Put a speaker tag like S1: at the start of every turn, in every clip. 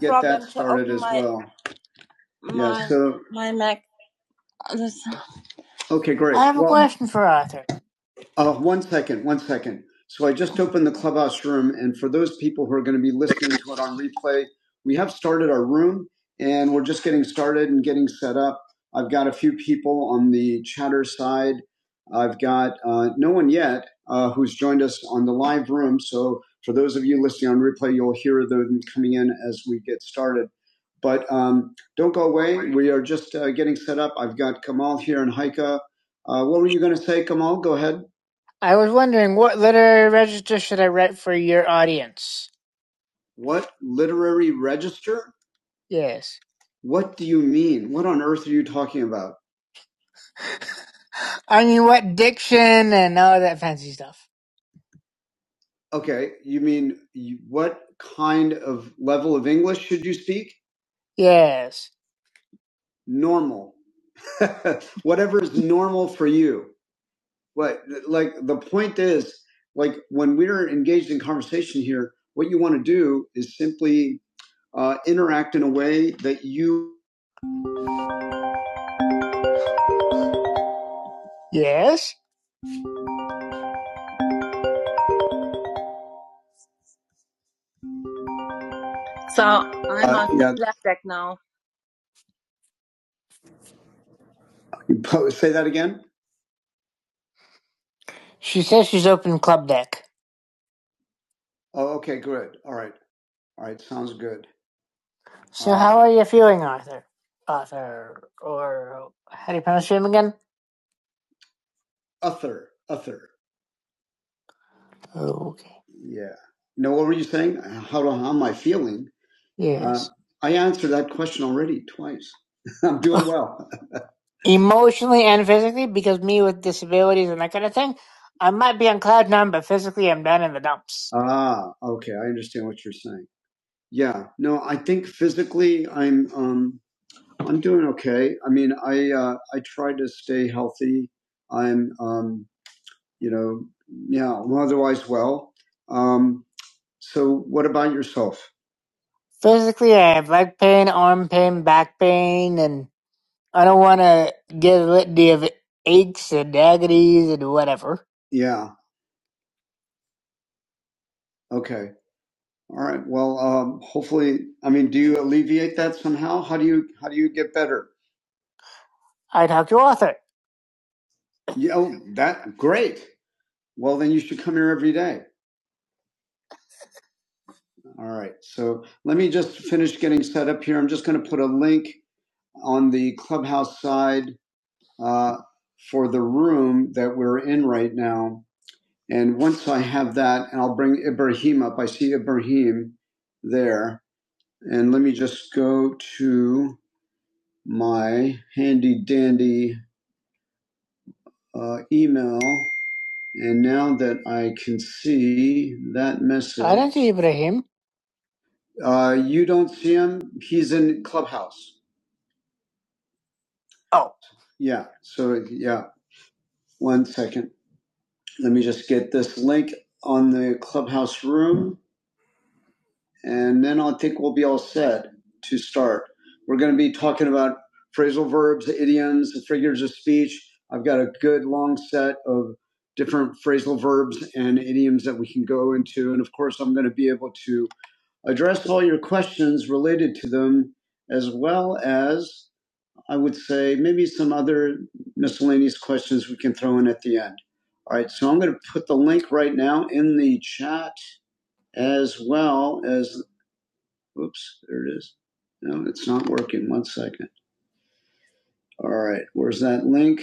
S1: get that started as my well. Yeah. my yeah, So my Mac. okay, great. I have a Well, question for Arthur. uh, one second, one second. So I just opened the clubhouse room, and for those people who are going to be listening to it on replay, we have started our room, and we're just getting started and getting set up. I've got a few people on the chatter side. I've got uh, no one yet uh, who's joined us on the live room. So for those of you listening on replay, you'll hear them coming in as we get started. But um, don't go away. We are just uh, getting set up. I've got Kamal here in Haika. Uh, what were you going to say, Kamal? Go ahead. I was wondering what literary register should I write for your audience? What literary register? Yes. What do you mean? What on earth are you talking about? I mean, what diction and all that fancy stuff? Okay, you mean you, what kind of level of English should you speak? Yes. Normal. whatever is normal for you. but like the point is like when we're engaged in conversation here, what you want to do is simply uh, interact in a way that you. Yes. So I'm Uh, on yeah. left deck now. You po- say that again. She says she's open club deck. Oh, okay, good. All right, all right, sounds good. So, uh, how Uh, are you feeling, Arthur? Arthur, or how do you pronounce your name again? Uther. Uther. Oh, okay. Yeah. No, what were you saying? How, how am I feeling? Yes. Uh, Yes. I answered that question already twice. I'm doing well. Emotionally and physically, because me with disabilities and that kind of thing, I might be on cloud nine, but physically I'm down in the dumps. Ah, okay. I understand what you're saying. Yeah. No, I think physically I'm um I'm doing okay. I mean, I uh I try to stay healthy. I'm um you know, yeah, I'm otherwise well. Um so, what about yourself? Physically, I have leg pain, arm pain, back pain, and I don't want to get a litany of aches and agonies and whatever. Yeah. Okay. All right. Well, um, hopefully, I mean, do you alleviate that somehow? How do you how do you get better? I talk to Arthur. Yeah, oh, that great. Well, then you should come here every day. All right. So let me just finish getting set up here. I'm just going to put a link on the clubhouse side uh, for the room that we're in right now. And once I have that, and I'll bring Ibrahim up. I see Ibrahim there. And let me just go to my handy dandy uh, email. And now that I can see that message. I don't see Ibrahim. Uh, you don't see him? He's in Clubhouse. Oh. Yeah. So, yeah. One second. Let me just get this link on the Clubhouse room. and then I think we'll be all set to start. We're going to be talking about phrasal verbs, idioms, figures of speech. I've got a good long set of different phrasal verbs and idioms that we can go into. And of course, I'm going to be able to address all your questions related to them, as well as, I would say, maybe some other miscellaneous questions we can throw in at the end. All right, so I'm going to put the link right now in the chat as well as Oops, there it is. No, it's not working. One second. All right, where's that link?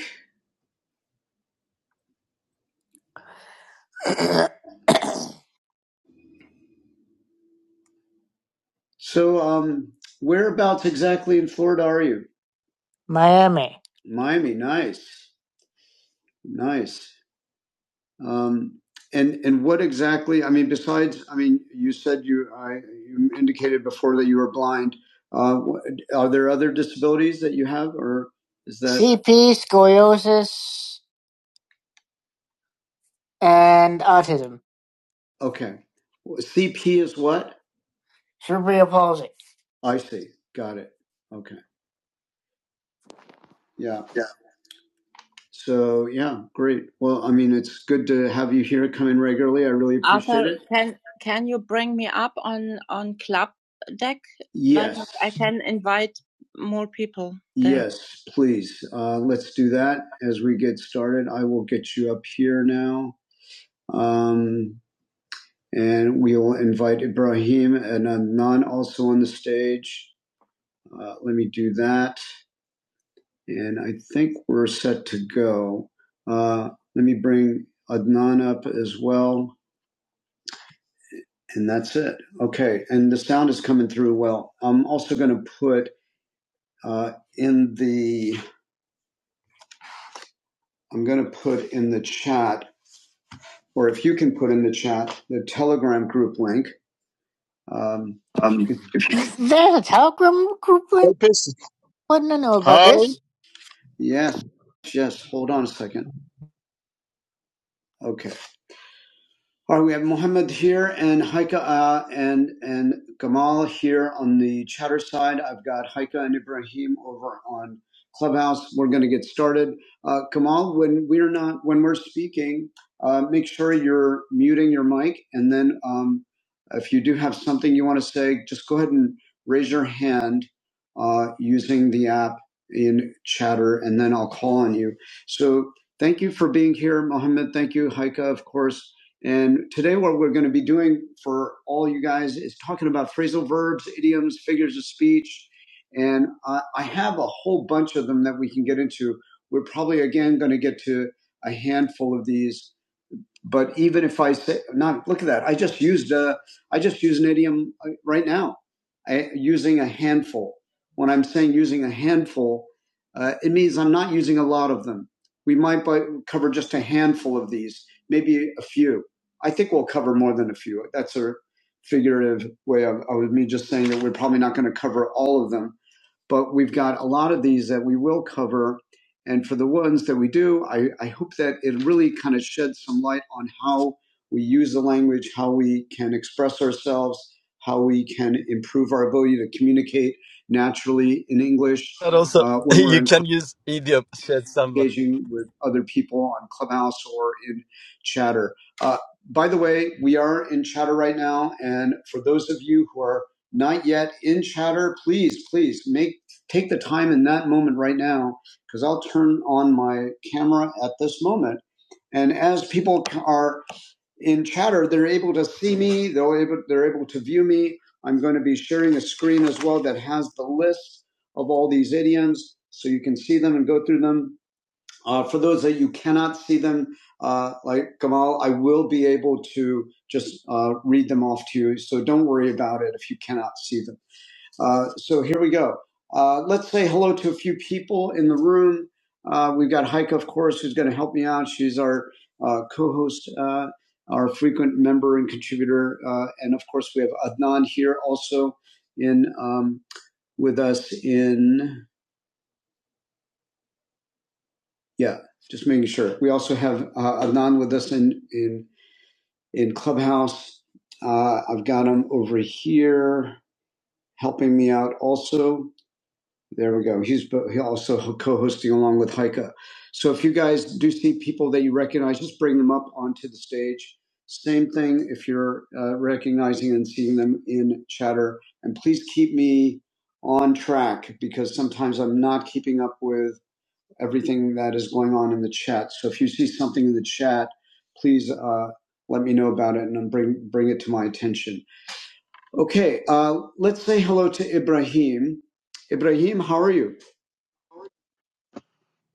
S1: So, um, whereabouts exactly in Florida are you? Miami. Miami, nice, nice. Um, and and what exactly? I mean, besides, I mean, you said you I you indicated before that you were blind. Uh, are there other disabilities that you have, or is that CP, scoliosis, and autism? Okay, CP is what? cerebral palsy. I see. Got it. Okay. Yeah. Yeah. So yeah, great. Well, I mean, it's good to have you here coming regularly. I really appreciate Arthur, it. can can you bring me up on on Club Deck? Like Yes. I can invite more people there. Yes, please. Uh, let's do that as we get started. I will get you up here now. Um, and we will invite Ibrahim and Adnan also on the stage. Uh, let me do that. And I think we're set to go. Uh, let me bring Adnan up as well. And that's it. Okay. And the sound is coming through well. I'm also going to put uh, in the, I'm going to put in the chat, or if you can put in the chat, the Telegram group link. Um, Um, if- There's a telegram group link?
S2: Epis.
S1: Wouldn't I know about
S2: Hi,
S1: this? yes. Yes. Hold on a second. Okay. All right, we have Mohammed here and Haika uh, and and Gamal here on the chatter side. I've got Haika and Ibrahim over on Clubhouse. We're going to get started. Uh, Gamal, when we're not when we're speaking, uh, make sure you're muting your mic, and then um, if you do have something you want to say, just go ahead and raise your hand uh, using the app in Chatter, and then I'll call on you. So thank you for being here, Mohammed. Thank you, Haika, of course and today, what we're going to be doing for all you guys is talking about phrasal verbs, idioms, figures of speech. And I, I have a whole bunch of them that we can get into. We're probably, again, going to get to a handful of these but even if I say, not look at that, I just used a, I just use an idiom uh, right now, I, using a handful. When I'm saying using a handful, uh, it means I'm not using a lot of them. We might buy, cover just a handful of these, maybe a few. I think we'll cover more than a few. That's a figurative way of, of me just saying that we're probably not going to cover all of them but we've got a lot of these that we will cover. And for the ones that we do, I, I hope that it really kind of sheds some light on how we use the language, how we can express ourselves, how we can improve our ability to communicate naturally in English
S3: But also,
S1: uh, when we're
S3: you
S1: in
S3: can use idiom, said someone.
S1: engaging with other people on Clubhouse or in Chatter. Uh, by the way, we are in Chatter right now, and for those of you who are not yet in Chatter, please, please make take the time in that moment right now, because I'll turn on my camera at this moment. And as people are in Chatter, they're able to see me. They're able they're able to view me. I'm going to be sharing a screen as well that has the list of all these idioms, so you can see them and go through them uh, for those that you cannot see them, uh, like Kamal, I will be able to just uh, read them off to you. So don't worry about it if you cannot see them. Uh, so here we go. Uh, let's say hello to a few people in the room. Uh, we've got Heike, of course, who's going to help me out. She's our uh, co-host, uh, our frequent member and contributor, uh, and of course we have Adnan here also in um, with us in. Yeah, just making sure. We also have uh, Adnan with us in in in Clubhouse. Uh, I've got him over here helping me out. Also, there we go. He's bo- he also co-hosting along with Haika. So if you guys do see people that you recognize, just bring them up onto the stage. Same thing if you're uh, recognizing and seeing them in chatter, and please keep me on track because sometimes I'm not keeping up with everything that is going on in the chat. So if you see something in the chat, please uh, let me know about it and bring bring it to my attention. Okay, uh, let's say hello to Ibrahim. Ibrahim, how are you?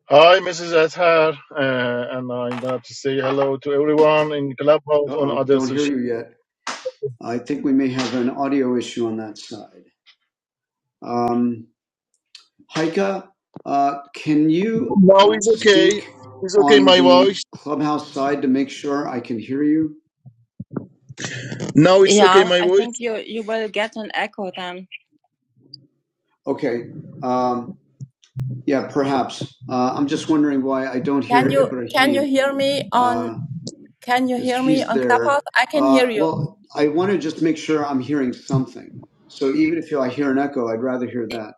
S2: hi, Mrs. Athar, uh, and I'm gonna to say hello to everyone in Clubhouse
S1: Uh
S2: on
S1: oh,
S2: other
S1: don't hear
S2: social.
S1: you yet. I think we may have an audio issue on that side. Um, Haika, uh, can you
S2: Now it's okay.
S1: speak
S2: It's okay,
S1: on
S2: my
S1: the
S2: voice.
S1: clubhouse side to make sure I can hear you?
S2: Now it's okay,
S1: Yeah,
S2: my
S1: I
S2: voice.
S1: think you you will get an echo then. Okay. Um, yeah, perhaps. Uh, I'm just wondering why I don't
S4: Can
S1: hear
S4: you can you
S1: Ibrahim
S4: hear me on
S1: because
S4: can you
S1: uh,
S4: hear me
S1: he's
S4: on Clubhouse?
S1: there.
S4: I can
S1: Uh,
S4: hear you.
S1: well, I want to just make sure I'm hearing something. So even if I hear an echo, I'd rather hear that.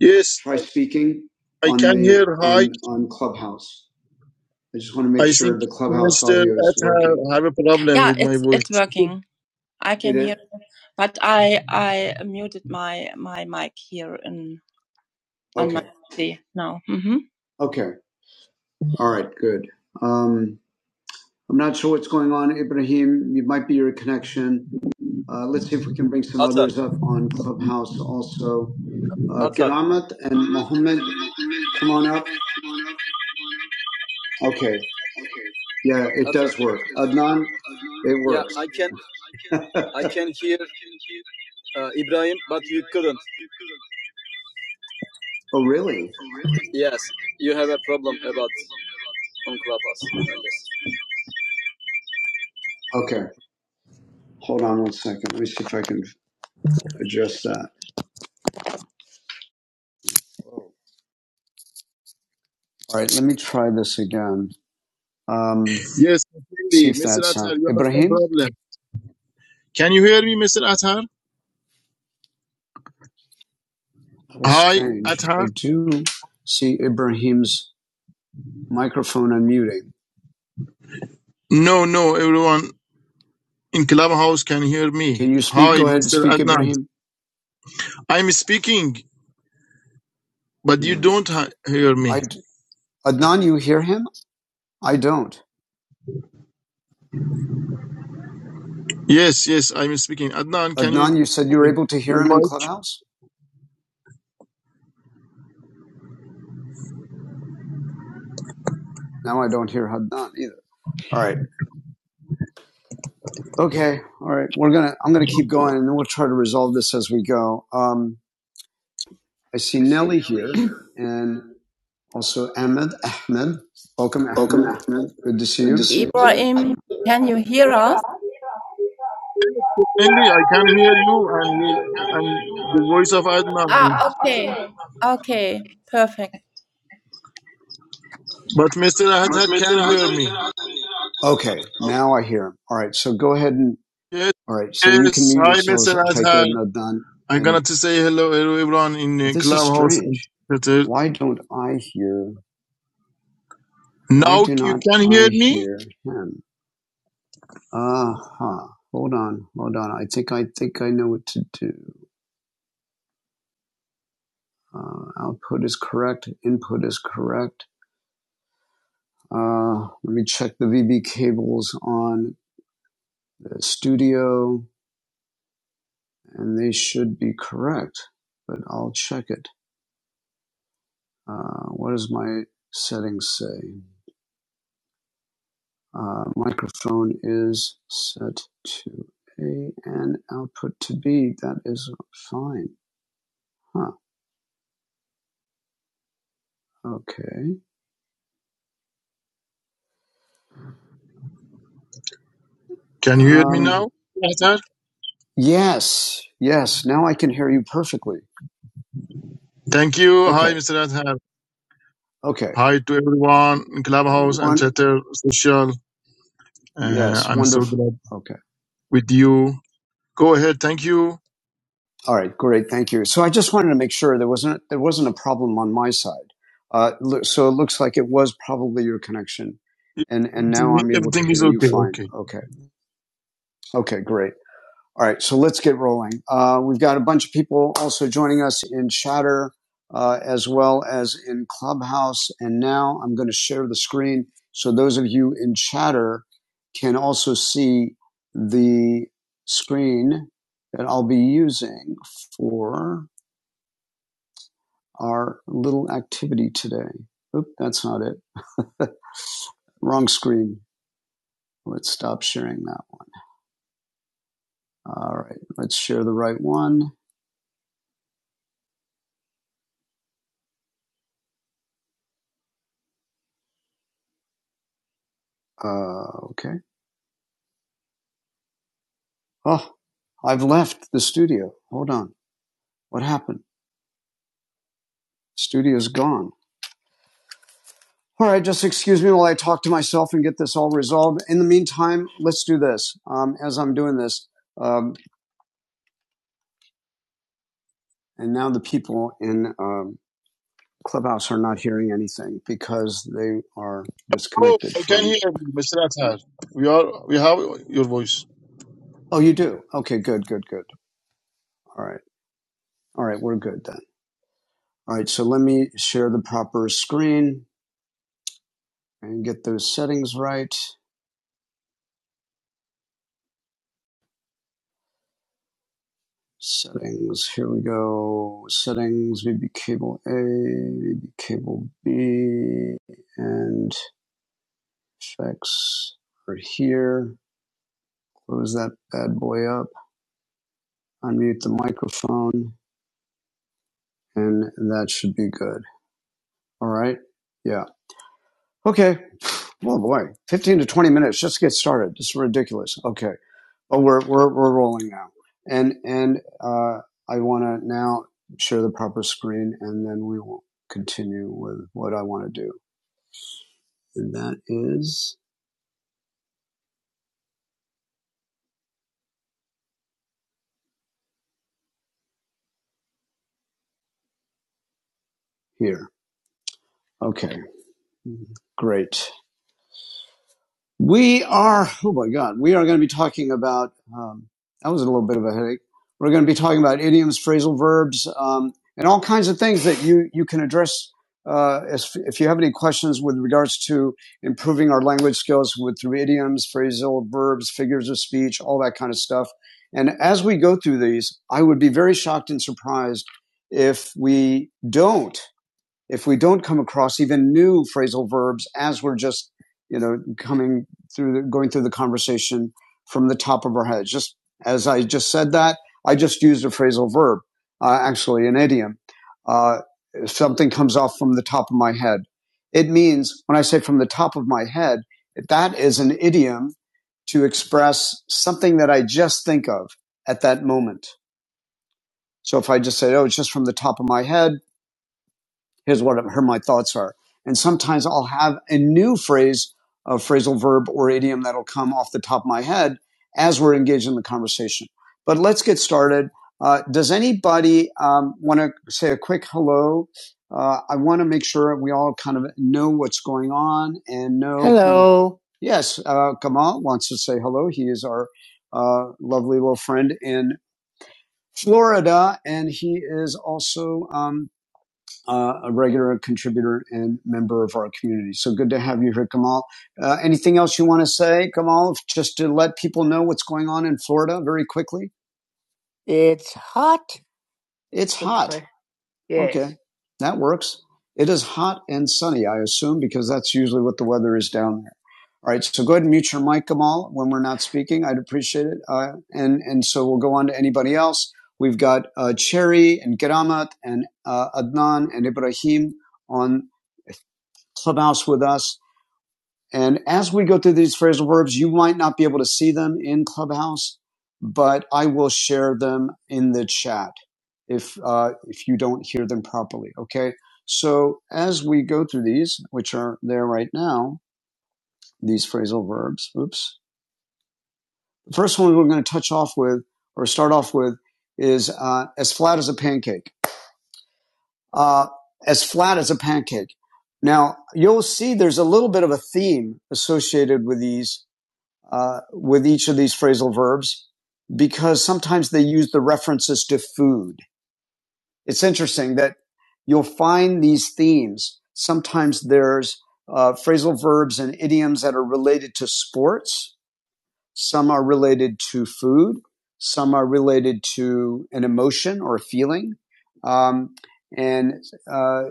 S2: Yes,
S1: Try speaking
S2: I
S1: on
S2: can
S1: the
S2: hear. Hi,
S1: on on Clubhouse. I just want to make
S2: I
S1: sure
S2: think
S1: the Clubhouse
S2: Mr.
S1: audio is working.
S2: Athar have a problem
S1: Yeah,
S2: with my
S1: it's it's
S2: voice.
S1: working. I It can is hear, is? but I I muted my my mic here in on Okay. my okay. PC now. hmm All right, good. Um, I'm not sure what's going on, Ibrahim. It might be your connection. Uh, let's see if we can bring some
S3: Atar,
S1: others up on Clubhouse also. Uh,
S3: atar.
S1: Keramat and Mohammed, come on up. Okay, yeah, it Okay. does work. Adnan, it Yeah, works. I can I can hear uh, Ibrahim, but you couldn't. oh, really? Yes, you have a problem about on Clubhouse. I guess. Okay, hold on one second. Let me see if I can address that. All right, let me try this again. Um,
S2: Yes,
S1: see
S2: really,
S1: if
S2: Mr.
S1: that
S2: Athar,
S1: sounds.
S2: you have some
S1: Ibrahim.
S2: problem. Can you hear me, Mr. Athar?
S1: That is
S2: Hi,
S1: strange. I
S2: Athar.
S1: do see Ibrahim's microphone unmuting.
S2: No, no, everyone in Clubhouse can hear me.
S1: Can you speak?
S2: Hi,
S1: Go ahead and
S2: Mr.
S1: speak,
S2: Adnan.
S1: Ibrahim.
S2: I'm speaking. But you
S1: Hmm.
S2: don't ha- hear
S1: I
S2: me.
S1: d- Adnan, you hear him? I don't.
S2: Yes, yes, I'm speaking. Adnan, can
S1: Adnan,
S2: you
S1: you said you were
S2: open
S1: able to
S2: your
S1: hear him in
S2: mic?
S1: Clubhouse. Now I don't hear Adnan either. All right. Okay. All right. We're gonna. I'm gonna keep going, and then we'll try to resolve this as we go. Um, I see Nelly here, and also Ahmed. Ahmed, welcome, Ahmed. Good to see you.
S4: Ibrahim, can you hear us?
S2: Andy, I can hear you and you and the voice of
S4: Ah,
S2: Adnan.
S4: okay. Okay, perfect.
S2: But Mr. Adhan can hear me.
S1: Okay, now I hear him. All right, so go ahead and
S2: Yes,
S1: all right, so you can
S2: yes.
S1: mute
S2: Hi,
S1: yourselves,
S2: Mr.
S1: Haika,
S2: Adhan.
S1: Nadan,
S2: I'm gonna
S1: and
S2: to say hello, hello everyone in
S1: well,
S2: the
S1: this is
S2: clubhouse and
S1: strange.
S2: Twitter.
S1: Why don't I hear? Why
S2: Now
S1: do
S2: you
S1: not
S2: can hear
S1: I
S2: me.
S1: hear him? Aha! Uh-huh. Hold on, hold on. I think I think I know what to do. Uh, output is correct. Input is correct. Uh, let me check the VB cables on the studio. and they should be correct, but I'll check it. Uh, what does my settings say? Uh, microphone is set to A and output to B. That is fine. Huh. Okay.
S2: Can you hear me now,
S1: Um,
S2: Adhan?
S1: yes. Yes. Now I can hear you perfectly.
S2: Thank you. Hi,
S1: Okay.
S2: Mr. Adhan.
S1: Okay.
S2: Hi to everyone in clubhouse and
S1: One.
S2: chatter social. Uh,
S1: Yes.
S2: I'm so
S1: Wonderful.
S2: glad
S1: Okay.
S2: with you Go ahead. Thank you.
S1: All right, great. Thank you. So I just wanted to make sure there wasn't there wasn't a problem on my side. Uh, so it looks like it was probably your connection, and and now I'm able to
S2: Everything
S1: hear
S2: is
S1: you
S2: okay.
S1: fine.
S2: Okay.
S1: Okay. Okay. Great. All right. So let's get rolling. Uh, we've got a bunch of people also joining us in Chatter, uh, as well as in Clubhouse. And now I'm going to share the screen so those of you in Chatter can also see the screen that I'll be using for our little activity today. Oop, that's not it. Wrong screen. Let's stop sharing that. one. All right, let's share the right one. Uh, okay. Oh, I've left the studio. Hold on. What happened? Studio's gone. All right, just excuse me while I talk to myself and get this all resolved. In the meantime, let's do this. Um, as I'm doing this, um, and now the people in um, Clubhouse are not hearing anything because they are
S2: Oh,
S1: disconnected
S2: I can
S1: from
S2: hear you, Mr. Athar. We are. We have your voice.
S1: Oh, you do? Okay, good, good, good. All right. All right, we're good then. All right, so let me share the proper screen and get those settings right. Settings, here we go. Settings, maybe cable A, maybe cable B, and effects are here. Close that bad boy up, unmute the microphone, and that should be good. All right, yeah. Okay. Well, boy, 15 to 20 minutes just to get started. This is ridiculous. Okay. Oh, we're we're we're rolling now, and and uh, I want to now share the proper screen, and then we will continue with what I want to do, and that is here. Okay, great. We are, oh my God, we are going to be talking about, um, that was a little bit of a headache. We're going to be talking about idioms, phrasal verbs, um, and all kinds of things that you, you can address uh, as, if you have any questions with regards to improving our language skills with through idioms, phrasal verbs, figures of speech, all that kind of stuff. And as we go through these, I would be very shocked and surprised if we don't if we don't come across even new phrasal verbs as we're just, you know, coming through, the, going through the conversation from the top of our heads. Just as I just said that, I just used a phrasal verb, uh, actually an idiom. Uh, something comes off from the top of my head. It means when I say from the top of my head, that is an idiom to express something that I just think of at that moment. So if I just say, oh, it's just from the top of my head, here's what here my thoughts are. And sometimes I'll have a new phrase, a phrasal verb or idiom that'll come off the top of my head as we're engaged in the conversation. But let's get started. Uh, does anybody um, want to say a quick hello? Uh, I want to make sure we all kind of know what's going on and know. Hello. Kind of, Yes, uh, Kamal wants to say hello. He is our uh, lovely little friend in Florida, and he is also um, uh, a regular contributor and member of our community. So good to have you here, Kamal. Uh, anything else you want to say, Kamal, just to let people know what's going on in Florida very quickly? It's hot. It's hot. Yes. Okay, that works. It is hot and sunny, I assume, because that's usually what the weather is down there. All right, so go ahead and mute your mic, Kamal, when we're not speaking. I'd appreciate it. Uh, and and so we'll go on to anybody else. We've got uh, Cherry and Keramat and uh, Adnan and Ibrahim on Clubhouse with us. And as we go through these phrasal verbs, you might not be able to see them in Clubhouse, but I will share them in the chat if uh, if you don't hear them properly. Okay. So as we go through these, which are there right now, these phrasal verbs. Oops. The first one we're going to touch off with or start off with is uh, as flat as a pancake. Uh, as flat as a pancake. Now you'll see there's a little bit of a theme associated with these uh, with each of these phrasal verbs because sometimes they use the references to food. It's interesting that you'll find these themes. Sometimes there's uh, phrasal verbs and idioms that are related to sports. Some are related to food. Some are related to an emotion or a feeling. Um, and, uh,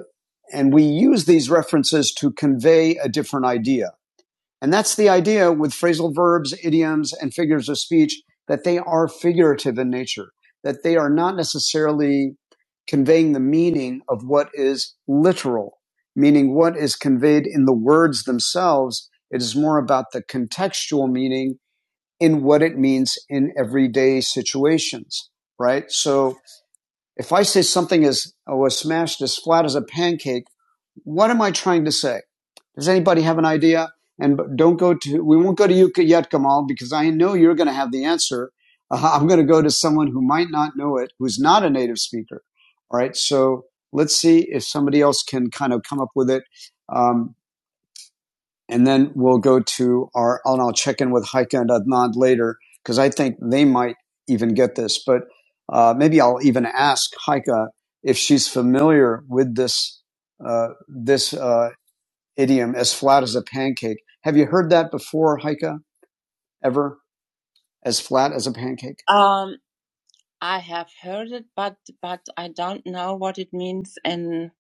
S1: and we use these references to convey a different idea. And that's the idea with phrasal verbs, idioms, and figures of speech that they are figurative in nature, that they are not necessarily conveying the meaning of what is literal, meaning what is conveyed in the words themselves. It is more about the contextual meaning in what it means in everyday situations, right? So, if I say something is was smashed as flat as a pancake, what am I trying to say? Does anybody have an idea? And don't go to we won't go to you yet, Kamal, because I know you're going to have the answer. Uh, I'm going to go to someone who might not know it, who's not a native speaker. All right, so let's see if somebody else can kind of come up with it. Um, and then we'll go to our and I'll check in with Heike and Adnan later because I think they might even get this. But uh, maybe I'll even ask Heike if she's familiar with this uh, this uh, idiom, as flat as a pancake. Have you heard that before, Heike? Ever? As flat as a pancake? Um, I have heard it, but but I don't know what it means in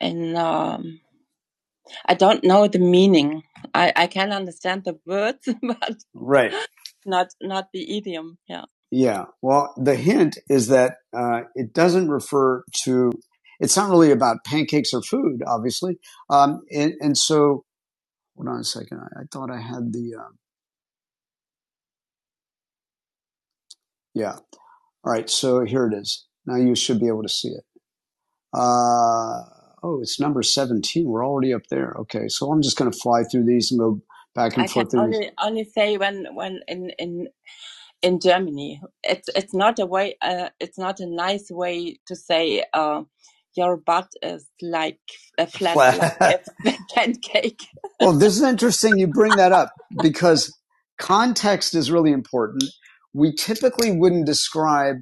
S1: in um. I don't know the meaning. I, I can understand the words, but Right. not not the idiom. Yeah. Yeah. Well, the hint is that uh, it doesn't refer to. It's not really about pancakes or food, obviously. Um, and, and so, hold on a second. I, I thought I had the. Um, yeah. All right. So here it is. Now you should be able to see it. Uh, oh, it's number 17. We're already up there. Okay, so I'm just going to fly through these and go back and can forth I can only only say when when in in in Germany, it's it's not a way. Uh, it's not a nice way to say uh, your butt is like a flat like Flat. Like a pancake. Well, this is interesting you bring that up because context is really important. We typically wouldn't describe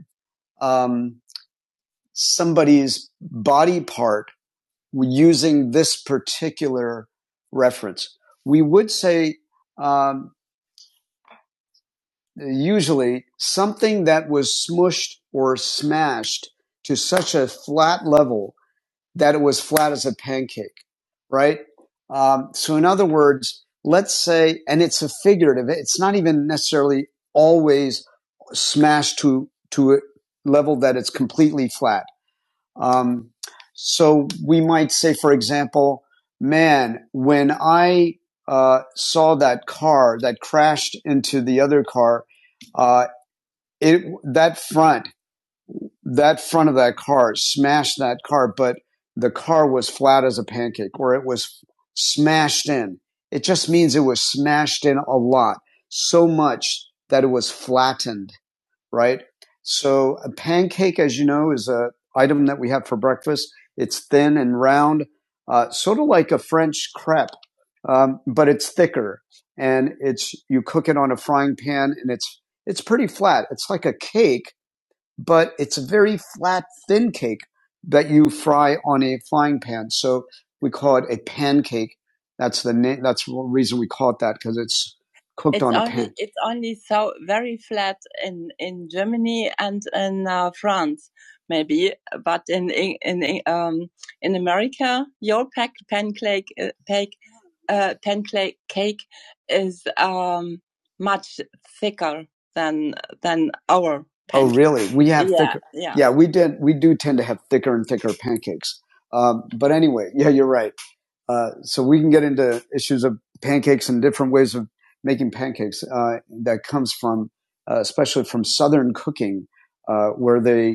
S1: um, somebody's body part using this particular reference. We would say um, usually something that was smushed or smashed to such a flat level that it was flat as a pancake, right? Um, so, in other words, let's say, and it's a figurative, it's not even necessarily always smashed to, to a level that it's completely flat um, so we might say, for example, man, when I uh, saw that car that crashed into the other car, uh, it that front that front of that car smashed that car, but the car was flat as a pancake, or it was smashed in. It just means it was smashed in a lot, so much that it was flattened right? So a pancake, as you know, is an item that we have for breakfast. It's thin and round, uh, sort of like a French crepe, um, but it's thicker, and it's you cook it on a frying pan, and it's it's pretty flat. It's like a cake, but it's a very flat, thin cake that you fry on a frying pan. So we call it a pancake. That's the name. That's the reason we call it that because it's cooked It's on only, a pan. it's only so very flat in in Germany and in uh, France maybe, but in in in, um, in America your pack pancake uh, pancake uh, pancake cake is um, much thicker than than our pancakes. Oh, really? We have Yeah, thicker. yeah. Yeah, we did. We do tend to have thicker and thicker pancakes. Um, but anyway, yeah, you're right. Uh, so we can get into issues of pancakes and different ways of making pancakes uh, that comes from, uh, especially from Southern cooking, uh, where they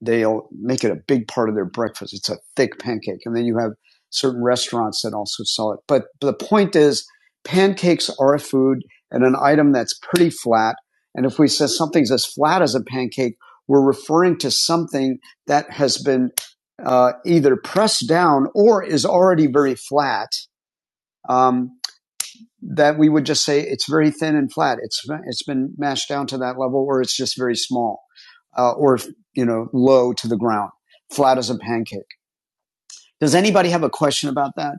S1: they'll make it a big part of their breakfast. It's a thick pancake. And then you have certain restaurants that also sell it. But the point is, pancakes are a food and an item that's pretty flat. And if we say something's as flat as a pancake, we're referring to something that has been uh, either pressed down or is already very flat. Um, that we would just say it's very thin and flat. It's it's been mashed down to that level, or it's just very small, uh, or you know, low to the ground, flat as a pancake. Does anybody have a question about that?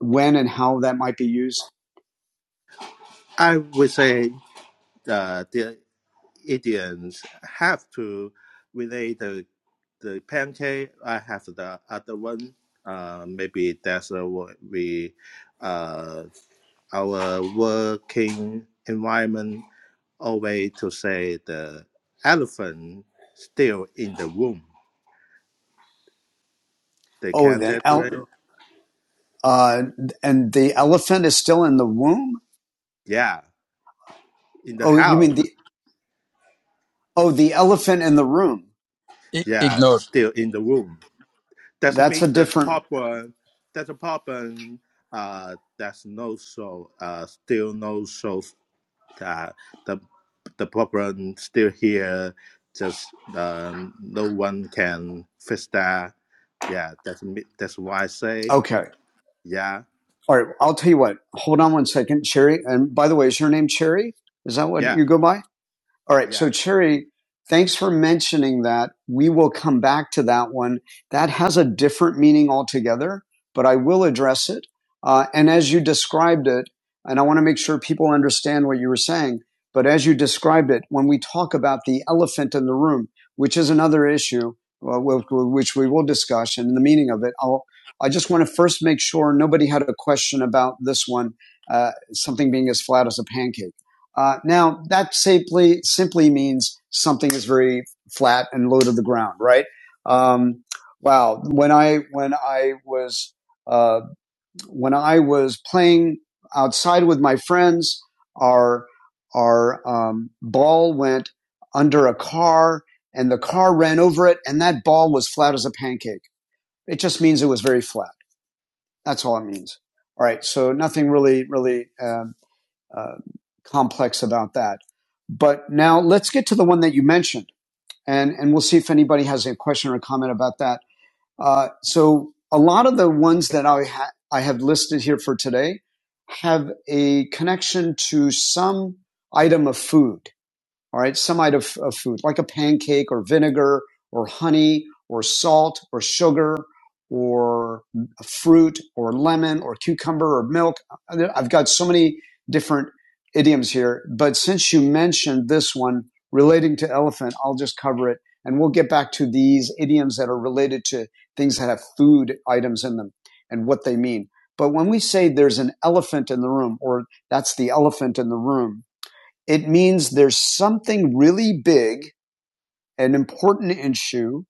S1: When and how that might be used?
S5: I would say uh, the Indians have to relate the the pancake. I have the other one. Uh, maybe that's uh, what we uh, our working environment always to say the elephant still in the room. They
S1: Oh,
S5: can't
S1: then
S5: decorate.
S1: uh, and the elephant is still in the womb.
S5: Yeah, in the
S1: Oh, you
S5: house.
S1: mean the oh the elephant in the room?
S3: I-
S5: Yeah,
S3: ignore.
S5: still in the room. That's
S1: That's a
S5: mean the
S1: different.
S5: popcorn. That's a popcorn. Uh, that's no show. Uh, still no show. Uh, the the popcorn still here. Just um, no one can fix that. Yeah, that's me. That's why I say
S1: Okay,
S5: yeah,
S1: all right. I'll tell you what. Hold on one second, Cherry. And by the way, is your name Cherry? Is that what
S5: yeah,
S1: you go by? All right.
S5: yeah.
S1: So, Cherry, thanks for mentioning that. We will come back to that one. That has a different meaning altogether, but I will address it. Uh, and as you described it, and I want to make sure people understand what you were saying, but as you described it, when we talk about the elephant in the room, which is another issue, uh, which we will discuss and the meaning of it, I'll, I just want to first make sure nobody had a question about this one, uh, something being as flat as a pancake. Uh, now that simply simply means something is very flat and low to the ground, right? Um, wow. When I when I was uh, when I was playing outside with my friends, our our um, ball went under a car, and the car ran over it, and that ball was flat as a pancake. It just means it was very flat. That's all it means. All right. So nothing really really um, uh, complex about that. But now let's get to the one that you mentioned, and and we'll see if anybody has a question or a comment about that. Uh, so a lot of the ones that I ha- I have listed here for today have a connection to some item of food all right, some item of, of food, like a pancake or vinegar or honey or salt or sugar or fruit or lemon or cucumber or milk. I've got so many different idioms here, but since you mentioned this one relating to elephant, I'll just cover it and we'll get back to these idioms that are related to things that have food items in them and what they mean. But when we say there's an elephant in the room or that's the elephant in the room, it means there's something really big and important issue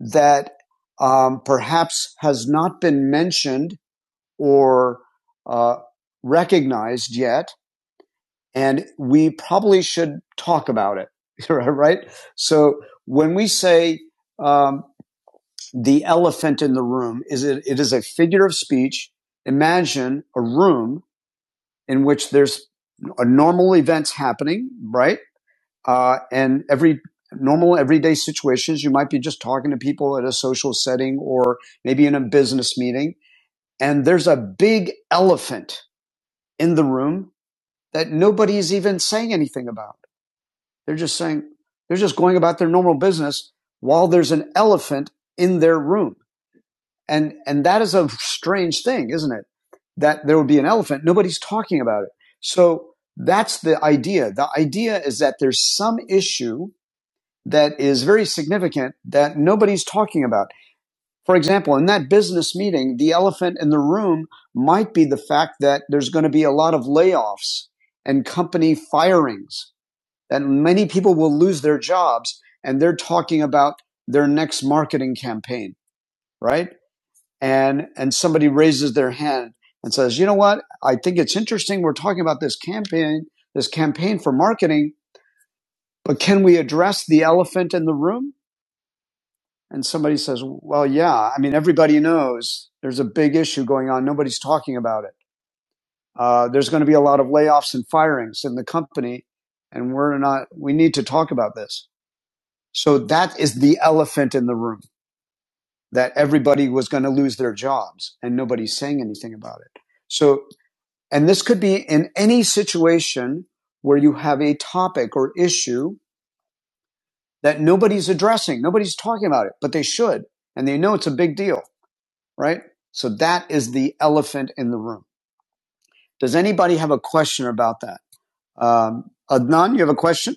S1: that um, perhaps has not been mentioned or uh, recognized yet, and we probably should talk about it, right? So when we say um, the elephant in the room, is it, it is a figure of speech. Imagine a room in which there's a normal events happening, right? Uh, and every normal everyday situations, you might be just talking to people at a social setting or maybe in a business meeting. And there's a big elephant in the room that nobody is even saying anything about. They're just saying, they're just going about their normal business while there's an elephant in their room. And, and that is a strange thing, isn't it? That there would be an elephant. Nobody's talking about it. So that's the idea. The idea is that there's some issue that is very significant that nobody's talking about. For example, in that business meeting, the elephant in the room might be the fact that there's going to be a lot of layoffs and company firings, that many people will lose their jobs, and they're talking about their next marketing campaign, right? And and somebody raises their hand and says, "You know what? I think it's interesting we're talking about this campaign, this campaign for marketing, but can we address the elephant in the room?" and somebody says, well, yeah, I mean, everybody knows there's a big issue going on. Nobody's talking about it. Uh, there's going to be a lot of layoffs and firings in the company, and we're not, we need to talk about this. So that is the elephant in the room that everybody was going to lose their jobs and nobody's saying anything about it. So, and this could be in any situation where you have a topic or issue that nobody's addressing. Nobody's talking about it, but they should. And they know it's a big deal right? So that is the elephant in the room. Does anybody have a question about that? Um, Adnan, you have a question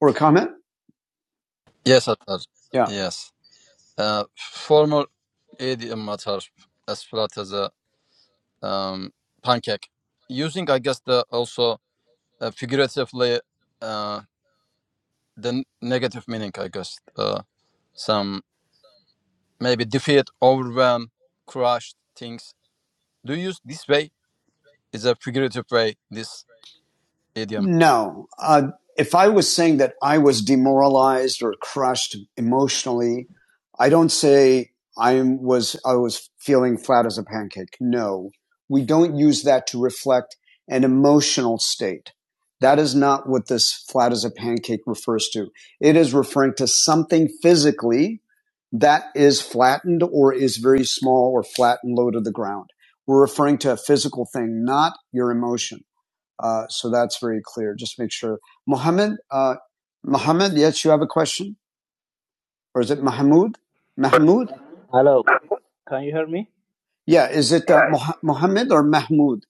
S1: or a comment?
S3: Yes, Atar.
S1: Yeah.
S3: Yes. Uh, former idiom Atar, as flat as a um, pancake. Using, I guess, the also uh, figuratively uh, the n- negative meaning, I guess. Uh, some maybe defeat, overwhelm, crushed things. Do you use this way? Is a figurative way, this idiom.
S1: No. Uh, if I was saying that I was demoralized or crushed emotionally, I don't say I was, I was feeling flat as a pancake. No. We don't use that to reflect an emotional state. That is not what this flat as a pancake refers to. It is referring to something physically that is flattened or is very small or flat and low to the ground. We're referring to a physical thing, not your emotion. Uh, so that's very clear. Just make sure. Mohammed, uh, Mohammed, yes, you have a question? Or is it Mahmoud? Mahmoud? Yeah, is it uh, Moh- Mohammed or Mahmoud?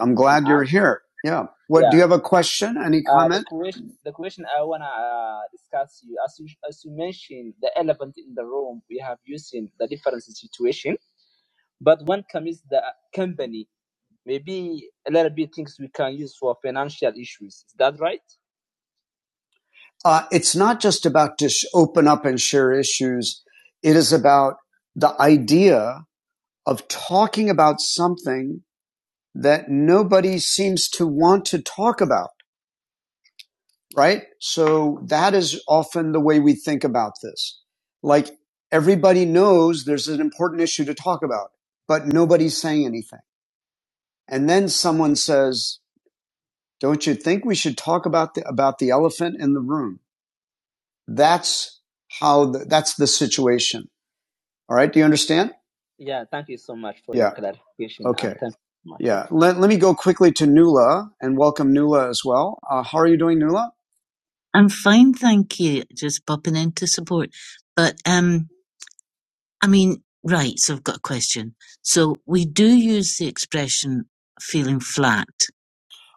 S1: I'm glad you're here. Yeah. Well, you have a question? And he, uh, it's not just about to sh- open up and share issues, it is about the idea of talking about something that nobody seems to want to talk about. right? So that is often the way we think about this. Like everybody knows there's an important issue to talk about, but nobody's saying anything. And then someone says, don't you think we should talk about the, about the elephant in the room? That's how, the, that's the situation. All right. Do you understand? Yeah. Let, let me go quickly to Nula and welcome Nula as well. Uh, how are you doing, Nula? I'm fine, thank you. Just popping in to support. But um, I mean, right, so I've got a question. So we do use the expression feeling flat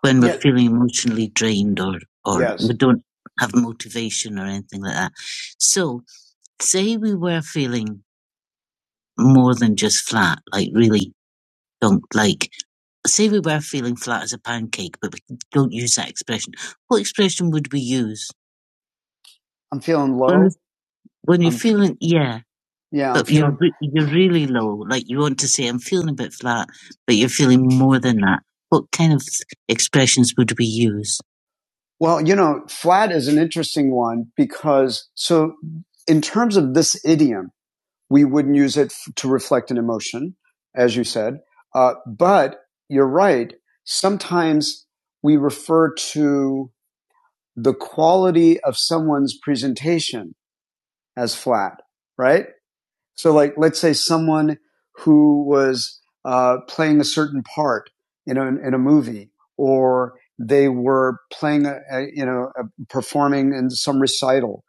S1: when we're Yeah. feeling emotionally drained or, or Yes. we don't have motivation or anything like that. So say we were feeling more than just flat, like really don't like, say we were feeling flat as a pancake, but we don't use that expression. What expression would we use? I'm feeling low. When you're i feeling, yeah, yeah, I'm but feeling, you're you're really low. Like you want to say, "I'm feeling a bit flat," but you're feeling more than that. What kind of expressions would we use? well, you know, flat is an interesting one because so in terms of this idiom, we wouldn't use it f- to reflect an emotion, as you said. Uh, but you're right. Sometimes we refer to the quality of someone's presentation as flat, right? So, like, let's say someone who was uh, playing a certain part you know, in in a movie, or they were playing, a, a, you know, a, performing in some recital.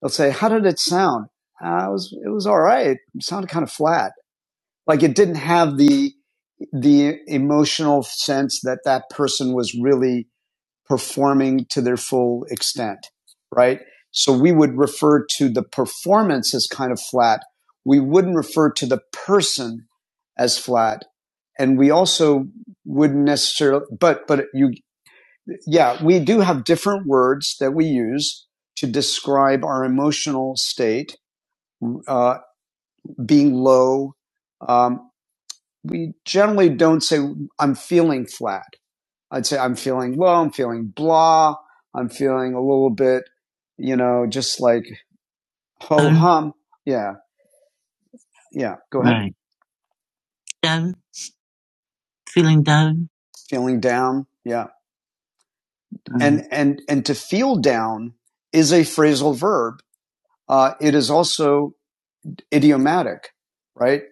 S1: They'll say, "How did it sound?" Uh, it was it was all right. It sounded kind of flat. Like it didn't have the the emotional sense that that person was really performing to their full extent, right? So we would refer to the performance as kind of flat. We wouldn't refer to the person as flat. And we also wouldn't necessarily, but, but you, yeah, we do have different words that we use to describe our emotional state, uh, being low. Um, we generally don't say, I'm feeling flat I'd say I'm feeling low, I'm feeling blah, I'm feeling a little bit, you know, just like ho Down. hum. Um, Yeah, yeah. Go ahead. Right. Down. Feeling down. Feeling down. Yeah. Right. And and and to feel down is a phrasal verb. Uh, it is also idiomatic, right?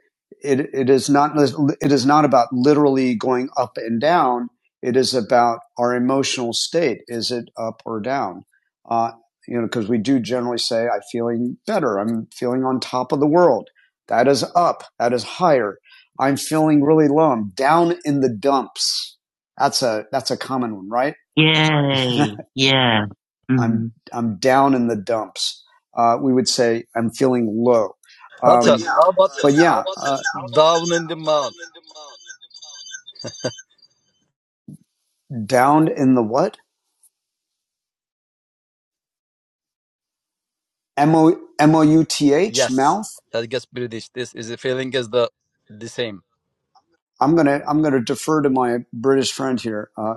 S1: It, it is not, it is not about literally going up and down. It is about our emotional state. Is it up or down? Uh, you know, because we do generally say, I'm feeling better. I'm feeling on top of the world. That is up. That is higher. I'm feeling really low. I'm down in the dumps. That's a, that's a common one, right? Yay. Yeah. Mm-hmm. I'm Mm-hmm. I'm down in the dumps. Uh, we would say I'm feeling low.
S3: Atar,
S1: Um,
S3: how about
S1: but yeah, uh,
S3: it? Down in the mouth.
S1: downed in the what? M O M O U T H
S3: Yes,
S1: mouth.
S3: that gets British. This is a feeling is the the same.
S1: I'm gonna I'm gonna defer to my British friend here. Uh,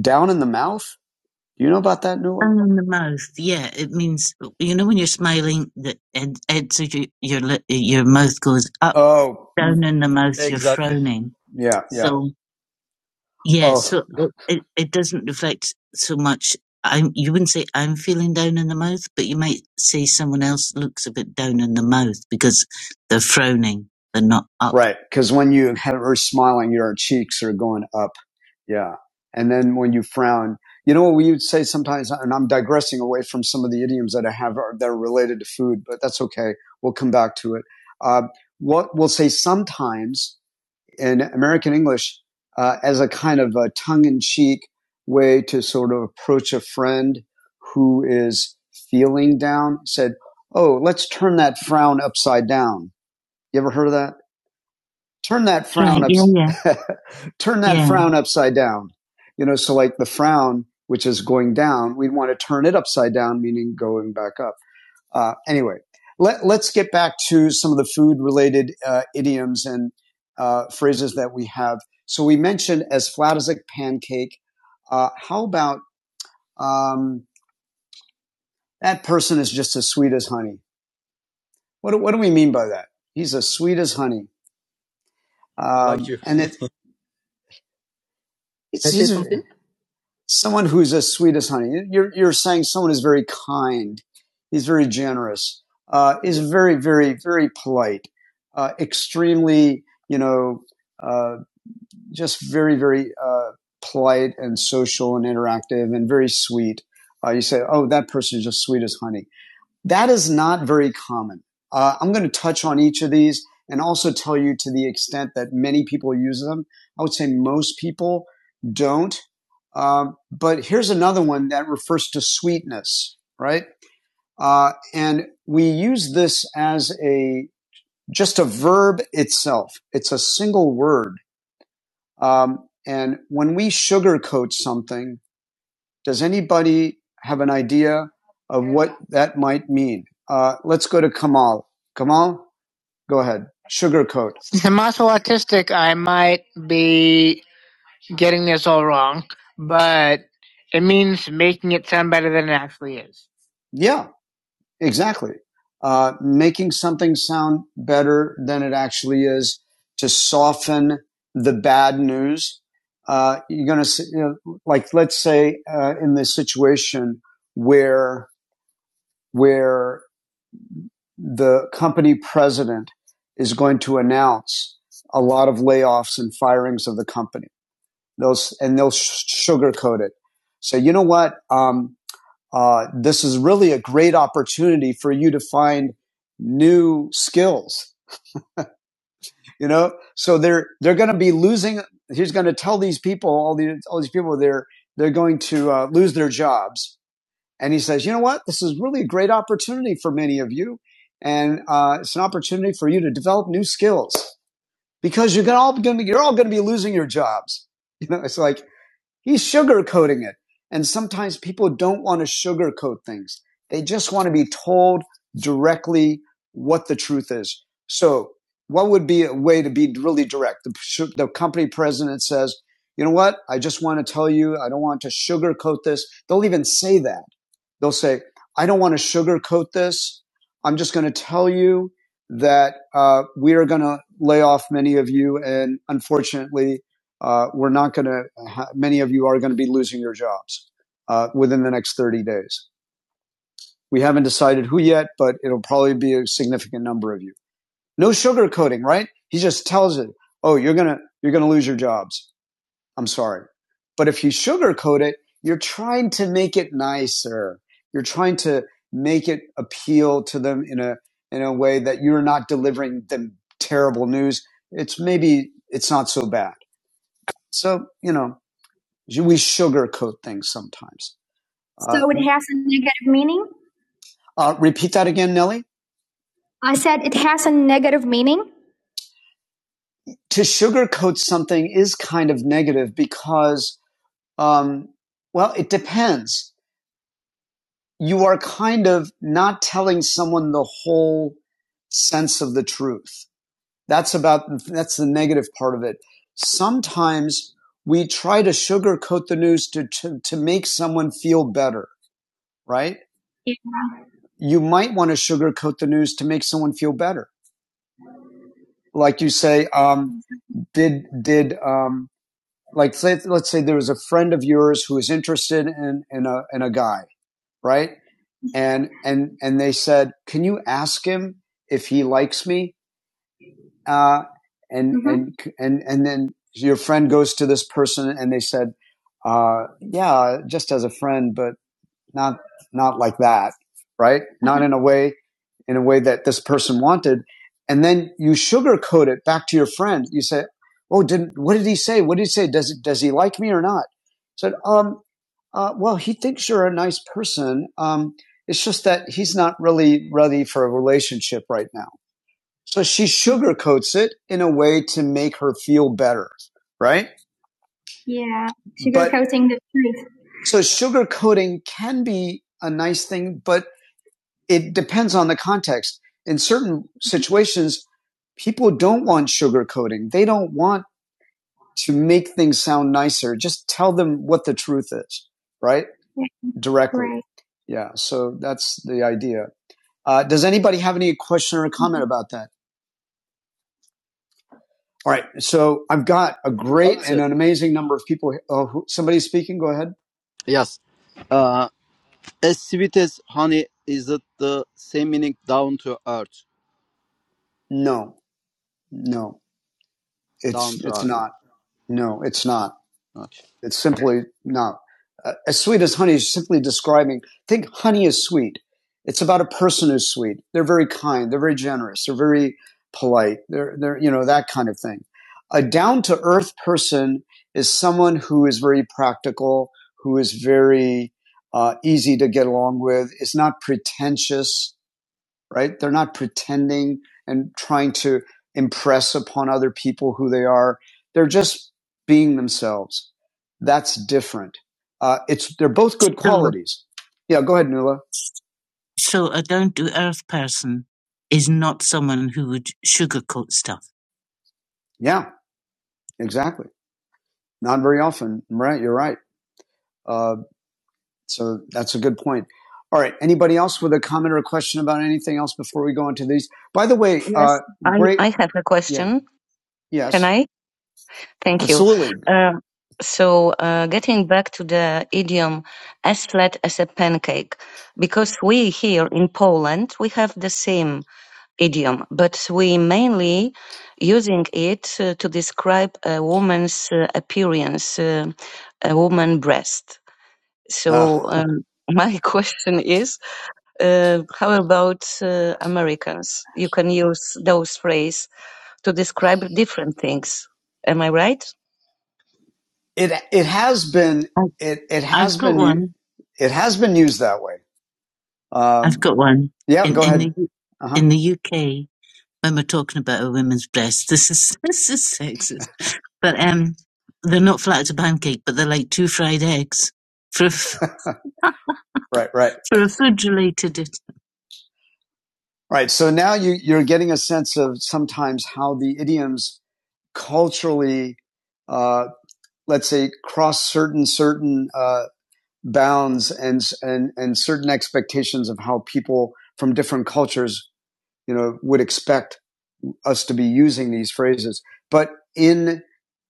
S1: down in the mouth. Do you know about that new word? And in the mouth, yeah, it means you know when you're smiling, the ed, ends so your your, your mouth goes up. Oh, Down in the mouth, you're
S3: Exactly.
S1: frowning. yeah, So yeah. So Yeah, Oh, so it, it doesn't reflect so much. I'm, you wouldn't say I'm feeling down in the mouth, but you might say someone else looks a bit down in the mouth because they're frowning, they're not up. right. Because when you have her smiling, your cheeks are going up. Yeah. And then when you frown, you know what we would say sometimes, and I'm digressing away from some of the idioms that I have are, that are related to food, but that's okay. We'll come back to it. Uh, what we'll say sometimes in American English uh, as a kind of a tongue in cheek way to sort of approach a friend who is feeling down, said, Oh, let's turn that frown upside down. You ever heard of that? Turn that frown Right. frown Yeah. Yeah. turn that Yeah. frown upside down. You know, so like the frown, which is going down, we'd want to turn it upside down, meaning going back up. Uh, anyway, let, us get back to some of the food related uh, idioms and uh, phrases that we have. So we mentioned as flat as a pancake. Uh, how about um, that person is just as sweet as honey? What, do- what do we mean by that? He's as sweet as honey.
S3: Like
S1: Um,
S3: you.
S1: and it, it's, That is these someone who's as sweet as honey. You're, you're saying someone is very kind, is very generous, uh, is very, very, very polite, uh, extremely, you know, uh, just very, very uh, polite and social and interactive and very sweet. Uh, you say, oh, that person is just sweet as honey. That is not very common. Uh, I'm going to touch on each of these and also tell you to the extent that many people use them. I would say most people don't. Um, but here's another one that refers to sweetness, right? Uh, and we use this as a just a verb itself. It's a single word. Um, and when we sugarcoat something, does anybody have an idea of what that might mean? Uh, let's go to Kamal. Kamal, go ahead. Sugarcoat. I'm also autistic, I might be getting this all wrong, but it means making it sound better than it actually is. Yeah, Exactly. Uh, making something sound better than it actually is to soften the bad news. Uh, you're going to, you know, like, let's say uh, in this situation where where the company president is going to announce a lot of layoffs and firings of the company. Those and they'll sh- sugarcoat it. So you know what? Um, uh, this is really a great opportunity for you to find new skills you know so they're they're going to be losing he's going to tell these people all these all these people they're they're going to uh, lose their jobs and he says you know what this is really a great opportunity for many of you and uh, it's an opportunity for you to develop new skills because you're going to all going to be, you're all going to be losing your jobs you know it's like He's sugarcoating it. And sometimes people don't want to sugarcoat things. They just want to be told directly what the truth is. So what would be a way to be really direct? The, the company president says, you know what? I just want to tell you, I don't want to sugarcoat this. They'll even say that. They'll say, I don't want to sugarcoat this. I'm just going to tell you that uh, we are going to lay off many of you, and unfortunately, uh, we're not going to, ha- many of you are going to be losing your jobs uh, within the next 30 days. We haven't decided who yet, but it'll probably be a significant number of you. No sugarcoating, right? He just tells it, oh, you're going to, you're going to lose your jobs. I'm sorry. But if you sugarcoat it, you're trying to make it nicer. You're trying to make it appeal to them in a, in a way that you're not delivering them terrible news. It's maybe, it's not so bad. So, you know, We sugarcoat things sometimes. So uh, it has a negative meaning? Uh, repeat that again, Nellie. I said it has a negative meaning. To sugarcoat something is kind of negative because, um, well, it depends. You are kind of not telling someone the whole sense of the truth. That's about, that's the negative part of it. Sometimes we try to sugarcoat the news to, to, to make someone feel better, right? you might want to sugarcoat the news to make someone feel better. Like you say, um, did did um, like let, let's say there was a friend of yours who was interested in in a in a guy, right? And and and they said, can you ask him if he likes me? Uh, and hmm and and and then your friend goes to this person and they said, uh, yeah, just as a friend, but not not like that, right? Mm-hmm. Not in a way in a way that this person wanted. And then you sugarcoat it back to your friend. You say, "Oh, did what did he say? What did he say? Does does he like me or not?" Said, "Um, uh, well, he thinks you're a nice person. Um, it's just that he's not really ready for a relationship right now." So she sugarcoats it in a way to make her feel better, right? Yeah, sugarcoating the truth. So sugarcoating can be a nice thing, but it depends on the context. In certain situations, people don't want sugarcoating. They don't want to make things sound nicer. Just tell them what the truth is, right? Yeah. Directly. Right. Yeah. So that's the idea. Uh, does anybody have any question or comment about that? All right. So I've got a great and an amazing number of people. Oh, who, somebody's speaking. Go ahead.
S3: Yes. Uh, as sweet as honey is it the same meaning down to earth.
S1: No, no.
S3: Down
S1: It's
S3: to
S1: it's
S3: earth.
S1: not. No, it's not.
S3: Okay.
S1: It's simply not. Uh, as sweet as honey is simply describing. Think honey is sweet. It's about a person who's sweet. They're very kind. They're very generous. They're very polite. They're they're you know that kind of thing. A down to earth person is someone who is very practical, who is very uh, easy to get along with, is not pretentious, right? They're not pretending and trying to impress upon other people who they are. They're just being themselves. That's different. Uh, it's they're both good So, qualities. Yeah, go ahead, Nuala. so a down to earth person is not someone who would sugarcoat stuff. Yeah, exactly. Not very often. Right, you're right. Uh, so that's a good point. All right. Anybody else with a comment or a question about anything else before we go into these? By the way, uh,
S6: Yes, I,
S1: great.
S6: I have a
S1: Yeah.
S6: question. Can
S1: Yes.
S6: I? Thank you.
S1: Absolutely.
S6: Uh, so, uh, getting back to the idiom as flat as a pancake, because we here in Poland, we have the same idiom, but we mainly using it uh, to describe a woman's uh, appearance, uh, a woman breast.
S1: Uh,
S6: So, um, my question is, uh, how about uh, Americans? You can use those phrase to describe different things. Am I right?
S1: it it has been it it has been one. it has been used that way. Um, I've Um, got one. yeah, In go in ahead. the Uh huh. in the UK, when we're talking about a woman's breast, this is this is sexist. But um, they're not flat out a pancake, but they're like two fried eggs for a, f- Right, right, for a food related. right. So now you you're getting a sense of sometimes how the idioms culturally, uh, let's say, cross certain certain uh, bounds and and and certain expectations of how people from different cultures you know would expect us to be using these phrases but in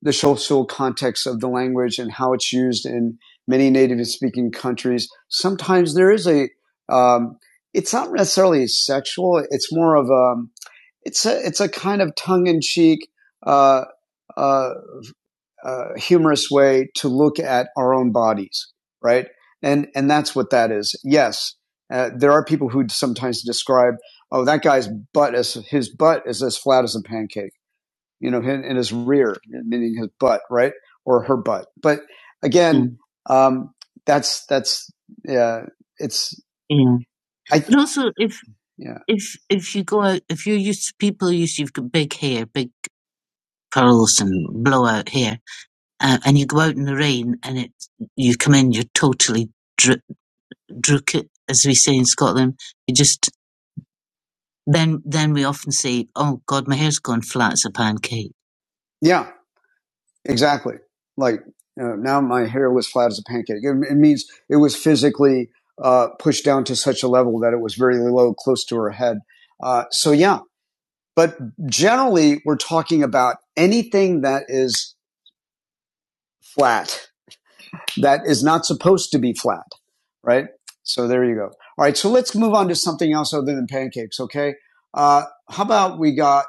S1: the social context of the language and how it's used in many native speaking countries sometimes there is a um, it's not necessarily sexual it's more of a it's a it's a kind of tongue in cheek uh, uh, uh, humorous way to look at our own bodies, right? And and that's what that is. Yes, uh, there are people who sometimes describe, oh, that guy's butt is his butt is as flat as a pancake, you know, in, in his rear, meaning his butt, right, or her butt. But again, mm. um, that's that's yeah, it's Yeah. I th- But also, if yeah if if you go out, if you're used to people used to big hair, big curls and blowout hair, uh, and you go out in the rain and it you come in you're totally dr- drook as we say in Scotland you just then then we often say oh god my hair's gone flat as a pancake Yeah, exactly. Like uh, now my hair was flat as a pancake. It, it means it was physically uh, pushed down to such a level that it was very low, close to her head. Uh, so yeah, but generally we're talking about anything that is flat. that is not supposed to be flat, right? So there you go. All right, so let's move on to something else other than pancakes, okay? Uh, how about we got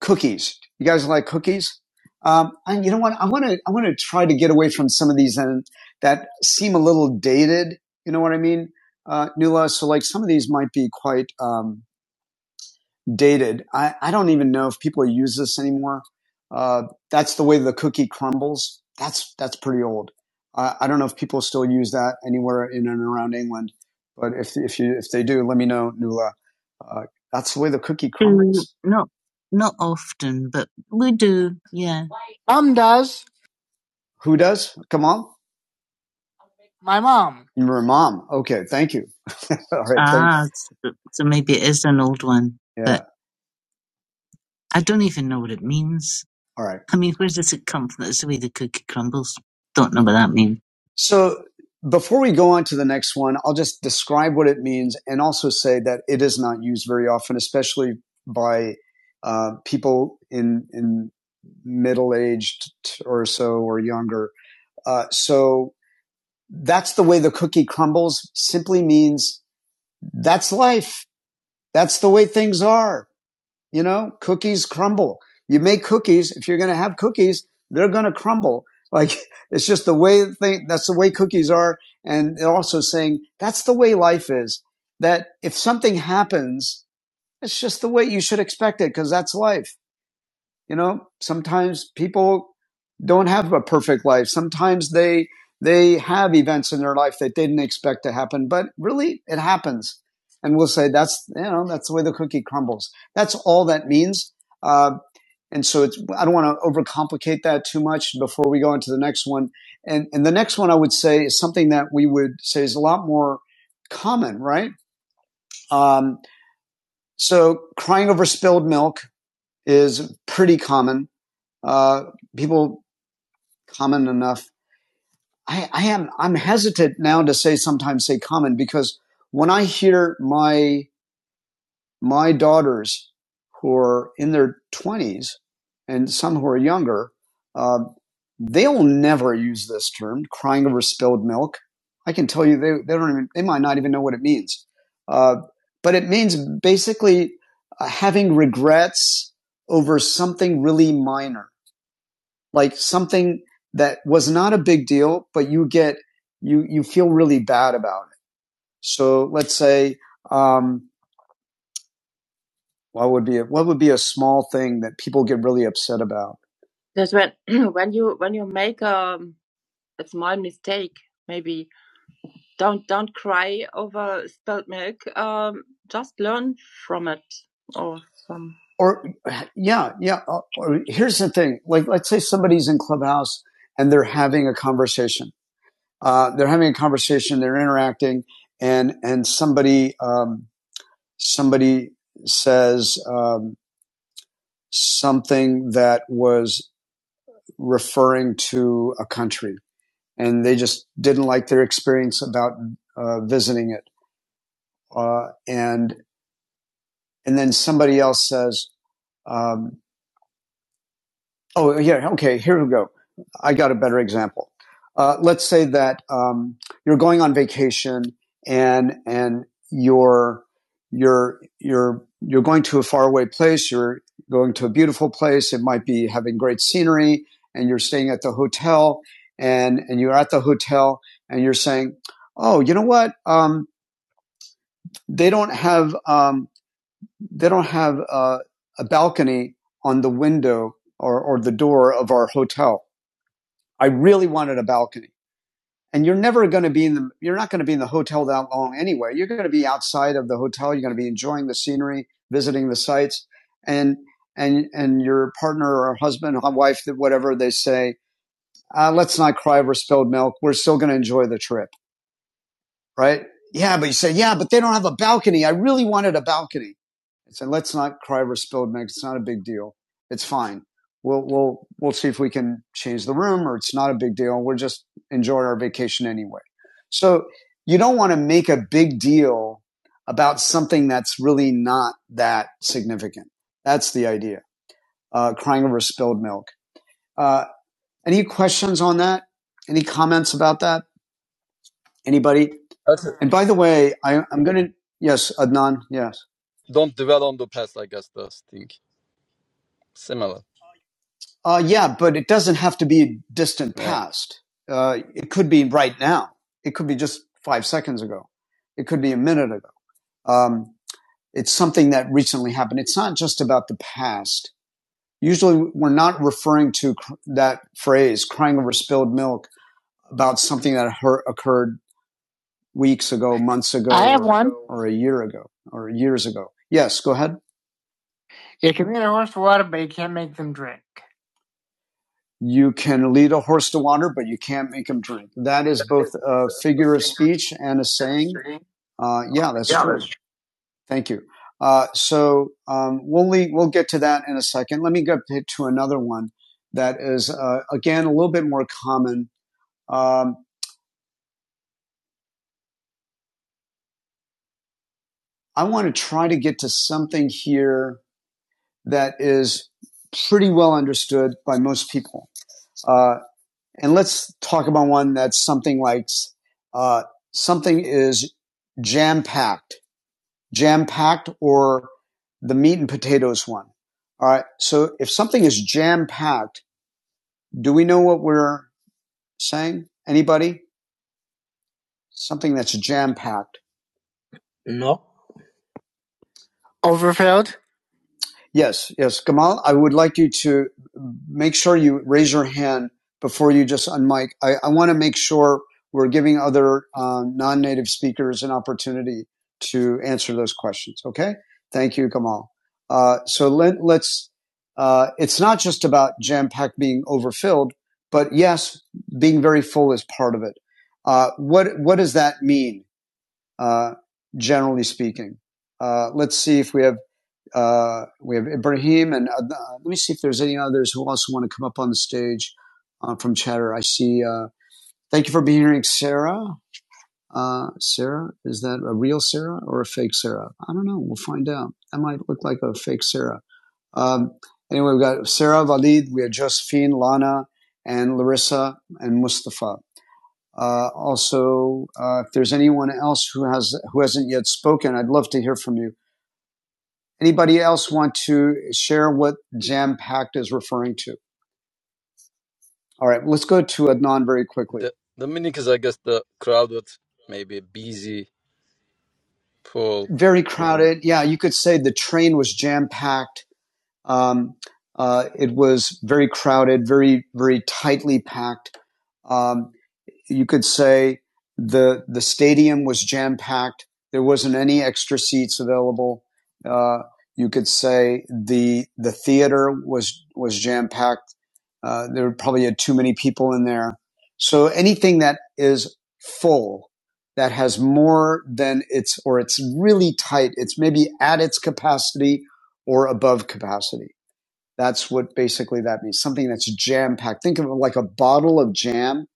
S1: cookies? You guys like cookies? Um, and you know what? I want to I want to try to get away from some of these and that seem a little dated. You know what I mean, uh, Nula? So like some of these might be quite. Um, dated. I, I don't even know if people use this anymore. Uh, that's the way the cookie crumbles. That's that's pretty old. I, I don't know if people still use that anywhere in and around England, but if if you if they do, let me know, Nula. Uh, that's the way the cookie Mm, crumbles. Not not often, but we do. Yeah. Mom does. Who does? Come on, My mom. your mom. Okay, thank you. All right, Ah, s- so maybe it is an old one, Yeah. but I don't even know what it means. All right. I mean, where does it come from? That's the way the cookie crumbles. Don't know what that means. So before we go on to the next one, I'll just describe what it means and also say that it is not used very often, especially by uh, people in in middle aged or so or younger. Uh, so that's the way the cookie crumbles. Simply means that's life. That's the way things are. You know, cookies crumble. You make cookies. If you're going to have cookies, they're going to crumble. Like it's just the way thing, that's the way cookies are. And they're also saying that's the way life is. That if something happens, it's just the way you should expect it because that's life you know, sometimes people don't have a perfect life. Sometimes they they have events in their life that they didn't expect to happen, but really it happens. And we'll say that's you know that's the way the cookie crumbles. That's all that means. Uh, and so it's I don't want to overcomplicate that too much before we go into the next one. And and the next one I would say is something that we would say is a lot more common, right? Um, so crying over spilled milk is pretty common. Uh, people common enough. I, I am I'm hesitant now to say sometimes say common because when I hear my my daughters who are in their twenties and some who are younger, uh, they'll never use this term crying over spilled milk. I can tell you they, they don't even they might not even know what it means. Uh, but it means basically uh, having regrets over something really minor like something that was not a big deal, but you get you you feel really bad about it. So let's say um, what would be a, what would be a small thing that people get really upset about? That's when when you when you make um, a small mistake, maybe don't don't cry over spilled milk. Um, just learn from it or some. Or yeah, yeah. Or, or here's the thing: like, let's say somebody's in clubhouse and they're having a conversation. uh, they're having a conversation, they're interacting, and and somebody um, somebody says um, something that was referring to a country, and they just didn't like their experience about uh, visiting it, uh, and and then somebody else says. Um, Oh, yeah. Okay. Here we go. I got a better example. Uh, let's say that um, you're going on vacation and and you're you're you're you're going to a faraway place. You're going to a beautiful place. It might be having great scenery, and you're staying at the hotel. And and you're at the hotel, and you're saying, "Oh, you know what? Um, they don't have um, they don't have uh, a balcony on the window or or the door of our hotel." I really wanted a balcony. And you're never going to be in the, you're not going to be in the hotel that long anyway. You're going to be outside of the hotel. You're going to be enjoying the scenery, visiting the sites. And, and, and your partner or husband or wife, whatever they say, uh, let's not cry over spilled milk. We're still going to enjoy the trip right? Yeah, but you say, yeah, but they don't have a balcony. I really wanted a balcony. I said, let's not cry over spilled milk. It's not a big deal. It's fine. We'll we'll we'll see if we can change the room, or it's not a big deal. We'll just enjoy our vacation anyway. So you don't want to make a big deal about something that's really not that significant. That's the idea. Uh, crying over spilled milk. Uh, any questions on that? Any comments about that? Anybody?
S3: That's it.
S1: And by the way, I, I'm going to, yes, Adnan, yes.
S3: Don't dwell on the past, I guess that's thing. Similar.
S1: Uh, yeah, but it doesn't have to be a distant
S3: Yeah.
S1: past. Uh, it could be right now. It could be just five seconds ago. It could be a minute ago. Um, it's something that recently happened. It's not just about the past. Usually we're not referring to cr- that phrase, crying over spilled milk, about something that hur- occurred weeks ago, months ago, I have or, one. or a year ago, or years ago. Yes, go ahead. You can lead a horse to water, but you can't make them drink. You can lead a horse to water, but you can't make them drink. That is both a figure of speech and a saying. Uh, yeah, that's Yeah, true. that's true. Thank you. Uh, so um, we'll leave, we'll get to that in a second. Let me go to to another one that is uh, again a little bit more common. Um, I want to try to get to something here that is pretty well understood by most people. Uh, And let's talk about one that's something like uh, something is jam packed, jam packed, or the meat and potatoes one. All right. So if something is jam packed, do we know what we're saying? Anybody? Something that's jam packed. Overfilled? Yes, yes. Gamal, I would like you to make sure you raise your hand before you just unmic. I, I want to make sure we're giving other um, non-native speakers an opportunity to answer those questions. Okay. Thank you, Gamal. Uh, so let, let's, uh, it's not just about jam pack being overfilled, but yes, being very full is part of it. Uh, what, what does that mean? Uh, generally speaking, uh, let's see if we have uh, we have Ibrahim, and uh, let me see if there's any others who also want to come up on the stage uh, from Chatter. I see. Uh, thank you for being here, Sarah. Uh, Sarah, is that a real Sarah or a fake Sarah? I don't know. We'll find out. That might look like a fake Sarah. Um, anyway, we've got Sarah, Valid, we have Josephine, Lana, and Larissa, and Mustafa. Uh, also, uh, if there's anyone else who has who hasn't yet spoken, I'd love to hear from you. Anybody else want to share what jam packed is referring to? All right, let's go to Adnan very quickly.
S3: The the meaning is I guess the crowded, maybe busy, full.
S1: Very crowded. Yeah, you could say the train was jam packed. Um, uh, it was very crowded, very, very tightly packed. Um, you could say the the stadium was jam packed. There wasn't any extra seats available. Uh, you could say the the theater was was jam packed. Uh, there probably had too many people in there. So anything that is full, that has more than its or it's really tight, it's maybe at its capacity or above capacity. That's what basically that means. Something that's jam packed. Think of it like a bottle of jam.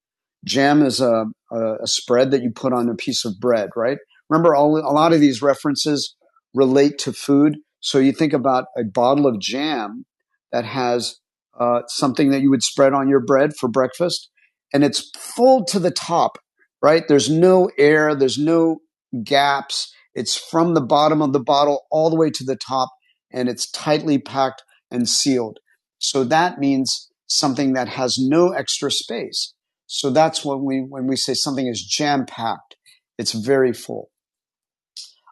S1: Jam is a, a, a spread that you put on a piece of bread, right? Remember, all, a lot of these references relate to food. So you think about a bottle of jam that has uh, something that you would spread on your bread for breakfast, and it's full to the top, right? There's no air, there's no gaps. It's from the bottom of the bottle all the way to the top, and it's tightly packed and sealed. So that means something that has no extra space. So that's when we, when we say something is jam packed, it's very full.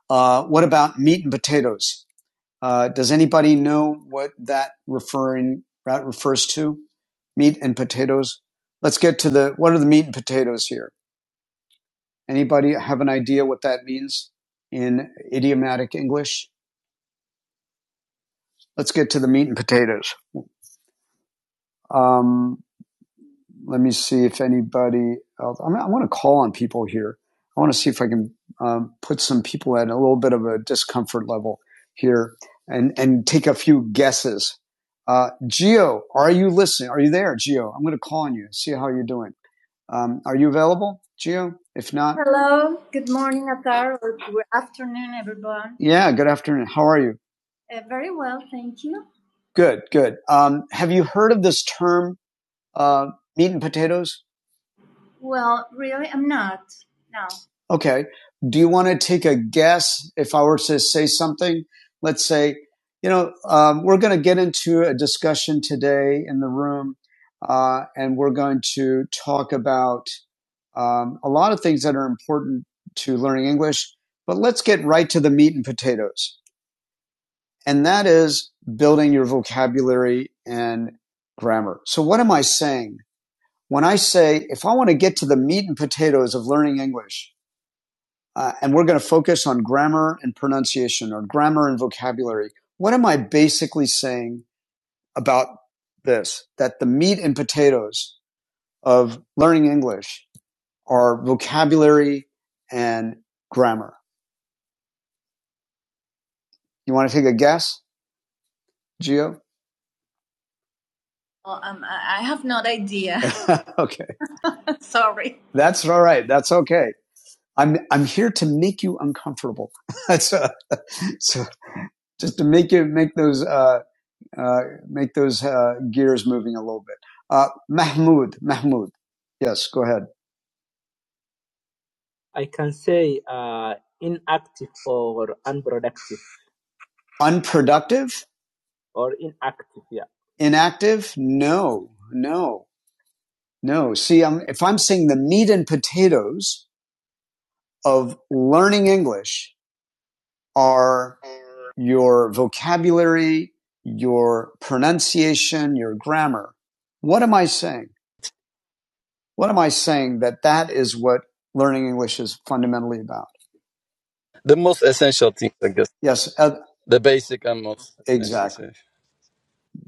S1: Uh, what about meat and potatoes? Uh, does anybody know what that referring, that refers to? Meat and potatoes? Let's get to the, what are the meat and potatoes here? Anybody have an idea what that means in idiomatic English? Let's get to the meat and potatoes. Um, let me see if anybody else. I'm, I want to call on people here. I want to see if I can um, put some people at a little bit of a discomfort level here and, and take a few guesses. Uh, Geo, are you listening? Are you there, Geo? I'm going to call on you, see how you're doing. Um, are you available, Geo? If not, Hello, good morning, Atar, good afternoon, everyone. yeah, good afternoon. How are you? Uh, very well, thank you. Good, good. Um, have you heard of this term, uh, meat and potatoes? Well, really, I'm not. No. Okay. Do you want to take a guess if I were to say something? Let's say, you know, um, we're going to get into a discussion today in the room, uh, and we're going to talk about um, a lot of things that are important to learning English, but let's get right to the meat and potatoes, and that is building your vocabulary and grammar. So, what am I saying? when I say, if I want to get to the meat and potatoes of learning English, uh, and we're going to focus on grammar and pronunciation or grammar and vocabulary, what am I basically saying about this? That the meat and potatoes of learning English are vocabulary and grammar. You want to take a guess, Gio? Well, um, I have no idea. okay. Sorry. That's all right. That's okay. I'm I'm here to make you uncomfortable. That's uh, so just to make it make those uh, uh, make those uh, gears moving a little bit. Uh, Mahmoud, Mahmoud, yes, go ahead. Unproductive, inactive? No, no, no. See, I'm, if I'm saying the meat and potatoes of learning English are your vocabulary, your pronunciation, your grammar, what am I saying? What am I saying that that is what learning English is fundamentally about?
S3: The most essential thing, I guess.
S1: Yes, uh,
S3: The basic and most essential.
S1: Exactly.
S3: say.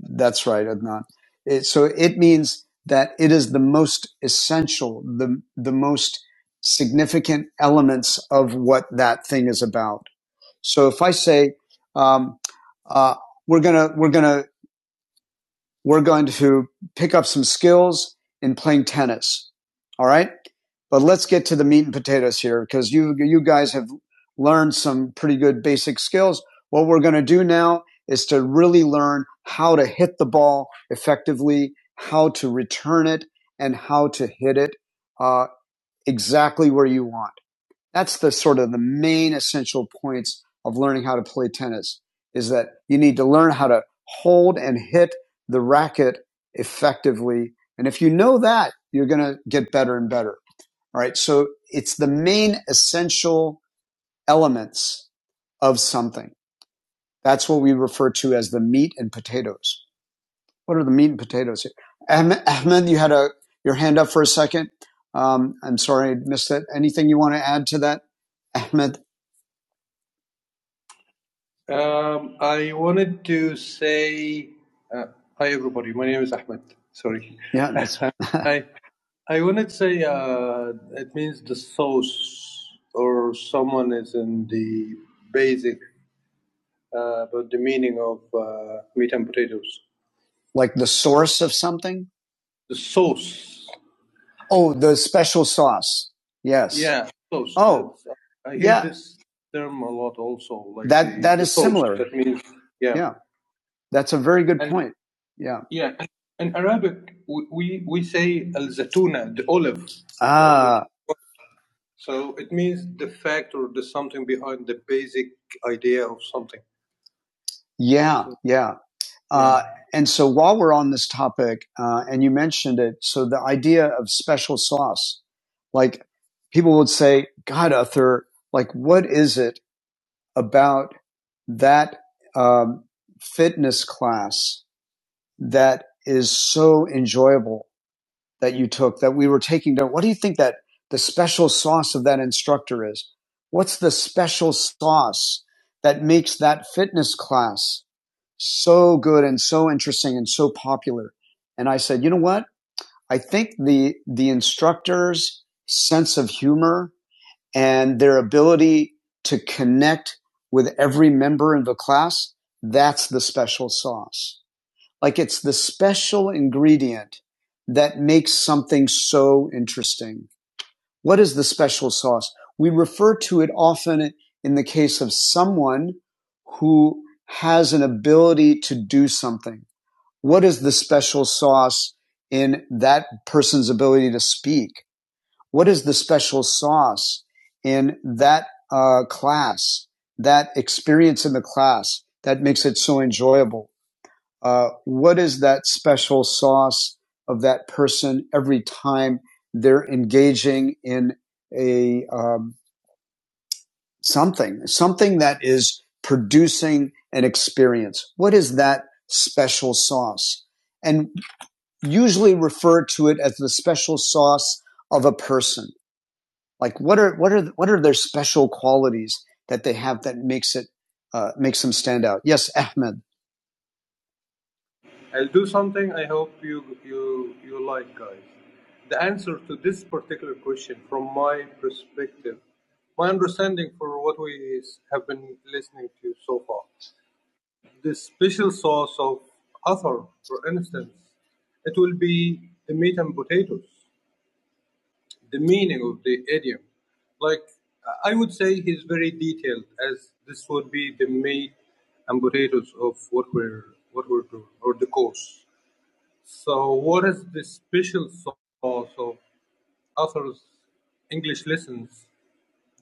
S1: That's right, Adnan. It, so it means that it is the most essential, the, the most significant elements of what that thing is about. So if I say, um, uh, we're gonna, we're gonna we're going to pick up some skills in playing tennis. All right. But let's get to the meat and potatoes here because you, you guys have learned some pretty good basic skills. What we're going to do now is to really learn how to hit the ball effectively, how to return it, and how to hit it uh, exactly where you want. That's the sort of the main essential points of learning how to play tennis is that you need to learn how to hold and hit the racket effectively. And if you know that, you're going to get better and better. All right. So it's the main essential elements of something. That's what we refer to as the meat and potatoes. What are the meat and potatoes here? Ahmed, you had a, your hand up for a second. Um, I'm sorry I missed that. Anything you want to add to that, Ahmed? Um, I wanted to say, uh, hi everybody. My name is Ahmed. Sorry. Yeah, that's I I wanted to say uh, it means the source or someone is in the basic, uh, but the meaning of uh, meat and potatoes. like the source of something. The sauce. Oh, the special sauce. Yes. Yeah, sauce. Oh, I hear yeah. this term a lot also, like That the that is similar. That means yeah. yeah. That's a very good And point. Yeah. yeah, in Arabic, we, we, say al zatuna, the olive. Uh, Ah, so it means the fact or the something behind the basic idea of something. yeah, yeah. Yeah. Uh, and so while we're on this topic, uh, and you mentioned it, so the idea of special sauce, like people would say, God, Uther, like what is it about that um, fitness class that is so enjoyable that you took that we were taking down. What do you think that the special sauce of that instructor is? What's the special sauce that makes that fitness class so good and so interesting and so popular? And I said, you know what? I think the, the instructor's sense of humor and their ability to connect with every member in the class, that's the special sauce like it's the special ingredient that makes something so interesting. What is the special sauce? We refer to it often in the case of someone who has an ability to do something. What is the special sauce in that person's ability to speak? What is the special sauce in that uh, class, that experience in the class that makes it so enjoyable? Uh, what is that special sauce of that person every time they're engaging in a um, something, something that is producing an experience? What is that special sauce? And usually refer to it as the special sauce of a person. Like what are what are what are their special qualities that they have that makes it uh, makes them stand out? Yes, Ahmed. My, my understanding for what we have been so till For, instance, it will be the meat and potatoes, the meaning of him. Like, I would say he's very detailed, as this would be the meat and potatoes of what we're what we're doing or the course. So, what is the special sauce of author's English lessons?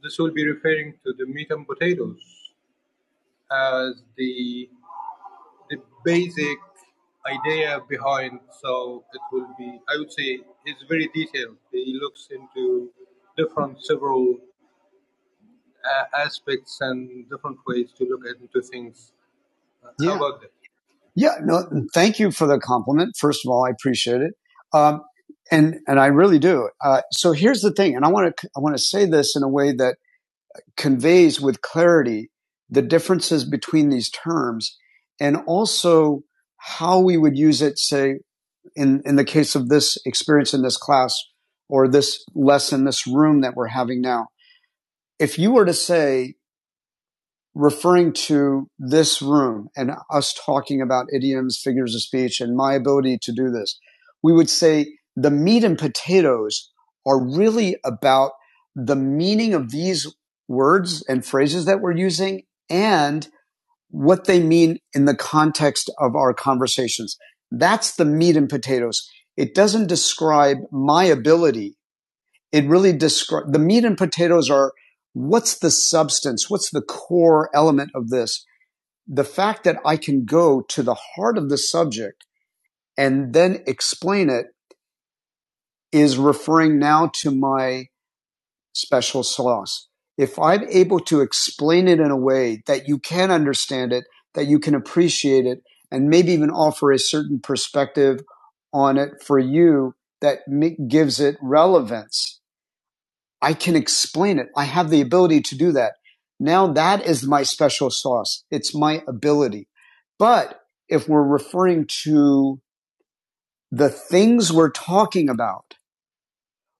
S1: This will be referring to the meat and potatoes as the the basic idea behind. So it will be, I would say, it's very detailed. He looks into different several uh, aspects and different ways to look at into things. Uh, yeah. How Yeah. about that? Yeah, no, thank you for the compliment. First of all, I appreciate it, um, and and I really do. Uh, so here's the thing, and I want to I want to say this in a way that conveys with clarity the differences between these terms and also how we would use it, say, in, in the case of this experience in this class or this lesson, this room that we're having now. If you were to say, referring to this room and us talking about idioms, figures of speech, and my ability to do this, we would say the meat and potatoes are really about the meaning of these words and phrases that we're using and what they mean in the context of our conversations. That's the meat and potatoes. It doesn't describe my ability it really describes the meat and potatoes are what's the substance? What's the core element of this? The fact that I can go to the heart of the subject and then explain it is referring now to my special sauce. If I'm able to explain it in a way that you can understand it, that you can appreciate it, and maybe even offer a certain perspective on it for you that gives it relevance I can explain it. I have the ability to do that. Now that is my special sauce. It's my ability. But if we're referring to the things we're talking about,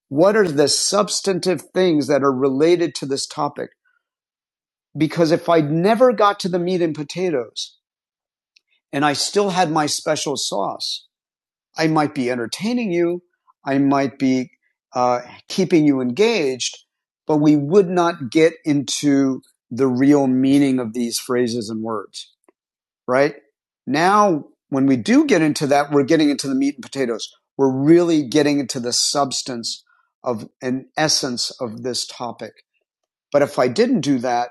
S1: what are the substantive things that are related to this topic? Because if I never got to the meat and potatoes and I still had my special sauce, I might be entertaining you. I might be uh, keeping you engaged, but we would not get into the real meaning of these phrases and words, right? Now, when we do get into that, we're getting into the meat and potatoes. We're really getting into the substance of an essence of this topic. But if I didn't do that,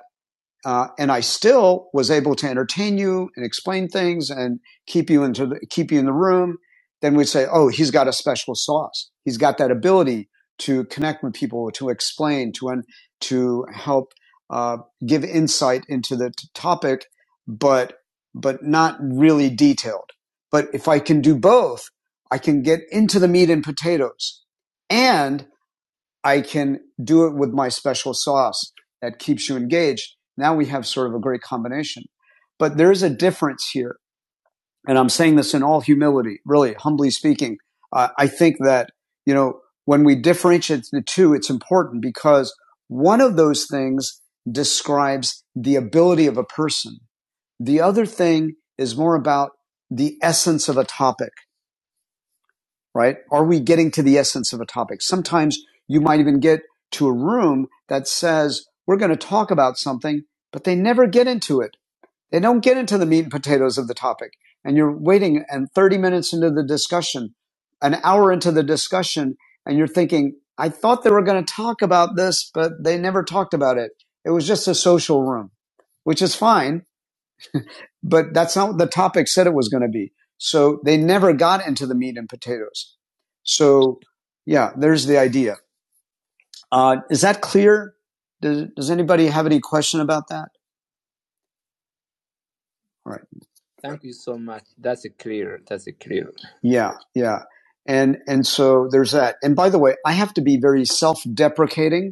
S1: uh, and I still was able to entertain you and explain things and keep you into the, keep you in the room. Then we'd say, "Oh, he's got a special sauce. He's got that ability to connect with people, to explain, to un- to help uh, give insight into the t- topic, but but not really detailed. But if I can do both, I can get into the meat and potatoes, and." I can do it with my special sauce that keeps you engaged. Now we have sort of a great combination. But there is a difference here. And I'm saying this in all humility, really humbly speaking. Uh, I think that, you know, when we differentiate the two, it's important because one of those things describes the ability of a person. The other thing is more about the essence of a topic right? Are we getting to the essence of a topic? Sometimes you might even get to a room that says, we're going to talk about something, but they never get into it. They don't get into the meat and potatoes of the topic. And you're waiting and 30 minutes into the discussion, an hour into the discussion, and you're thinking, I thought they were going to talk about this, but they never talked about it. It was just a social room, which is fine but that's not what the topic said it was going to be. So they never got into the meat and potatoes. So yeah, there's the idea. Uh, is that clear? Does, does anybody have any question about that? All right. Yeah. Yeah. And, and so there's that. And by the way, I have to be very self deprecating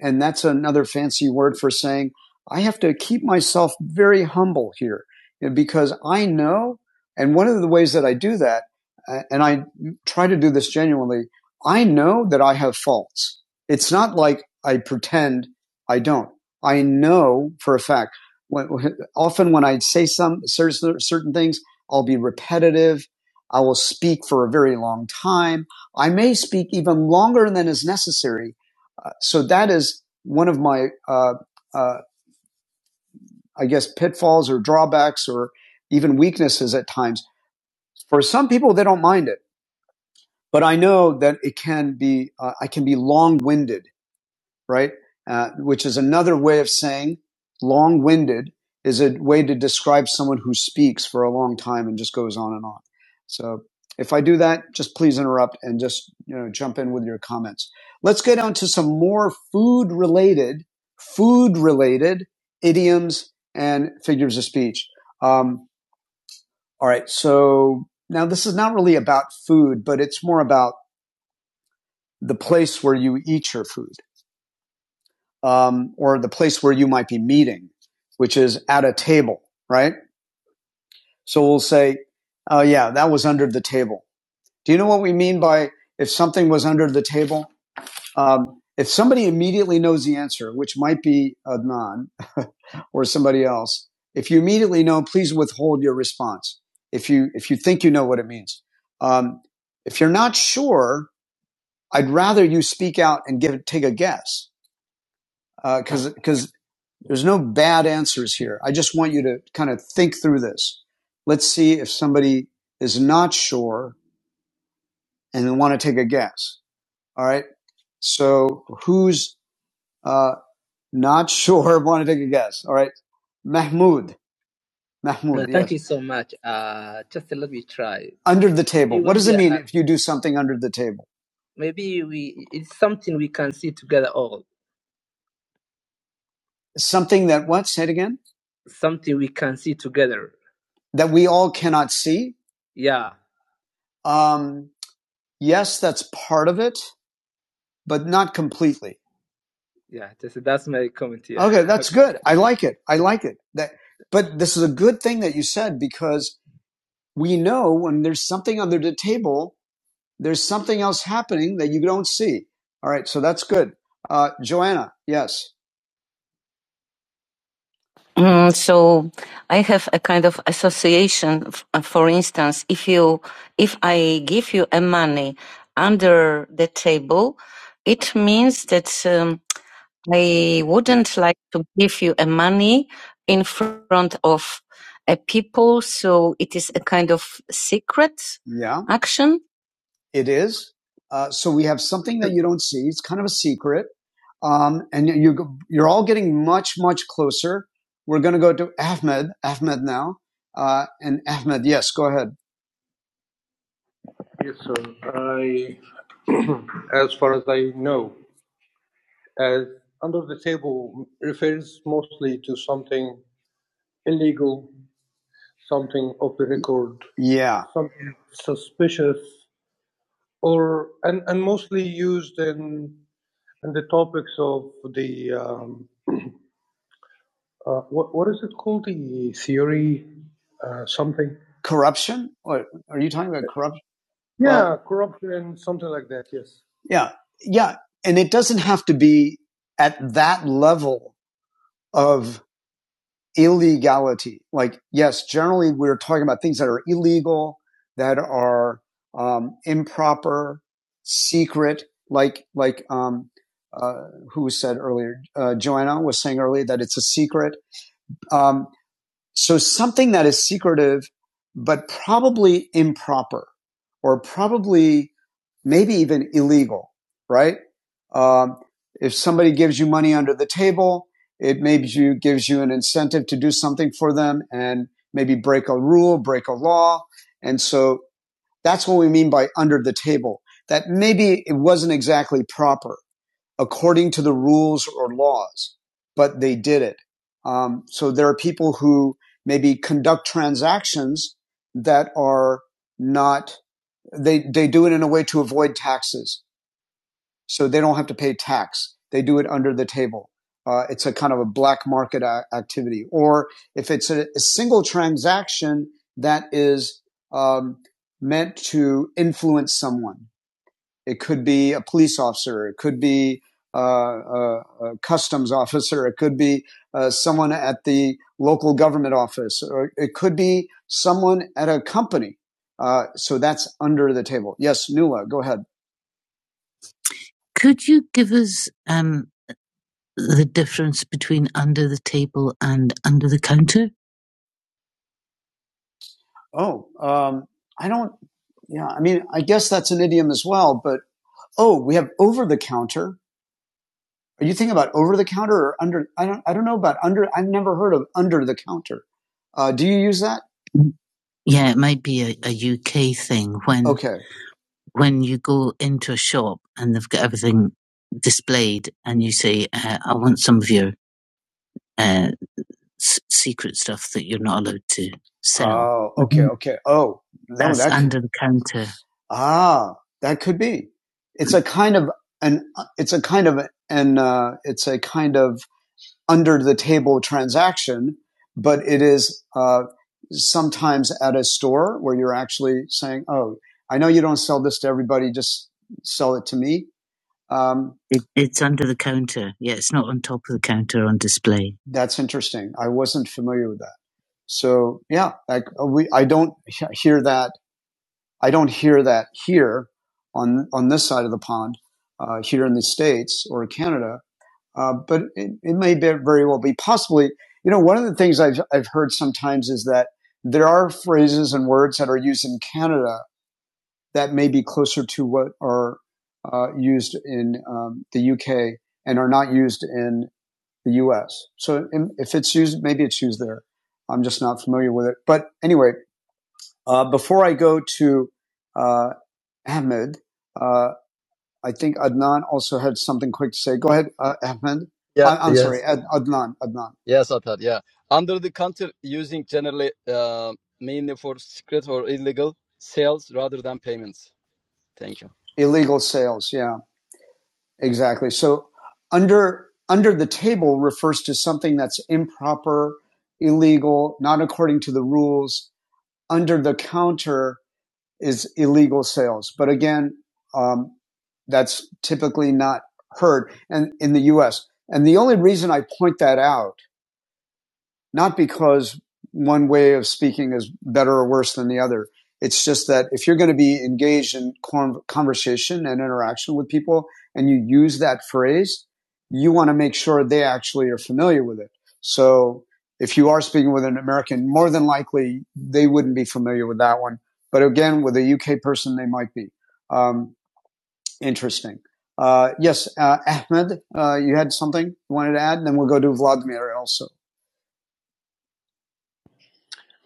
S1: and that's another fancy word for saying I have to keep myself very humble here because I know, and one of the ways that I do that, uh, and I try to do this genuinely, I know that I have faults. It's not like I pretend I don't. I know for a fact. When, often when I say some certain things, I'll be repetitive. I will speak for a very long time. I may speak even longer than is necessary uh, so that is one of my, uh, uh, I guess, pitfalls or drawbacks or even weaknesses at times. For some people, they don't mind it, but I know that it can be, uh, I can be long winded right? Uh, which is another way of saying long winded is a way to describe someone who speaks for a long time and just goes on and on. So if I do that, just please interrupt and just you know jump in with your comments. Let's get on to some more food related, food related idioms and figures of speech. Um, all right, so now this is not really about food, but it's more about the place where you eat your food. um, or the place where you might be meeting, which is at a table, right? So we'll say, oh, yeah, that was under the table. Do you know what we mean by if something was under the table? Um, if somebody immediately knows the answer, which might be Adnan or somebody else, if you immediately know, please withhold your response. If you if you think you know what it means, um, if you're not sure, I'd rather you speak out and give take a guess because because There's no bad answers here. I just want you to kind of think through this. Let's see if somebody is not sure and they want to take a guess. All right. So who's uh, not sure want to take a guess? All right. Mahmoud. Mahmoud. Under the table. If you do something under the table, something that what? Say it again. That we all cannot see. Um, yes, that's part of it, but not completely. Good. I like it. I like it. That, but this is a good thing that you said because we know when there's something under the table, there's something else happening that you don't see. All right. So that's good. Uh, Joanna. Yes. Mm, so I have a kind of association. uh, For instance, if you, if I give you a money under the table, it means that um, I wouldn't like to give you a money in front of a people. So it is a kind of secret Yeah, action. it is. Uh, so we have something that you don't see. It's kind of a secret. Um, and you, you- you're all getting much, much closer. We're going to go to Ahmed, Ahmed now. Uh, and Ahmed, yes, go ahead. Yes, sir. I, as far as I know, as under the table refers mostly to something illegal, something off the record, Yeah. something suspicious, or and, and mostly used in in the topics of the um, Uh, what what is it called? The theory, uh, something. Corruption? Or are you talking about corruption? Well, Yeah, uh, corruption, something like that. Yes. yeah, yeah, and it doesn't have to be at that level of illegality. Like, yes, generally we're talking about things that are illegal, that are um, improper, secret. Like, like um, uh, who said earlier, uh, Joanna was saying earlier that it's a secret. Um, so something that is secretive, but probably improper or probably maybe even illegal, right? Um, if somebody gives you money under the table, it maybe you, gives you an incentive to do something for them and maybe break a rule, break a law. And so that's what we mean by under the table. That maybe it wasn't exactly proper according to the rules or laws, but they did it. Um, so there are people who maybe conduct transactions that are not they they do it in a way to avoid taxes, so they don't have to pay tax. They do it under the table. Uh, it's a kind of a black market a- activity. Or if it's a, a single transaction that is um, meant to influence someone, it could be a police officer. It could be uh, a, a customs officer. It could be uh, someone at the local government office, or it could be someone at a company. Uh, so that's under the table. Yes, Nuala, go ahead. Could you give us um, the difference between under the table and under the counter? Oh, um, I don't. Yeah, I mean, I guess that's an idiom as well. But oh, we have over the counter, Are you thinking about over the counter or under? I don't. I don't know about under. I've never heard of under the counter. Uh, do you use that? Yeah, it might be a, UK thing when Okay. when you go into a shop and they've got everything displayed, and you say, uh, "I want some of your uh, s- secret stuff that you're not allowed to sell." Oh, okay, Mhm. okay. Oh, no, That's that under the counter. ah, that could be. It's a kind of an. It's a kind of an. Uh, it's a kind of under the table transaction, but it is uh, sometimes at a store where you're actually saying, "Oh, I know you don't sell this to everybody; just sell it to me." Um, It, it's under the counter. Yeah, it's not on top of the counter on display. that's interesting. I wasn't familiar with that. So yeah, like uh, we, I don't hear that. I don't hear that here on on this side of the pond, uh, here in the states or Canada. Uh, but it, it may be, very well be possibly, you know, one of the things I've, I've heard sometimes is that there are phrases and words that are used in Canada that may be closer to what are uh, used in um, the UK and are not used in the US. So if it's used, maybe it's used there. I'm just not familiar with it. But anyway, uh, before I go to uh, Ahmed, uh, I think Adnan also had something quick to say. Go ahead, uh, Ahmed.
S3: Yeah.
S1: I, I'm
S3: Yes.
S1: sorry, Ad, Adnan. Adnan.
S3: Yes, Atar. Yeah, under the counter using generally uh, mainly for secret or illegal sales rather than payments. Thank you.
S1: Illegal sales. Yeah, exactly. So under under the table refers to something that's improper, illegal, not according to the rules. Under the counter is illegal sales, but again, um, that's typically not heard and in the U.S. And the only reason I point that out not because one way of speaking is better or worse than the other. It's just that if you're going to be engaged in conversation and interaction with people and you use that phrase, you want to make sure they actually are familiar with it. So if you are speaking with an American, more than likely they wouldn't be familiar with that one. But again, with a UK person, they might be. Um, interesting. Uh, yes, uh, Ahmed, uh, you had something you wanted to add, and then we'll go to Vladimir also.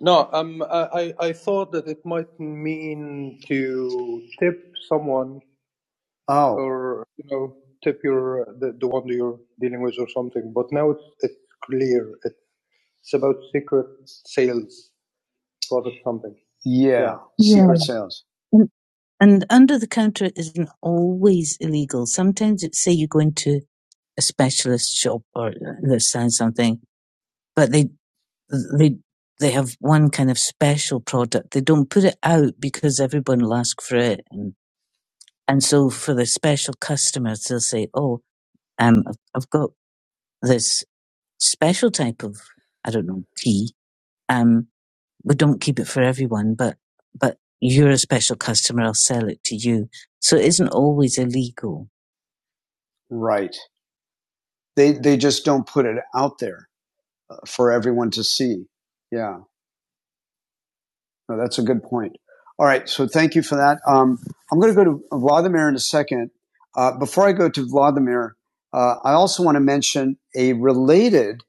S1: No, um, I, I thought that it might mean to tip someone Oh, or, you know, tip your the, the one you're dealing with or something. But now it's, it's clear. It's about secret sales, product something. Yeah. yeah, Yeah. secret yeah. sales. And and under the counter isn't always illegal. Sometimes it's say you go into a specialist shop or uh, that selling something, but they they they have one kind of special product. They don't put it out because everyone will ask for it, and and so for the special customers, they'll say, "Oh, um, I've I've got this special type of I don't know tea. Um, we don't keep it for everyone, but but you're a special customer. I'll sell it to you." So it isn't always illegal. Right. They they just don't put it out there uh, for everyone to see. Yeah. No, that's a good point. All right, so thank you for that. Um, I'm going to go to Vladimir in a second. Uh, before I go to Vladimir, uh, I also want to mention a related,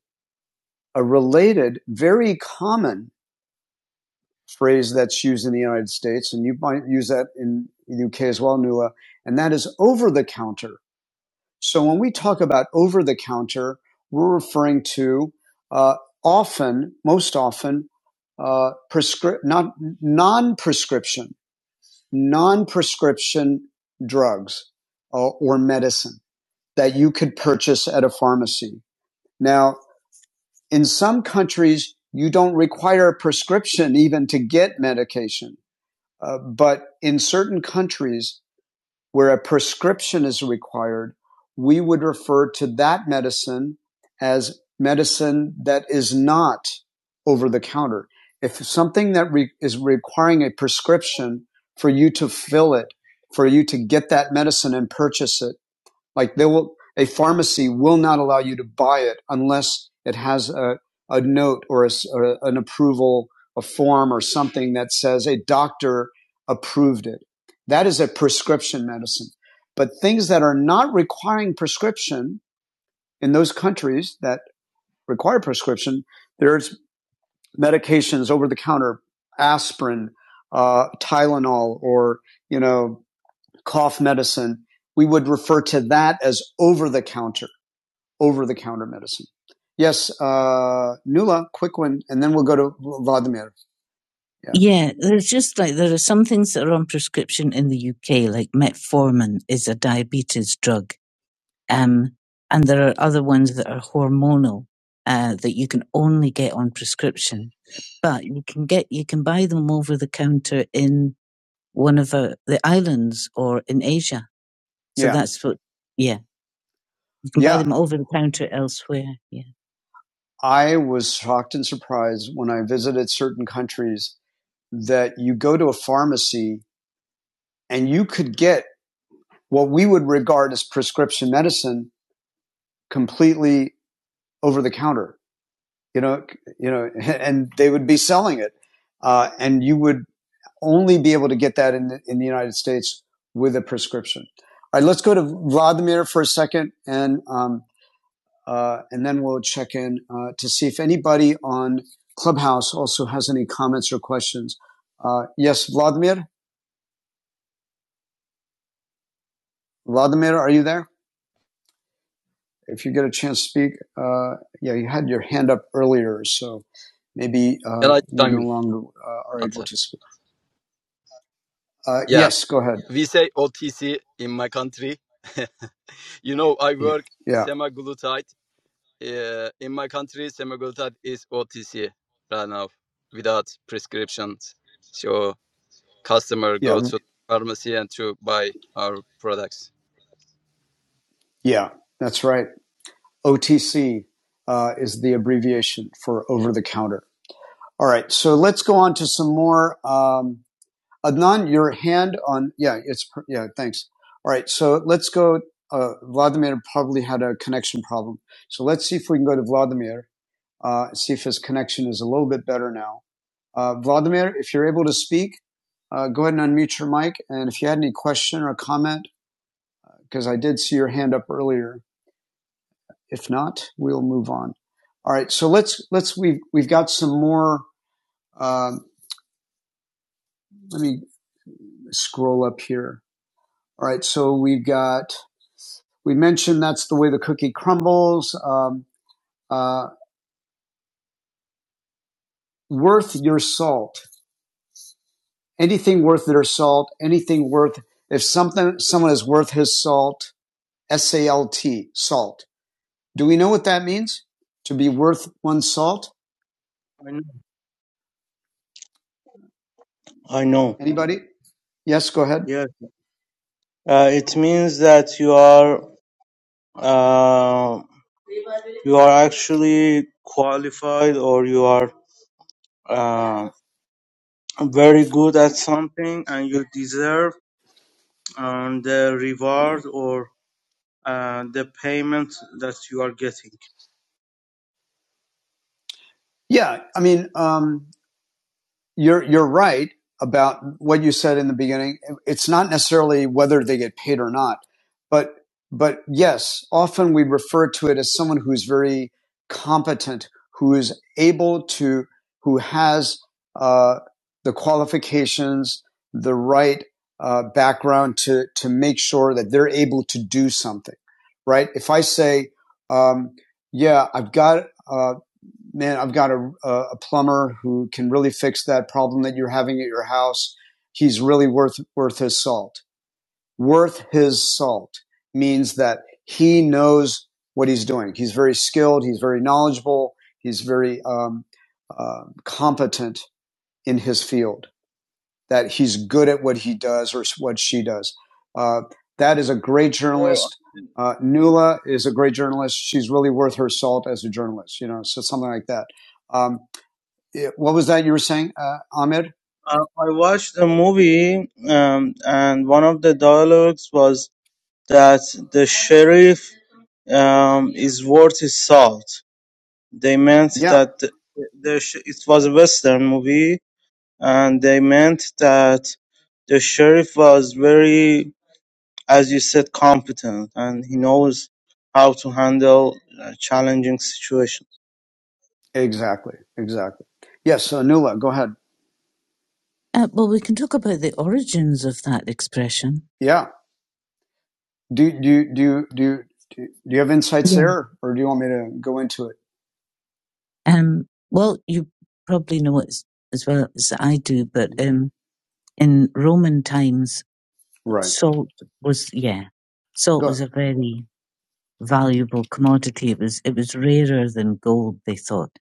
S1: a related, very common phrase that's used in the United States, and you might use that in the UK as well, Nuala. and that is over the counter. So when we talk about over the counter, we're referring to uh, often, most often, uh, prescri- not non-prescription non-prescription drugs uh, or medicine that you could purchase at a pharmacy. Now, in some countries, you don't require a prescription even to get medication. Uh, but in certain countries, where a prescription is required, we would refer to that medicine as medicine that is not over the counter. If something that re- is requiring a prescription for you to fill it, for you to get that medicine and purchase it, like they will, a pharmacy will not allow you to buy it unless it has a, a note or, a s- or an approval, a form or something that says a doctor approved it. That is a prescription medicine. But things that are not requiring prescription in those countries that require prescription, there's medications over the counter, aspirin, uh, Tylenol, or, you know, cough medicine. We would refer to that as over the counter over the counter medicine. Yes, uh, Nula, quick one, and then we'll go to Vladimir. Yeah. Yeah, there's just like there are some things that are on prescription in the UK, like metformin is a diabetes drug, um, and there are other ones that are hormonal uh, that you can only get on prescription, but you can get you can buy them over the counter in one of uh, the islands or in Asia. So Yeah. that's what, yeah, you can Yeah. buy them over the counter elsewhere. Yeah. I was shocked and surprised when I visited certain countries that you go to a pharmacy and you could get what we would regard as prescription medicine completely over the counter. You know, you know, and they would be selling it, uh, and you would only be able to get that in the, in the United States with a prescription. All right, let's go to Vladimir for a second, and um, Uh, and then we'll check in uh, to see if anybody on Clubhouse also has any comments or questions. Uh, yes, Vladimir. Vladimir, are you there? If you get a chance to speak, uh, yeah, you had your hand up earlier, so maybe uh,
S3: Can I
S1: you
S3: chime
S1: no
S3: in,
S1: longer uh, are able
S3: Atar?
S1: to speak. Uh,
S3: Yeah,
S1: yes, go ahead.
S3: we say OTC in my country. you know, I
S1: Yeah,
S3: work
S1: yeah,
S3: semaglutide. Uh, in my country, semaglutide is OTC right now without prescriptions. So customer go
S1: yeah,
S3: to pharmacy and to buy our products.
S1: yeah, that's right. OTC uh, is the abbreviation for over the counter. All right, so let's go on to some more. Um, Adnan, your hand on, yeah, it's, yeah, thanks. All right, so let's go. Uh, Vladimir probably had a connection problem. So let's see if we can go to Vladimir, uh, see if his connection is a little bit better now. Uh, Vladimir, if you're able to speak, uh, go ahead and unmute your mic. And if you had any question or comment, because I did see your hand up earlier. If not, we'll move on. All right, so let's, let's, we've, we've got some more, um, let me scroll up here. All right, so we've got We mentioned that's the way the cookie crumbles. Um, uh, worth your salt. Anything worth their salt. Anything worth if something someone is worth his salt. S A L T salt. Do we know what that means? To be worth one's salt.
S7: I know. I know.
S1: Anybody? Yes. Go ahead.
S7: Yes. Uh, it means that you are uh, you are actually qualified or you are uh, very good at something and you deserve um, the reward or uh, the payment that you are getting.
S1: Yeah. I mean, um, you're you're right about what you said in the beginning. It's not necessarily whether they get paid or not, but but yes, often we refer to it as someone who's very competent, who is able to, who has uh, the qualifications, the right uh, background to to make sure that they're able to do something. Right? If I say, um, "Yeah, I've got uh, man, I've got a, a plumber who can really fix that problem that you're having at your house. He's really worth, worth his salt. Worth his salt means that he knows what he's doing. He's very skilled. He's very knowledgeable. He's very, um, uh, competent in his field, that he's good at what he does or what she does. Uh, that is a great
S7: Or
S1: journalist. Uh, Nula is a great journalist. She's really worth her salt as a journalist, you know, so something like that. Um, it, what was that you were saying, uh, Ahmed?
S7: uh, I watched a movie, um, and one of the dialogues was that the sheriff um, is worth his salt. They meant
S1: Yeah,
S7: that the sh- it was a Western movie, and they meant that the sheriff was very, as you said, competent, and he knows how to handle uh, challenging situations.
S1: exactly, exactly. Yes, uh, Nula, go ahead. Uh, well, we can talk about the origins of that expression. Yeah, do do do do do, do you have insights Yeah. there, or do you want me to go into it? Um, well, you probably know it as, as well as I do, but um, in Roman times, Right. salt was yeah, salt Go. was ahead. a very valuable commodity. It was it was rarer than gold, they thought,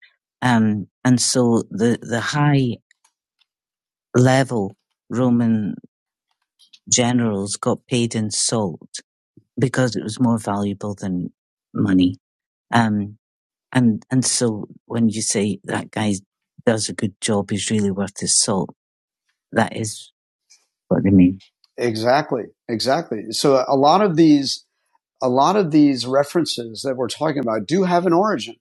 S1: um, and so the the high level Roman generals got paid in salt because it was more valuable than money. Um, and and so when you say that guy does a good job, he's really worth his salt. That is what they mean. Exactly, exactly. So a lot of these, a lot of these references that we're talking about do have an origin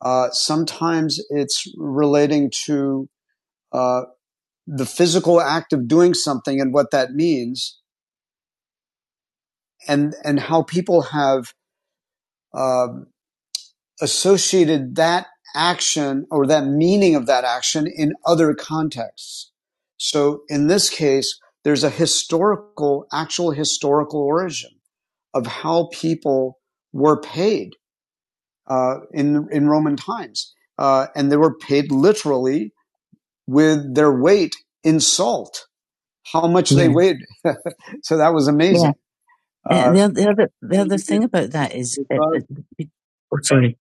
S1: Uh, sometimes it's relating to uh, the physical act of doing something and what that means, and and how people have uh, associated that action or that meaning of that action in other contexts. So in this case, there's a historical, actual historical origin of how people were paid uh, in in Roman times, uh, and they were paid literally with their weight in salt, how much yeah. they Yeah. weighed. so that was amazing. Yeah. Uh, the, the other the
S7: Actually,
S1: other thing about that is, that,
S7: because
S1: that- be- oh, sorry,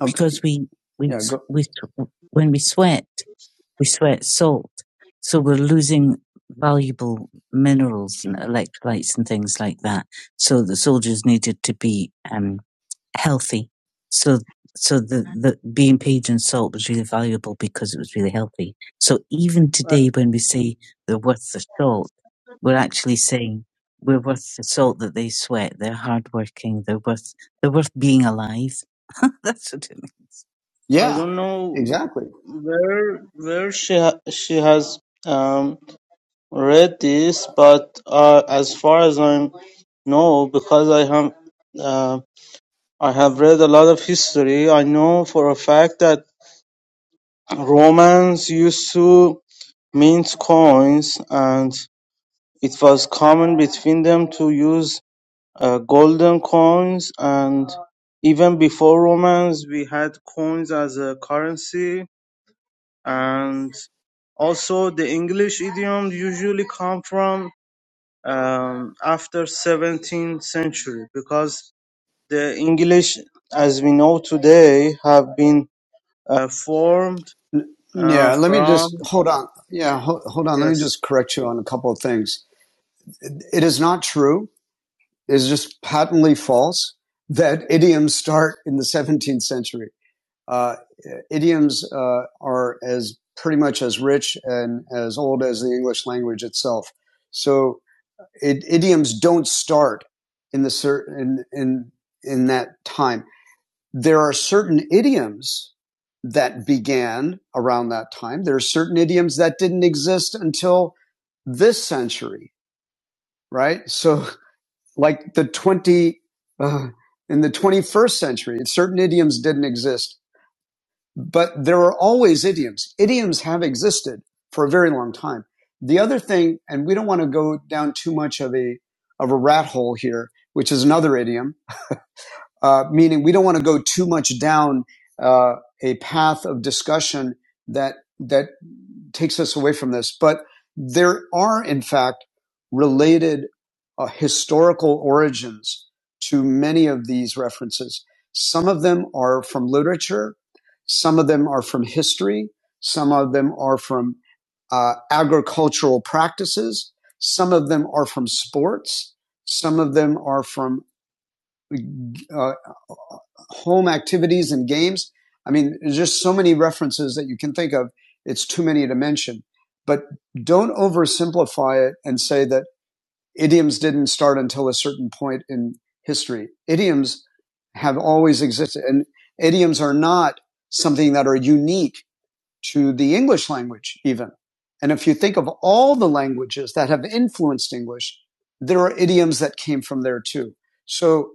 S1: okay. because we we Yeah, we when we sweat, we sweat salt. So we're losing valuable minerals and electrolytes and things like that. So the soldiers needed to be um, healthy. So so the, the being paid in salt was really valuable because it was really healthy. So even
S7: I,
S1: today when we say they're worth the salt, we're actually saying we're worth the salt that they sweat. They're hardworking. They're worth they're worth being alive. That's what it means.
S7: I
S1: Yeah,
S7: don't know
S1: exactly.
S7: where where she ha- she has um, read this, but uh, as far as I know, because I have. I have read a lot of history. I know for a fact that Romans used to mint coins, and it was common between them to use uh, golden coins. And even before Romans, we had coins as a currency. And also, the English idiom usually come from um, after 17th century because the English, as we know today, have been uh, formed uh,
S1: Yeah, let me just
S7: from
S1: hold on. Yeah, hold, hold on. Let me just
S7: yes
S1: correct you on a couple of things. It, it is not true. It is just patently false that idioms start in the 17th century. Uh, idioms uh, are as pretty much as rich and as old as the English language itself. So it, idioms don't start in the cer- in in in that time. There are certain idioms that began around that time. There are certain idioms that didn't exist until this century, right? So like the 20, uh, in the 21st century, certain idioms didn't exist, but there are always idioms. Idioms have existed for a very long time. The other thing, and we don't want to go down too much of a, of a rat hole here, which is another idiom, uh, meaning we don't want to go too much down uh, a path of discussion that that takes us away from this. But there are, in fact, related uh, historical origins to many of these references. Some of them are from literature, some of them are from history, some of them are from uh, agricultural practices, some of them are from sports, some of them are from uh, home activities and games. I mean, there's just so many references that you can think of. It's too many to mention. But don't oversimplify it and say that idioms didn't start until a certain point in history. Idioms have always existed, and idioms are not something that are unique to the English language, even. And if you think of all the languages that have influenced English, there are idioms that came from there too. So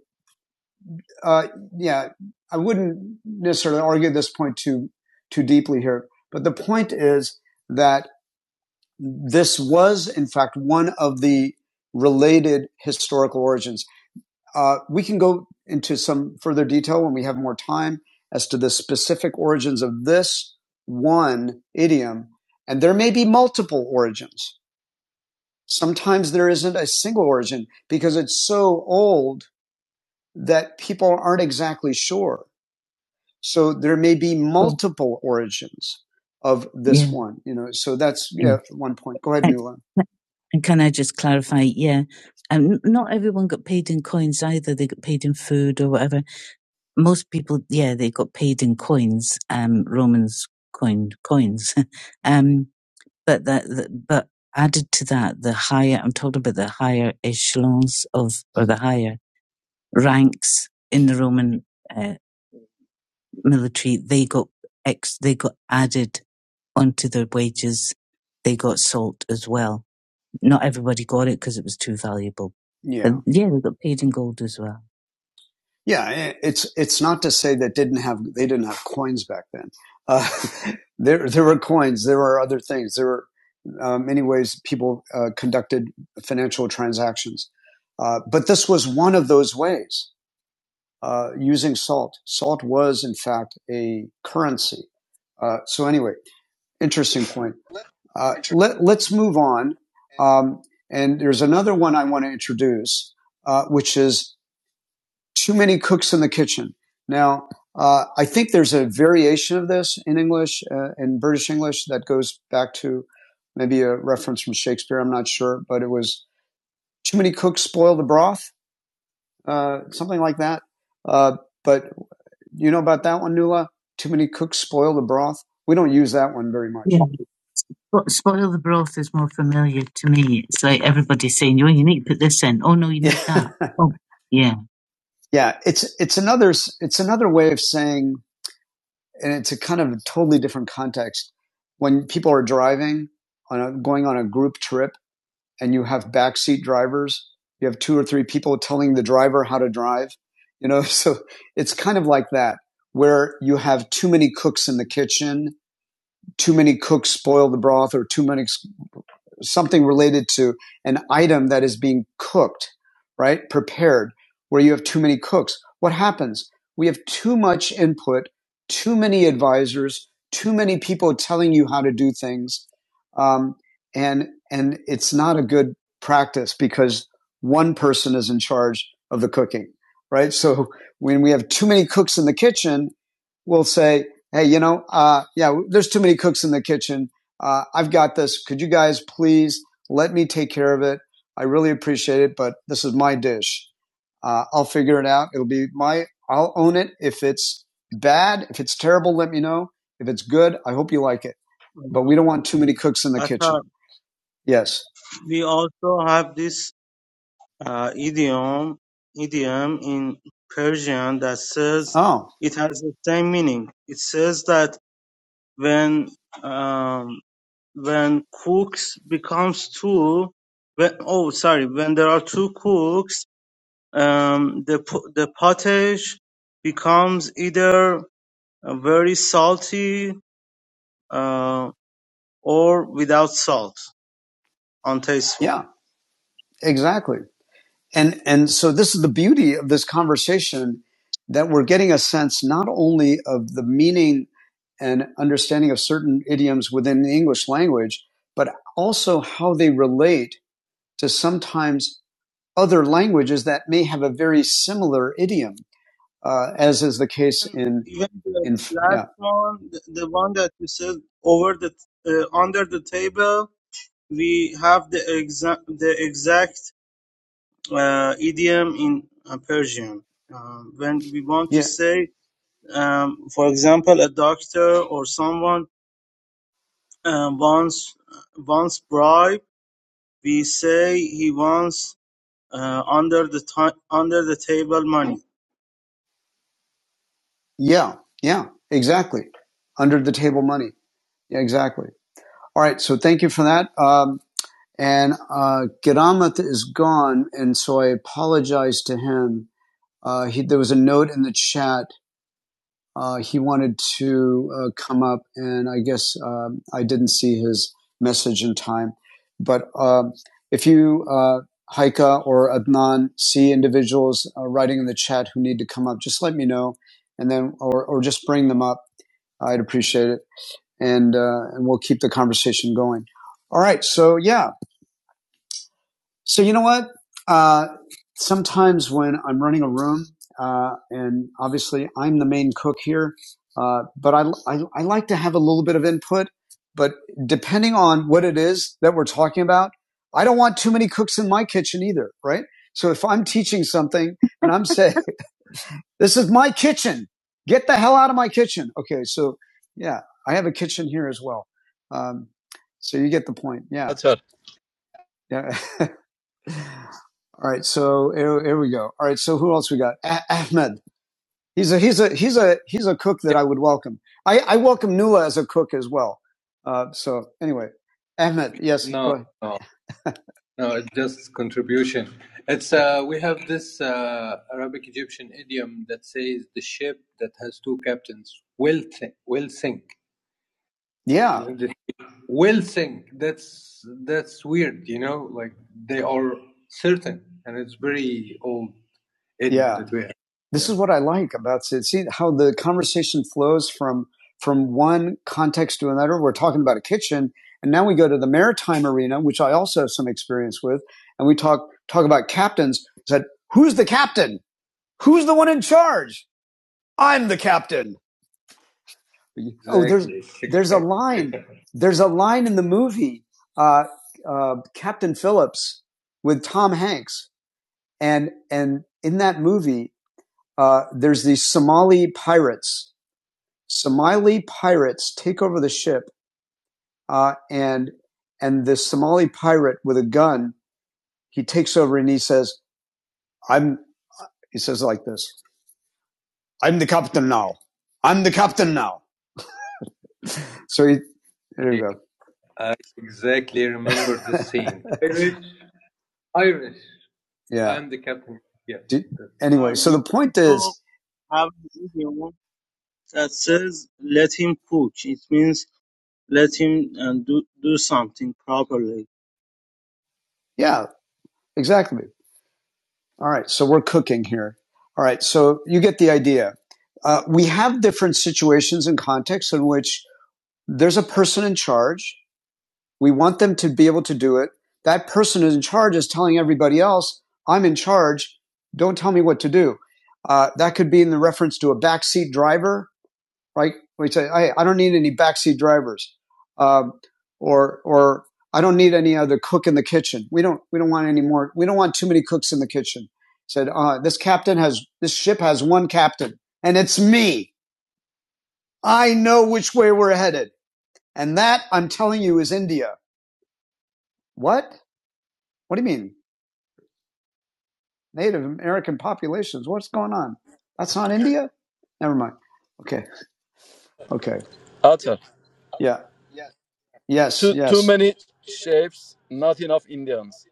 S1: uh, yeah, I wouldn't necessarily argue this point too too deeply here, but the point is that this was, in fact, one of the related historical origins. Uh, we can go into some further detail when we have more time as to the specific origins of this one idiom, and there may be multiple origins. Sometimes there isn't a single origin because it's so old that people aren't exactly sure. So there may be multiple origins of this Yeah. one, you know. So that's yeah. yeah, one point. Go ahead, Nuala. and can I just clarify? Yeah. Um, not everyone got paid in coins either. They got paid in food or whatever. Most people, yeah, they got paid in coins, um, Romans coined coins. um, but that, that- but added to that, the higher, I'm talking about the higher echelons of, or the higher ranks in the Roman, uh, military, they got ex, they got added onto their wages. They got salt as well. Not everybody got it because it was too valuable. But Yeah. but yeah, they got paid in gold as well. Yeah. It's, it's not to say that didn't have, they didn't have coins back then. Uh, there, there were coins. There were other things. There were uh, many ways people uh, conducted financial transactions. Uh, but this was one of those ways uh, using salt. Salt was, in fact, a currency. Uh, so anyway, interesting point. Uh, let, let's move on. Um, and there's another one I want to introduce, uh, which is too many cooks in the kitchen. Now, uh, I think there's a variation of this in English, uh, in British English, that goes back to maybe a reference from Shakespeare. I'm not sure, but it was too many cooks spoil the broth, uh, something like that. Uh, but you know about that one, Nula? Too many cooks spoil the broth. We don't use that one very much. Yeah, spoil the broth is more familiar to me. It's like everybody saying, "Oh, you need to put this in." Oh no, you need that. Oh, yeah, yeah, it's it's another it's another way of saying, and it's a kind of a totally different context when people are driving on a, going on a group trip and you have backseat drivers. You have two or three people telling the driver how to drive. You know, so it's kind of like that where you have too many cooks in the kitchen, too many cooks spoil the broth or too many something related to an item that is being cooked, right? Prepared, where you have too many cooks. What happens? We have too much input, too many advisors, too many people telling you how to do things, um, and and it's not a good practice because one person is in charge of the cooking, right? So when we have too many cooks in the kitchen, we'll say, "Hey, you know, uh, yeah, there's too many cooks in the kitchen uh, I've got this. Could you guys please let me take care of it? I really appreciate it, but this is my dish. Uh, I'll figure it out. It'll be my, I'll own it. If it's bad, if it's terrible, let me know. If it's good, I hope you like it. But
S7: uh,
S1: we don't want too many cooks in the kitchen.
S7: athar.
S1: Yes.
S7: We also have this uh, idiom idiom in Persian that says
S1: Oh,
S7: it has the same meaning. It says that when um, when cooks becomes two, when, oh sorry, when there are two cooks, um, the po- the pottage becomes either uh, very salty uh, or without salt, untasteful.
S1: yeah, exactly. And, and so this is the beauty of this conversation that we're getting a sense not only of the meaning and understanding of certain idioms within the English language, but also how they relate to sometimes other languages that may have a very similar idiom, uh, as is the case
S7: And
S1: in
S7: even the
S1: in
S7: last
S1: yeah
S7: one, the the one that you said over the uh, under the table, we have the exact the exact uh, idiom in uh, Persian. Um, when we want to
S1: yeah
S7: say, um, for example, a doctor or someone uh, wants wants bribe, we say he wants uh, under the ti- under the table money.
S1: yeah yeah exactly under the table money yeah, exactly. All right, so thank you for that. Um, and uh, Geramath is gone, and so I apologize to him. Uh, he, there was a note in the chat uh, he wanted to uh, come up, and I guess um I didn't see his message in time. But um if you, uh, Haika or Adnan, see individuals uh, writing in the chat who need to come up, just let me know, and then or or just bring them up. I'd appreciate it, and uh, and we'll keep the conversation going. All right, so yeah, so you know what? Uh, sometimes when I'm running a room, uh, and obviously I'm the main cook here, uh, but I, I I like to have a little bit of input. But depending on what it is that we're talking about, I don't want too many cooks in my kitchen either, right? So if I'm teaching something and I'm saying, "This is my kitchen, get the hell out of my kitchen," okay? So yeah, I have a kitchen here as well. Um, so you get the point. Yeah,
S3: Atar,
S1: yeah. All right, so here, here we go. All right, so who else we got? Ah Ahmed. He's a he's a he's a he's a cook that I would welcome. I, I welcome Nula as a cook as well. Uh, so anyway, Ahmed, yes, go No, ahead. no, no. It's just contribution. It's uh, we have this uh, Arabic Egyptian idiom that says the ship that has two captains will think Will sink. Yeah, Will sink. That's that's weird. You know, like they are certain, and it's very old. It, yeah. It, This is what I like about it. See how the conversation flows from from one context to another. We're talking about a kitchen, and now we go to the maritime arena, which I also have some experience with, and we talk talk about captains. Said, who's the captain? Who's the one in charge? I'm the captain. Line. There's a line in the movie, uh, uh, Captain Phillips with Tom Hanks, and and in that movie, uh, there's these Somali pirates Somali pirates take over the ship, uh, and and this Somali pirate with a gun, he takes over and he says, "I'm." He says like this, "I'm the captain now. I'm the captain now." So he, there you go. Exactly, remember him. Irish. Yeah. I'm the captain. Yeah. Do- anyway, so
S7: We
S1: the point
S7: also
S1: is,
S7: have an idiom that says "let him cook". It means let him uh, do do something properly.
S1: yeah, exactly. All right, so we're cooking here. All right, so you get the idea. Uh, we have different situations and contexts in which there's a person in charge. We want them to be able to do it. That person in charge is telling everybody else, I'm in charge. Don't tell me what to do. Uh, that could be in the reference to a backseat driver, right? We say, hey, I don't need any backseat drivers. Um, or, or I don't need any other cook in the kitchen. We don't, we don't want any more. We don't want too many cooks in the kitchen. Said, uh, this captain has, this ship has one captain and it's me. I know which way we're headed. And that, I'm telling you, is India. What? What do you mean? Native American populations. What's going on? That's not India? Never mind. Okay. Okay.
S3: Atar.
S1: Yeah. Yes.
S3: Too too
S1: Yes.
S3: many shapes, not enough Indians.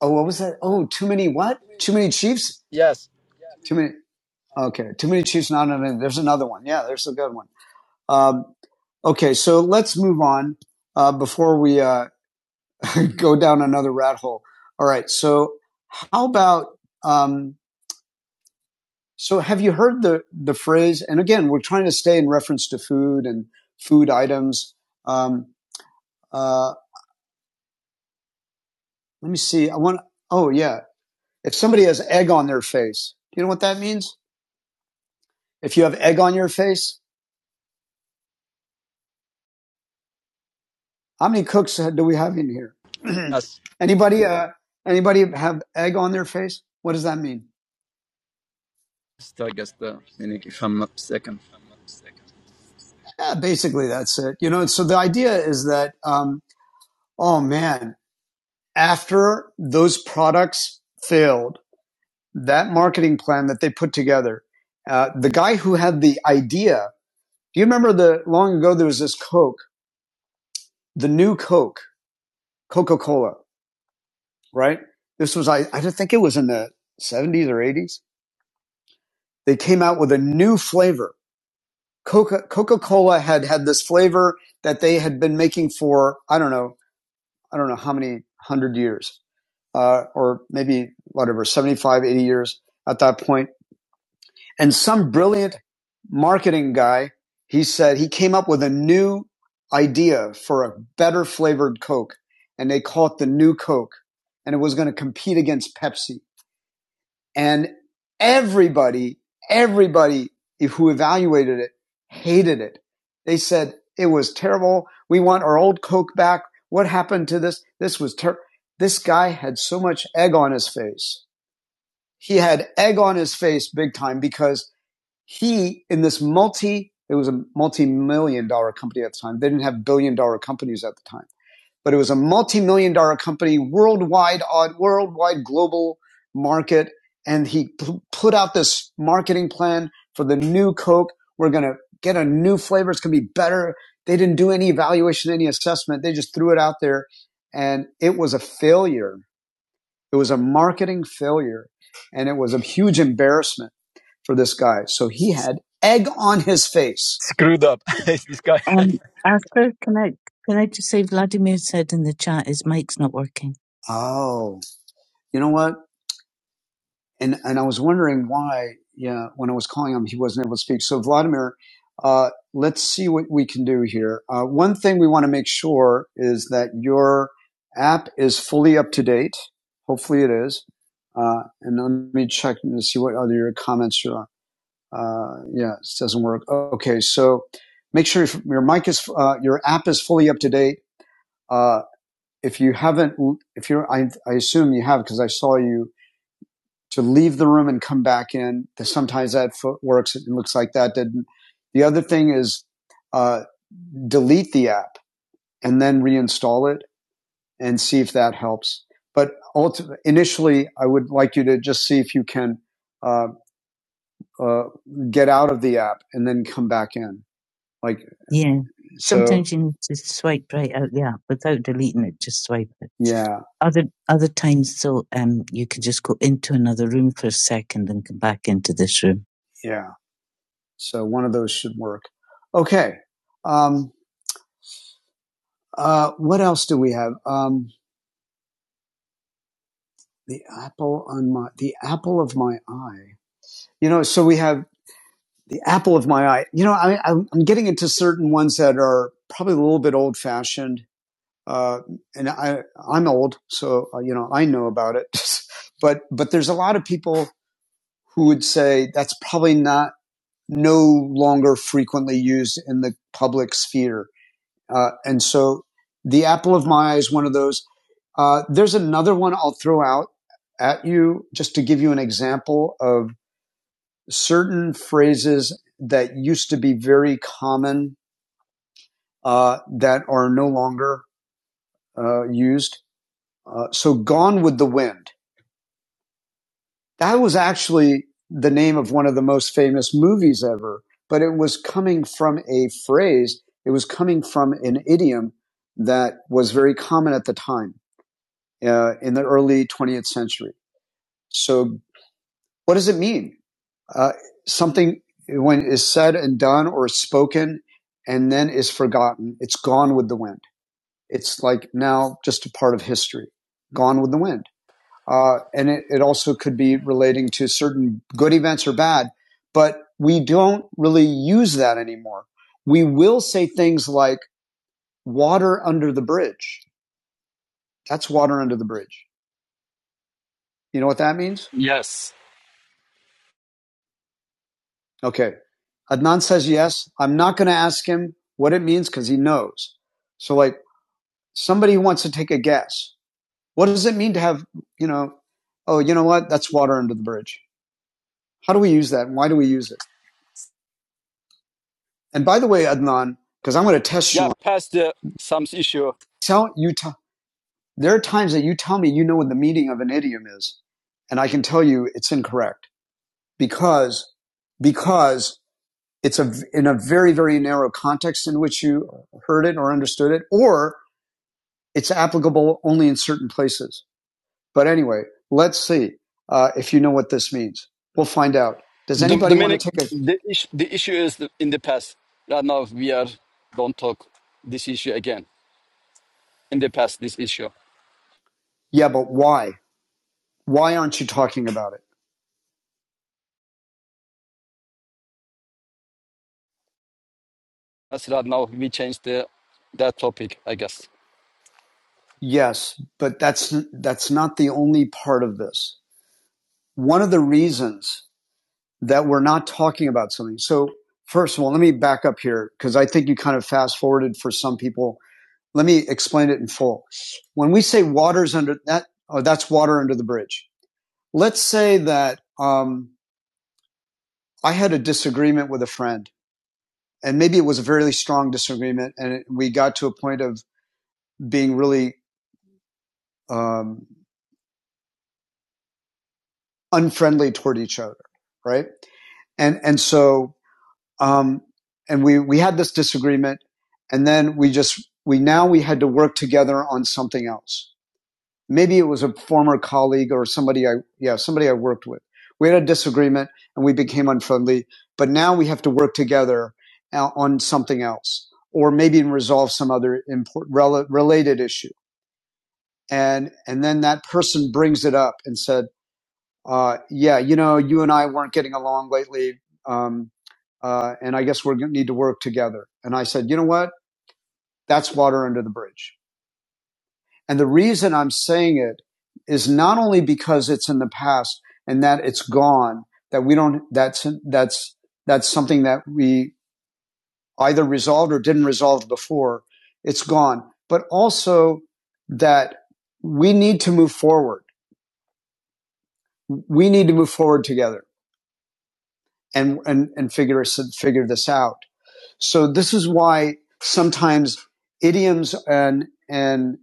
S1: Oh, what was that? Oh, too many what? Too many chiefs?
S3: Yes,
S1: Too many. Okay. Too many chiefs, not in India. There's another one. Yeah, there's a good one. Um, okay. So let's move on uh, before we uh, go down another rat hole. All right. So how about. Um, So have you heard the the phrase? And again, we're trying to stay in reference to food and food items. Um, uh, let me see. I want. Oh yeah. If somebody has egg on their face, do you know what that means? If you have egg on your face, how many cooks do we have in here?
S3: yes.
S1: anybody? Uh, anybody have egg on their face? What does that mean?
S3: I guess the meaning, if I'm not mistaken.
S1: Yeah, basically that's it. You know. So the idea is that. Um, oh man, after those products failed that marketing plan that they put together, uh, the guy who had the idea, do you remember the long ago there was this Coke, the new Coke, Coca Cola, right? This was, I, I think it was in the 70s or 80s. They came out with a new flavor. Coca Coca Cola had had this flavor that they had been making for, I don't know, I don't know how many hundred years, uh, or maybe whatever, 75, 80 years at that point. And some brilliant marketing guy, he said he came up with a new idea for a better flavored Coke and they called it the new Coke and it was going to compete against Pepsi. And everybody, everybody who evaluated it hated it. They said it was terrible. We want our old Coke back. What happened to this? This was ter-. This guy had so much egg on his face. He had egg on his face big time because he in this multi it was a multi-million dollar company at the time they didn't have billion dollar companies at the time but it was a multi-million dollar company worldwide on worldwide global market and he put out this marketing plan for the new coke we're going to get a new flavor it's going to be better they didn't do any evaluation any assessment they just threw it out there and it was a failure it was a marketing failure and it was a huge embarrassment for this guy. So he had egg on his face.
S3: Screwed up, It's this guy.
S1: Um, asper, can I can I just say Vladimir said in the chat his mic's not working. Oh, you know what? And and I was wondering why. Yeah, when I was calling him, he wasn't able to speak. So Vladimir, uh, let's see what we can do here. Uh, one thing we want to make sure is that your app is fully up to date. Hopefully, it is. Uh, and let me check to see what other comments you're on. Uh, yeah, it doesn't work. Okay, so make sure your mic is, uh, your app is fully up to date. Uh, if you haven't, if you're, I, I assume you have because I saw you to leave the room and come back in. Sometimes that works. It looks like that didn't. The other thing is uh, delete the app and then reinstall it and see if that helps. But ulti- initially, I would like you to just see if you can uh, uh, get out of the app and then come back in Like Yeah. so, Sometimes you need to swipe right out the app without deleting it, just swipe it. yeah, Other other times though, um you could just go into another room for a second and come back into this room. yeah. So one of those should work. Okay. Um, uh, what else do we have? Um, the apple on my the apple of my eye. You know, so we have the apple of my eye. You know, I, I'm getting into certain ones that are probably a little bit old fashioned. uh, and I, I'm old, so uh, you know I know about it. but but there's a lot of people who would say that's probably not no longer frequently used in the public sphere. Uh, and so the apple of my eye is one of those. Uh, there's another one I'll throw out at you just to give you an example of certain phrases that used to be very common uh, that are no longer uh, used. Uh, so, gone with the wind. That was actually the name of one of the most famous movies ever, but it was coming from a phrase. It was coming from an idiom that was very common at the time uh, in the early 20th century. So, what does it mean? Uh, something when is said and done or spoken and then is forgotten, it's gone with the wind. It's like now just a part of history, gone with the wind. Uh, and it, it also could be relating to certain good events or bad, but we don't really use that anymore. We will say things like water under the bridge. That's water under the bridge. You know what that means? Okay. Adnan says yes. I'm not going to ask him what it means because he knows. So like somebody wants to take a guess. What does it mean to have, you know, oh, you know what? That's water under the bridge. How do we use that? And why do we use it? And by the way, Adnan, because I'm going to test
S3: Yeah,
S1: you
S3: past the some issue.
S1: tell you t- there are times that you tell me you know what the meaning of an idiom is and i can tell you it's incorrect because because it's a in a very very narrow context in which you heard it or understood it or it's applicable only in certain places but anyway let's see uh, if you know what this means we'll find out does
S3: The
S1: anybody
S3: the
S1: want
S3: meaning,
S1: to take a
S3: the issue, the issue is the, in the past. Right now we are don't talk this issue again. In the past, this issue.
S1: yeah but why why aren't you talking about it
S3: That's right now we changed the that topic. I guess.
S1: yes but that's that's not the only part of this one of the reasons that we're not talking about something. So first of all, let me back up here because I think you kind of fast forwarded for some people. Let me explain it in full. When we say water's under that, oh, that's water under the bridge. Let's say that um, I had a disagreement with a friend, and maybe it was a very strong disagreement, and it, we got to a point of being really um, unfriendly toward each other, right? And and so Um, and we, we had this disagreement and then we just, we now we had to work together on something else. Maybe it was a former colleague or somebody I, yeah, somebody I worked with. We had a disagreement and we became unfriendly, but now we have to work together uh, on something else or maybe resolve some other important, related issue. And, and then that person brings it up and said, uh, yeah, you know, you and I weren't getting along lately. Um, uh, and I guess we're going to need to work together. And I said, you know what? That's water under the bridge. And the reason I'm saying it is not only because it's in the past and that it's gone, that we don't, that's, that's, that's something that we either resolved or didn't resolve before. It's gone, but also that we need to move forward. We need to move forward together and and and figure figure this out. So this is why sometimes idioms and and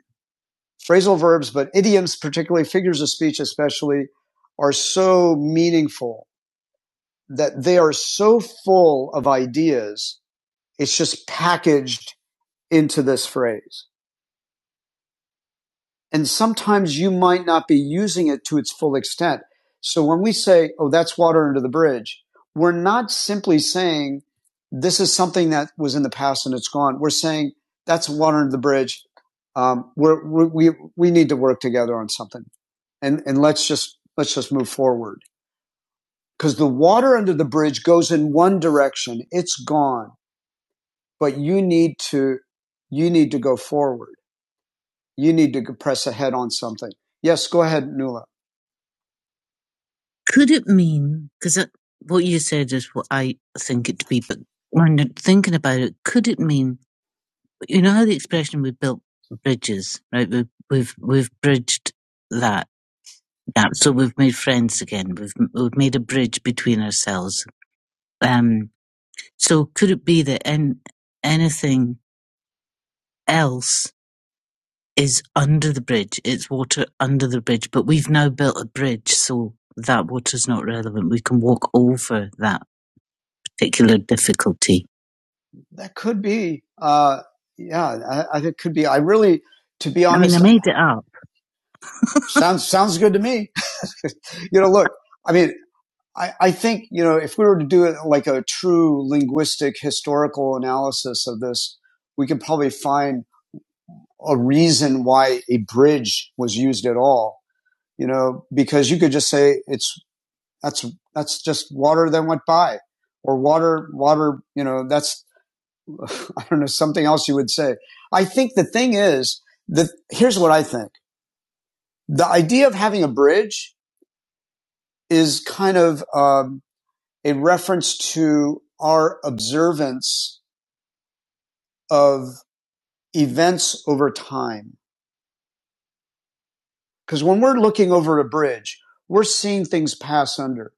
S1: phrasal verbs, but idioms, particularly figures of speech, especially, are so meaningful that they are so full of ideas. It's just packaged into this phrase. and sometimes you might not be using it to its full extent. So when we say, oh, that's water under the bridge, we're not simply saying this is something that was in the past and it's gone. We're saying that's water under the bridge. Um, we're, we, we, we need to work together on something and, and let's just, let's just move forward because the water under the bridge goes in one direction. It's gone, but you need to, you need to go forward. You need to press ahead on something. Yes, go ahead, Nula. Could it mean, because what you said is what I think it to be, but when I'm thinking about it, could it mean, you know how the expression we built bridges, right? We've, we've, we've bridged that gap. So we've made friends again. We've, we've made a bridge between ourselves. Um, so could it be that an anything else is under the bridge? It's water under the bridge, but we've now built a bridge. So that water's not relevant. We can walk over that particular difficulty? That could be. Uh, yeah, I, I think it could be. I really, to be honest, I mean, honest, I made it up. sounds sounds good to me. you know, look, I mean, I, I think you know if we were to do it like a true linguistic historical analysis of this, we could probably find a reason why a bridge was used at all. You know, because you could just say it's that's that's just water that went by, or water water. You know, that's I don't know, something else you would say. I think the thing is that here's what I think. The idea of having a bridge is kind of um, a reference to our observance of events over time. Because when we're looking over a bridge, we're seeing things pass under,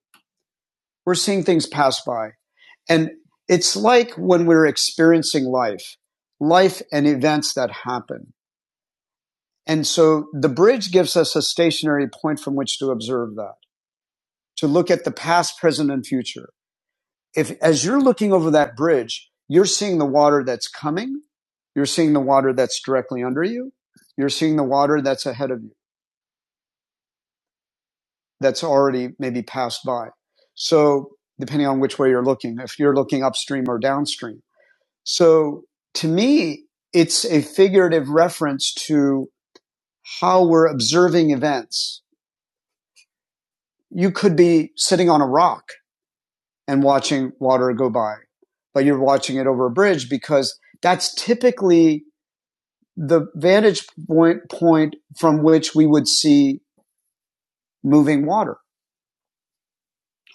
S1: we're seeing things pass by. And it's like when we're experiencing life, life and events that happen And so the bridge gives us a stationary point from which to observe that, to look at the past, present, and future. If as you're looking over that bridge, you're seeing the water that's coming, you're seeing the water that's directly under you, you're seeing the water that's ahead of you, that's already maybe passed by. So depending on which way you're looking, if you're looking upstream or downstream. So to me, it's a figurative reference to how we're observing events you could be sitting on a rock and watching water go by, but you're watching it over a bridge because that's typically the vantage point, point from which we would see moving water,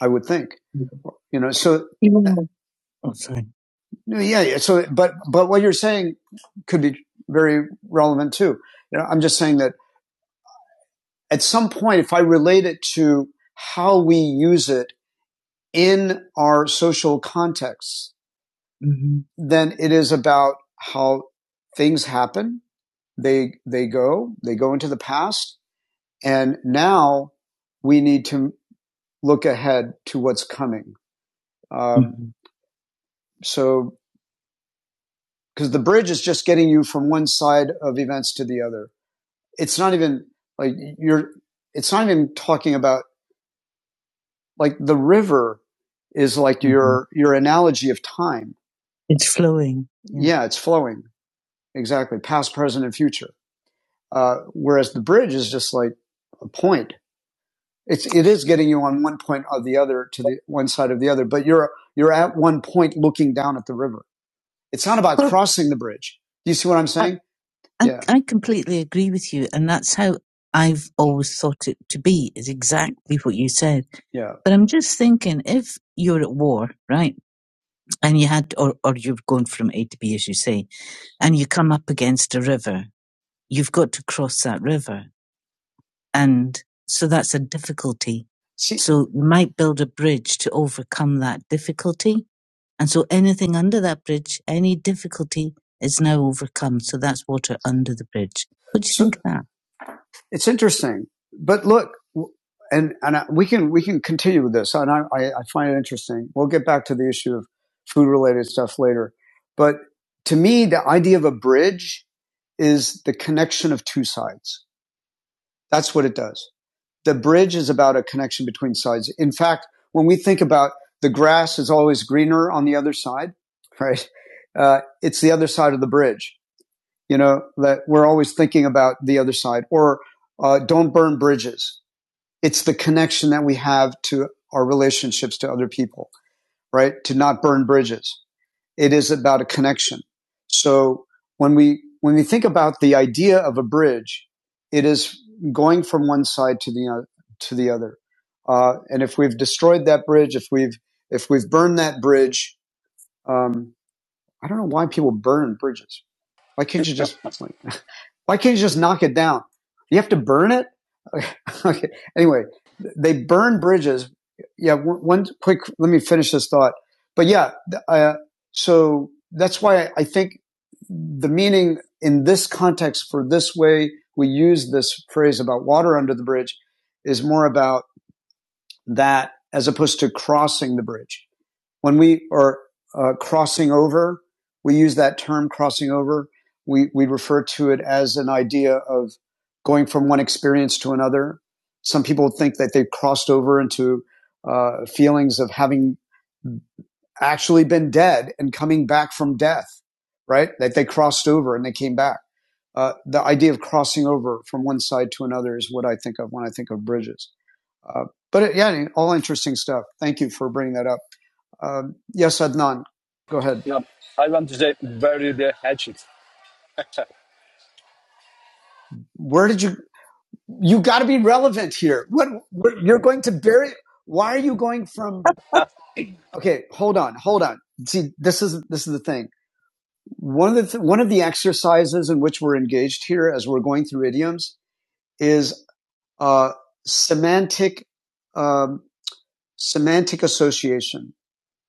S1: I would think. You know, so Okay. yeah, yeah. So, but but what you're saying could be very relevant too. You know, I'm just saying that at some point, if I relate it to how we use it in our social contexts, then it is about how things happen. They, they go, they go into the past. And now we need to look ahead to what's coming. Um, Mhm. So, because the bridge is just getting you from one side of events to the other. It's not even like you're, it's not even talking about like the river is like mm-hmm. your, your analogy of time. It's flowing. Yeah. yeah, it's flowing. Exactly. Past, present, and future. Uh, whereas the bridge is just like a point. It's it is getting you on one point or the other to the one side of the other, but you're you're at one point looking down at the river. It's not about Well, crossing the bridge. Do you see what I'm saying? I, Yeah. I I completely agree with you, and that's how I've always thought it to be, is exactly what you said. Yeah. But I'm just thinking if you're at war, right, and you had, or, or you've gone from A to B, as you say, and you come up against a river, you've got to cross that river. And so that's a difficulty. See, So you might build a bridge to overcome that difficulty. And so anything under that bridge, any difficulty is now overcome. So that's water under the bridge. What do you so think of that? it's interesting. But look, and and I, we can we can continue with this, and I, I I find it interesting. We'll get back to the issue of food related stuff later, but to me, the idea of a bridge is the connection of two sides. That's what it does the bridge is about a connection between sides. In fact, when we think about the grass is always greener on the other side, right? Uh, it's the other side of the bridge. You know that we're always thinking about the other side, or uh, don't burn bridges. It's the connection that we have to our relationships to other people, right? To not burn bridges. It is about a connection. So when we, when we think about the idea of a bridge, it is going from one side to the, o- to the other. Uh, and if we've destroyed that bridge, if we've, if we've burned that bridge, um, I don't know why people burn bridges. Why can't you just like why can't you just knock it down? You have to burn it. okay. Okay. Anyway, they burn bridges. Yeah. One, quick. Let me finish this thought. But yeah. Uh, so that's why I think the meaning in this context for this way we use this phrase about water under the bridge is more about that as opposed to crossing the bridge. When we are uh, crossing over, we use that term crossing over. We, we refer to it as an idea of going from one experience to another. Some people think that they've crossed over into uh, feelings of having actually been dead and coming back from death, right? That they crossed over and they came back. Uh, the idea of crossing over from one side to another is what I think of when I think of bridges. Uh, but it, yeah, all interesting stuff. Thank you for bringing that up. Um, yes, Adnan, go ahead. Where did you? You got to be relevant here. What what- you're going to bury? Why are you going from? Okay, hold on, hold on. See, this is this is the thing. One of the th- one of the exercises in which we're engaged here, as we're going through idioms, is uh, semantic um, semantic association.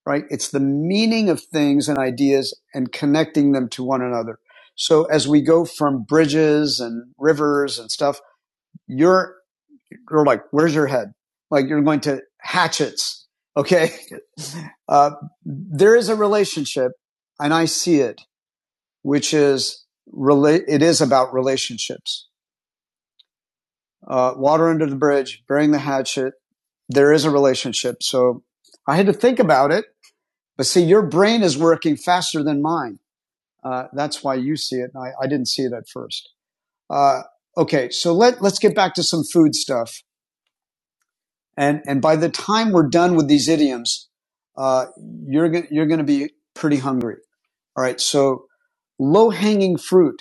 S1: Right? It's the meaning of things and ideas and connecting them to one another. So as we go from bridges and rivers and stuff you're you're like, where's your head? Like you're going to hatchets. Okay. Uh, there is a relationship, and I see it, which is relate. It is about relationships. Uh, water under the bridge, burying the hatchet. There is a relationship. So I had to think about it, but see, your brain is working faster than mine. Uh, that's why you see it. And I, I didn't see it at first. Uh, okay. So let, let's get back to some food stuff. And and by the time we're done with these idioms, uh, you're go- you're going to be pretty hungry. All right. So low hanging fruit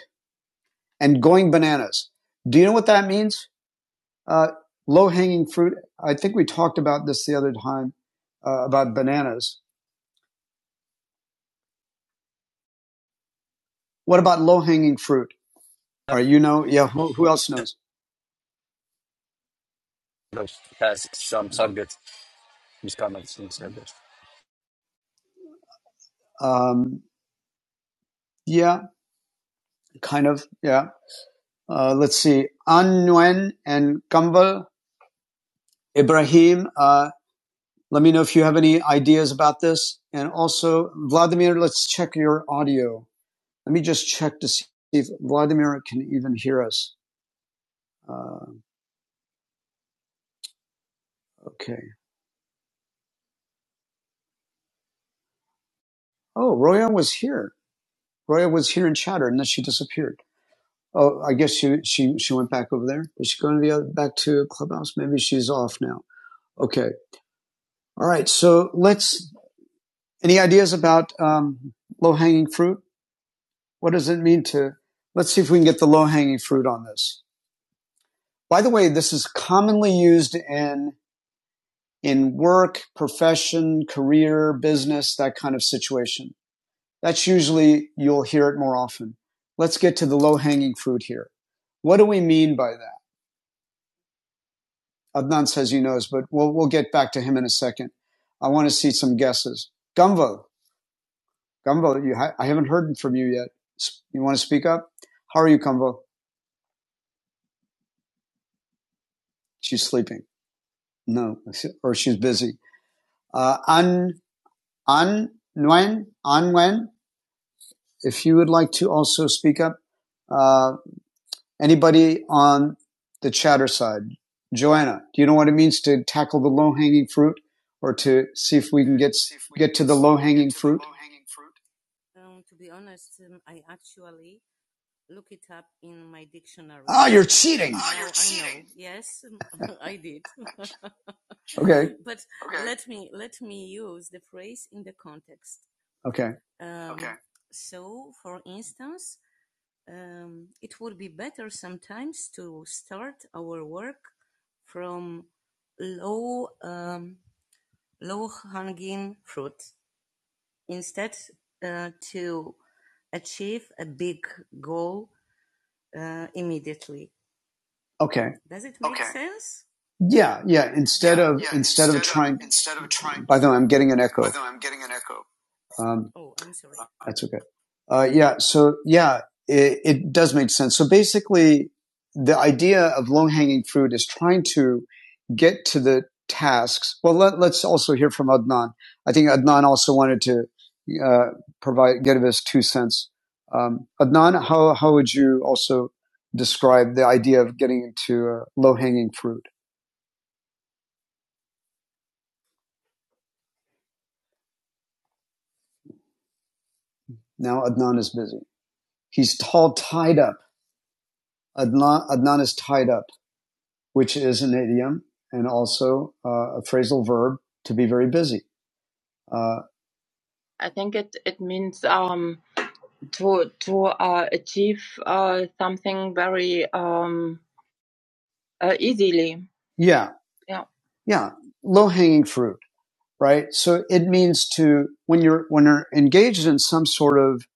S1: and going bananas. Do you know what that means? Uh, low hanging fruit. I think we talked about this the other time uh, about bananas. What about low hanging fruit? All right. You know. Yeah. Who, who else knows?
S3: Those Past some subject, misconduct, some subject.
S1: Um, yeah. Kind of. Yeah. Uh, let's see. Anwen and Kambal, Ibrahim. uh, Let me know if you have any ideas about this. And also, Vladimir, let's check your audio. Let me just check to see if Vladimir can even hear us. Uh, okay. Oh, Roya was here. Roya was here in chatter, and then she disappeared. Oh, I guess she she she went back over there. Is she going to the other, back to clubhouse? Maybe she's off now. Okay. All right. So let's. Any ideas about um, low hanging fruit? What does it mean to? Let's see if we can get the low hanging fruit on this. By the way, this is commonly used in in work, profession, career, business, that kind of situation. That's usually you'll hear it more often. Let's get to the low hanging fruit here. What do we mean by that? Adnan says he knows, but we'll we'll get back to him in a second. I want to see some guesses. Gumvo, Gumvo, you ha- I haven't heard from you yet. You want to speak up? How are you, Gumvo? She's sleeping. No, or she's busy. Uh, An An Nguyen An Nguyen. If you would like to also speak up, uh, anybody on the chatter side, Joanna, do you know what it means to tackle the low hanging fruit, or to see if we can get get to the low hanging fruit? Um, To be honest, um, I actually look it up in my dictionary. Ah, you're cheating. Ah, you're cheating! Yes, I did. Okay. But Okay. let me let me use the phrase in the context. Okay. Um, okay. So, for instance um, it would be better sometimes to start our work from low um, low hanging fruit instead uh, to achieve a big goal. Okay. Does it make Okay. sense? Yeah, yeah. Instead yeah, of Yeah, instead instead of of trying. instead of trying. By the way, I'm getting an echo. By the way, I'm getting an echo. Um, oh, I'm sorry. That's okay. Uh, yeah. So yeah, it, it does make sense. So basically, the idea of low hanging fruit is trying to get to the tasks. Well, let, let's also hear from Adnan. I think Adnan also wanted to uh, provide give us two cents. Um, Adnan, how how would you also describe the idea of getting into uh, low hanging fruit? Now Adnan is busy. He's all tied up. Adnan Adnan is tied up. which is an idiom and also uh, a phrasal verb to be very busy. Uh, I think it it means um to to uh, achieve uh, something very um uh, easily. yeah, Yeah. yeah, low hanging fruit, right? So it means to when you're when you're engaged in some sort of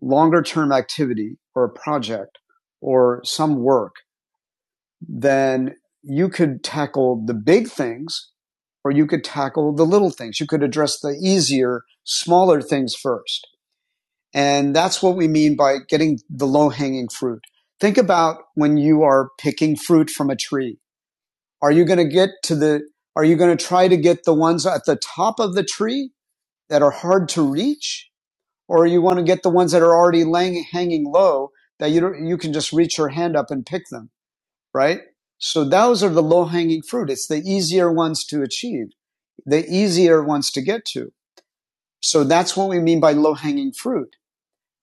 S1: longer term activity or a project or some work. then you could tackle the big things or you could tackle the little things. You could address the easier, smaller things first. And that's what we mean by getting the low hanging fruit. Think about when you are picking fruit from a tree. Are you going to get to the, are you going to try to get the ones at the top of the tree that are hard to reach? Or you want to get the ones that are already laying, hanging low that you, don't, you can just reach your hand up and pick them? right? So those are the low hanging fruit. It's the easier ones to achieve, the easier ones to get to. So that's what we mean by low hanging fruit.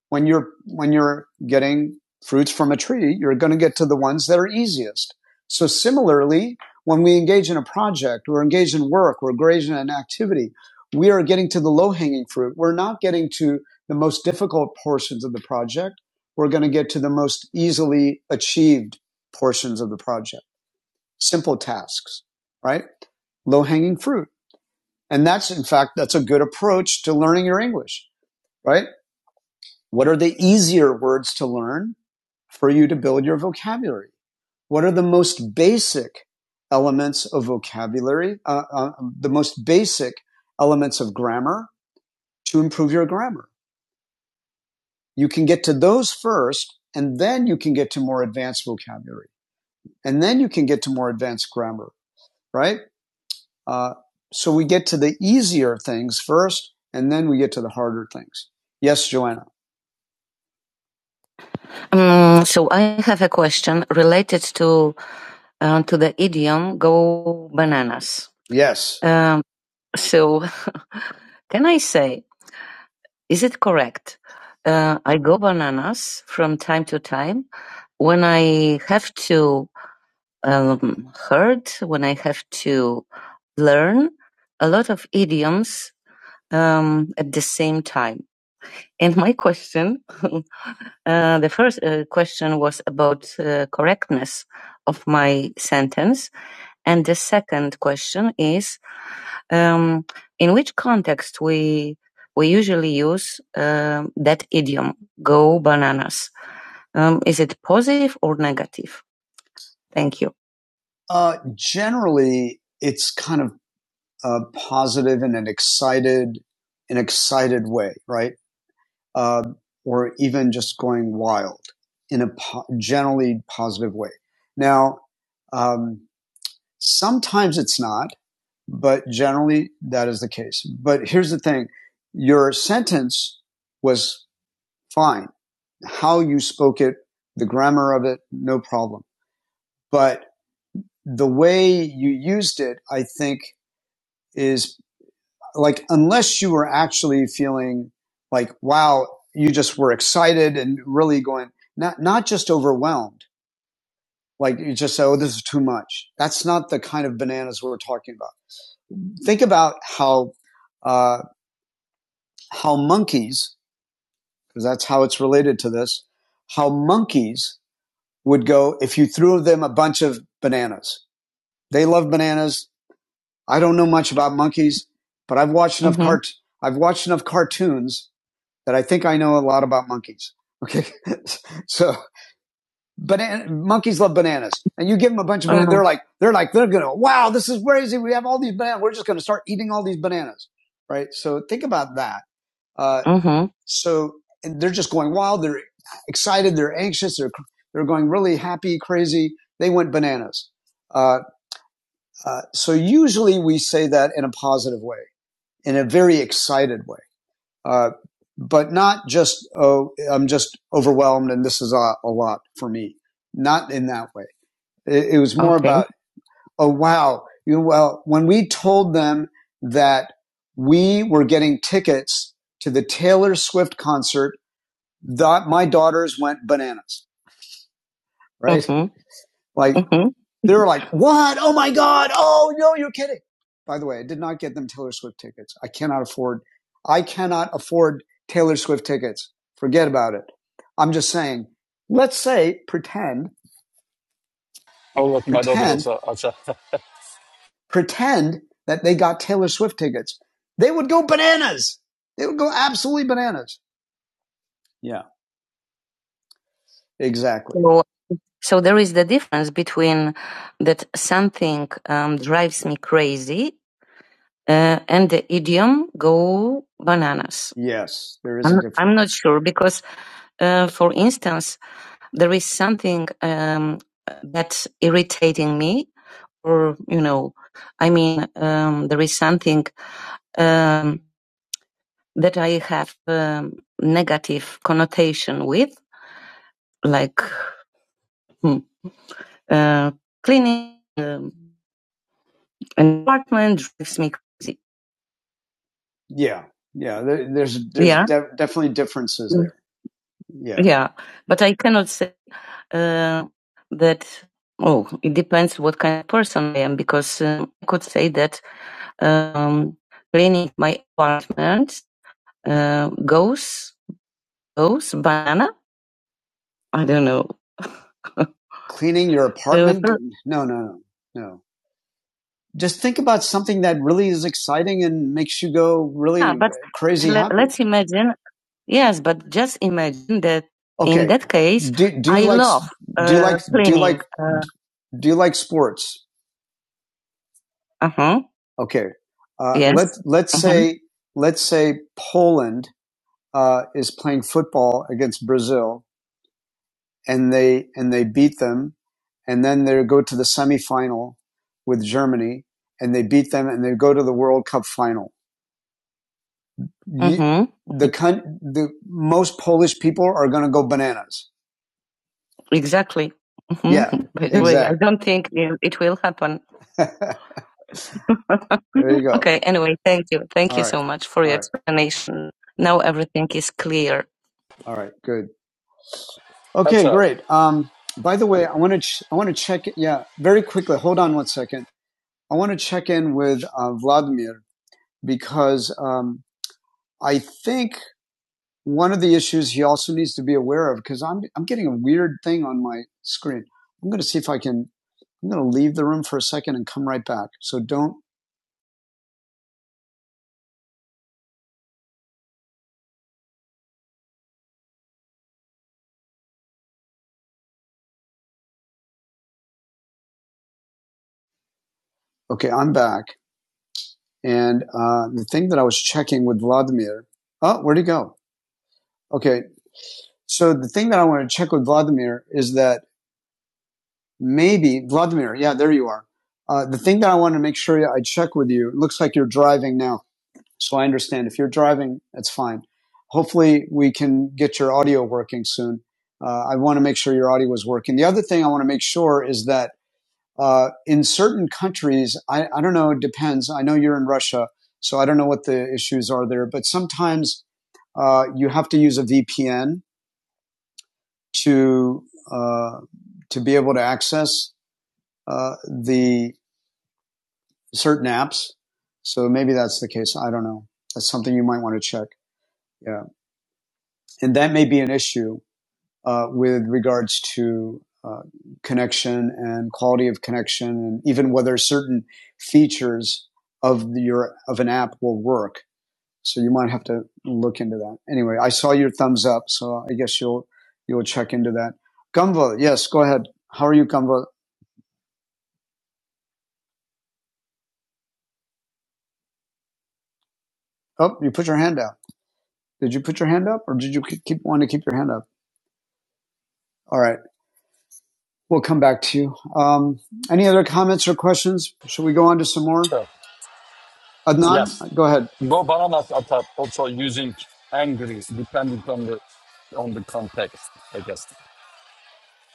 S1: When you're, when you're getting fruits from a tree, you're going to get to the ones that are easiest. So similarly, when we engage in a project, we're engaged in work, we're engaged in an activity, we are getting to the low hanging fruit. We're not getting to the most difficult portions of the project. We're going to get to the most easily achieved portions of the project simple tasks, right? Low hanging fruit. And that's, in fact, that's a good approach to learning your English, right? What are the easier words to learn for you to build your vocabulary? What are the most basic elements of vocabulary, uh, uh, the most basic elements of grammar to improve your grammar? You can get to those first, and then you can get to more advanced vocabulary, and then you can get to more advanced grammar, right? Uh, so we get to the easier things first, and then we get to the harder things. Yes, Joanna. Um, so I have a question related to uh, to the idiom "go bananas." Yes. Um, so, can I say, is it correct? Uh, I go bananas from time to time when I have to um, hurt, when I have to learn a lot of idioms um, at the same time. And my question, uh, the first uh, question was about uh, correctness of my sentence, and the second question is, um, is it uh, generally it's kind of uh, positive in an excited, an excited way, right? Uh, or even just going wild in a po- generally positive way. Now, um, sometimes it's not. But generally, that is the case. But here's the thing your sentence was fine. How you spoke it, the grammar of it, no problem. But the way you used it, I think, is like, unless you were actually feeling like, wow, you just were excited and really going, not, not just overwhelmed. Like you just say, oh, this is too much. That's not the kind of bananas we're talking about. Think about how, uh, how monkeys because that's how it's related to this, how monkeys would go if you threw them a bunch of bananas. They love bananas. I don't know much about monkeys, but I've watched enough hmm cart I've watched enough cartoons that I think I know a lot about monkeys. Okay, so banana monkeys love bananas, and you give them a bunch of bananas, Uh-huh. they're like they're like they're gonna wow, this is crazy. We have all these bananas. We're just gonna start eating all these bananas, right? So think about that uh, Mm-hmm. so they're just going wild. They're excited. They're anxious. They're they're going really happy, crazy. They went bananas. Uh, uh, so usually we say that in a positive way, in a very excited way, uh, but not just oh I'm just overwhelmed and this is a, a lot for me. Not in that way. It, it was more Okay. about oh wow. You, well, when we told them that we were getting tickets to the Taylor Swift concert that my daughters went bananas, right? Mhm. Like Mhm. they were like, "What? Oh my god! Oh no, you're kidding!" By the way, I did not get them Taylor Swift tickets. I cannot afford. I cannot afford Taylor Swift tickets. Forget about it. I'm just saying. Let's say pretend,
S3: Oh, look, my daughter
S1: pretend,
S3: also. also-
S1: pretend that they got Taylor Swift tickets. They would go bananas. They would go absolutely bananas. Yeah, exactly. So So there is the difference between that something um, drives me crazy uh, and the idiom go bananas. Yes, there is I'm, a I'm, I'm not sure because, uh, for instance, there is something um, that's irritating me, or, you know, I mean, um, there is something um, that I have um, negative connotation with, like hmm, uh, Yeah, yeah. There, there's there's Yeah. de- definitely differences Mm. there. Yeah, Yeah, but I cannot predict what kind of apartment goes goes banana. I don't know. cleaning your Uh, apartment. No, no, no, no. Just think about something that really is exciting and makes you go yeah, really yeah, but crazy let, let's imagine. Yes, but just imagine that Okay. in Okay. that case, Do do you I like love do you uh, like uh, do you like Uh, do you like sports? Uh huh. Okay. Uh, Yes. let's let's Uh huh. say let's say Poland uh, is playing football against Brazil, and they and they beat them, and then they go to the semifinal with Germany, and they beat them, and they go to the World Cup final. Uh huh. the the most Polish people are going to go bananas. Exactly. Mm-hmm. Yeah, Mhm. By the I exactly. don't think it it will happen. there you go. okay. Anyway, thank you. Thank All you right, so much for all your right, explanation. all right. Good.
S3: That's
S1: Okay, great.
S3: her.
S1: Um, by the way, I want to ch- I want to check. it. Yeah, very quickly. Hold on one second. I want to check in with uh, Vladimir because um, I think one of the issues he also needs to be aware of because I'm I'm getting a weird thing on my screen. I'm going to see if I can. I'm going to leave the room for a second and come right back. So don't. Okay, I'm back. And uh, the thing that I was checking with Vladimir. Oh, where'd he go? Okay, so the thing that I want to check with Vladimir is that Maybe Vladimir. Yeah, there you are. Uh, the thing that I want to make sure I check with you. It looks like you're driving now, so I understand. If you're driving, it's fine. Hopefully, we can get your audio working soon. Uh, I want to make sure your audio is working. The other thing I want to make sure is that uh, in certain countries, I, I don't know. It depends. I know you're in Russia, so I don't know what the issues are there. But sometimes uh, you have to use a VPN to uh, to be able to access uh, the certain apps. So maybe that's the case. I don't know. That's something you might want to check. Yeah. And that may be an issue uh, with regards to uh, connection and quality of connection and even whether certain features of your of an app will work. So you might have to look into that. Anyway, I saw your thumbs up, so I guess you'll you'll check into that. Gumva, yes, go ahead. How are you, Gumva? Oh, you put your hand up. Did you put your hand up, or did you keep want to keep your hand up? All right. we'll come back to you. Um, any other comments or questions? Should we go on to some more? Adnan,
S3: Yes.
S1: go ahead.
S3: Go bananas attack also using anger context.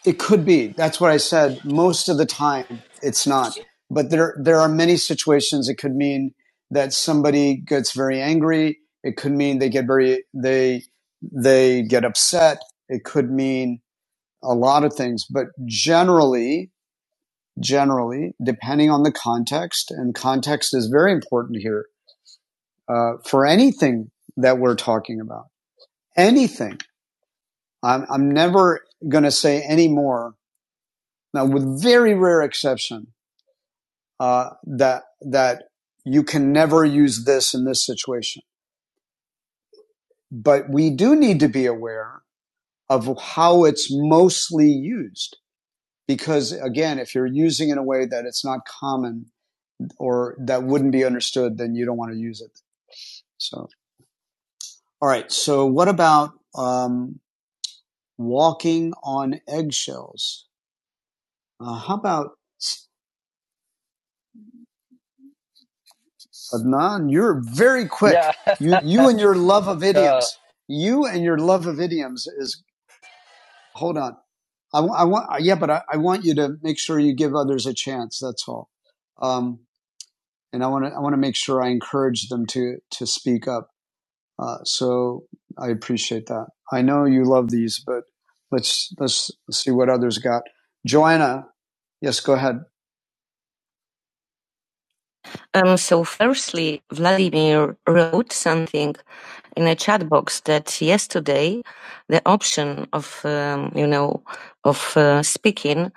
S1: It could be. That's what I said. Most of the time, it's not. But there, there are many situations. It could mean that somebody gets very angry. It could mean they get very, they, they get upset. It could mean a lot of things, but generally, generally, depending on the context and context is very important here, uh, for anything that we're talking about anything. I'm, I'm never going to say any more. Now, with very rare exception, uh, that that you can never use this in this situation. But we do need to be aware of how it's mostly used. Because again, if you're using it in a way that it's not common or that wouldn't be understood, then you don't want to use it. So, all right. So what about, um, walking on eggshells? Uh, how about Adnan, you're very quick.
S3: Yeah.
S1: You, you and your love of
S3: uh,
S1: idioms. You and your love of idioms is, hold on. I, I want, yeah, but I, I want you to make sure you give others a chance. That's all. Um, and I want to, I want to make sure I encourage them to, to speak up. Uh, so I appreciate that. I know you love these, but let's, let's see what others got. Joanna. Yes, go ahead. Um, so, firstly, Vladimir wrote something in a chat box that yesterday the option of um, you know of uh, speaking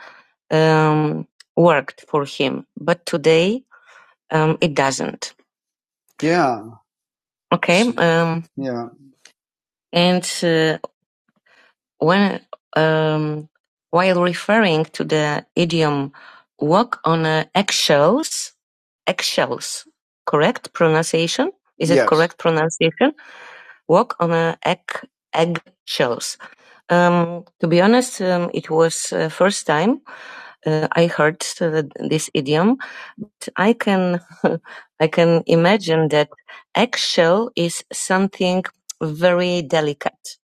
S1: um, worked for him, but today um, it doesn't. Yeah, Okay, um, yeah, and uh, when um, while referring to the idiom, walk on uh, eggshells, eggshells, correct pronunciation? Is it yes, correct pronunciation? walk on uh, egg eggshells. Um, to be honest, um, it was uh, first time uh, I heard uh, this idiom. But I can I can imagine that eggshell is something very delicate.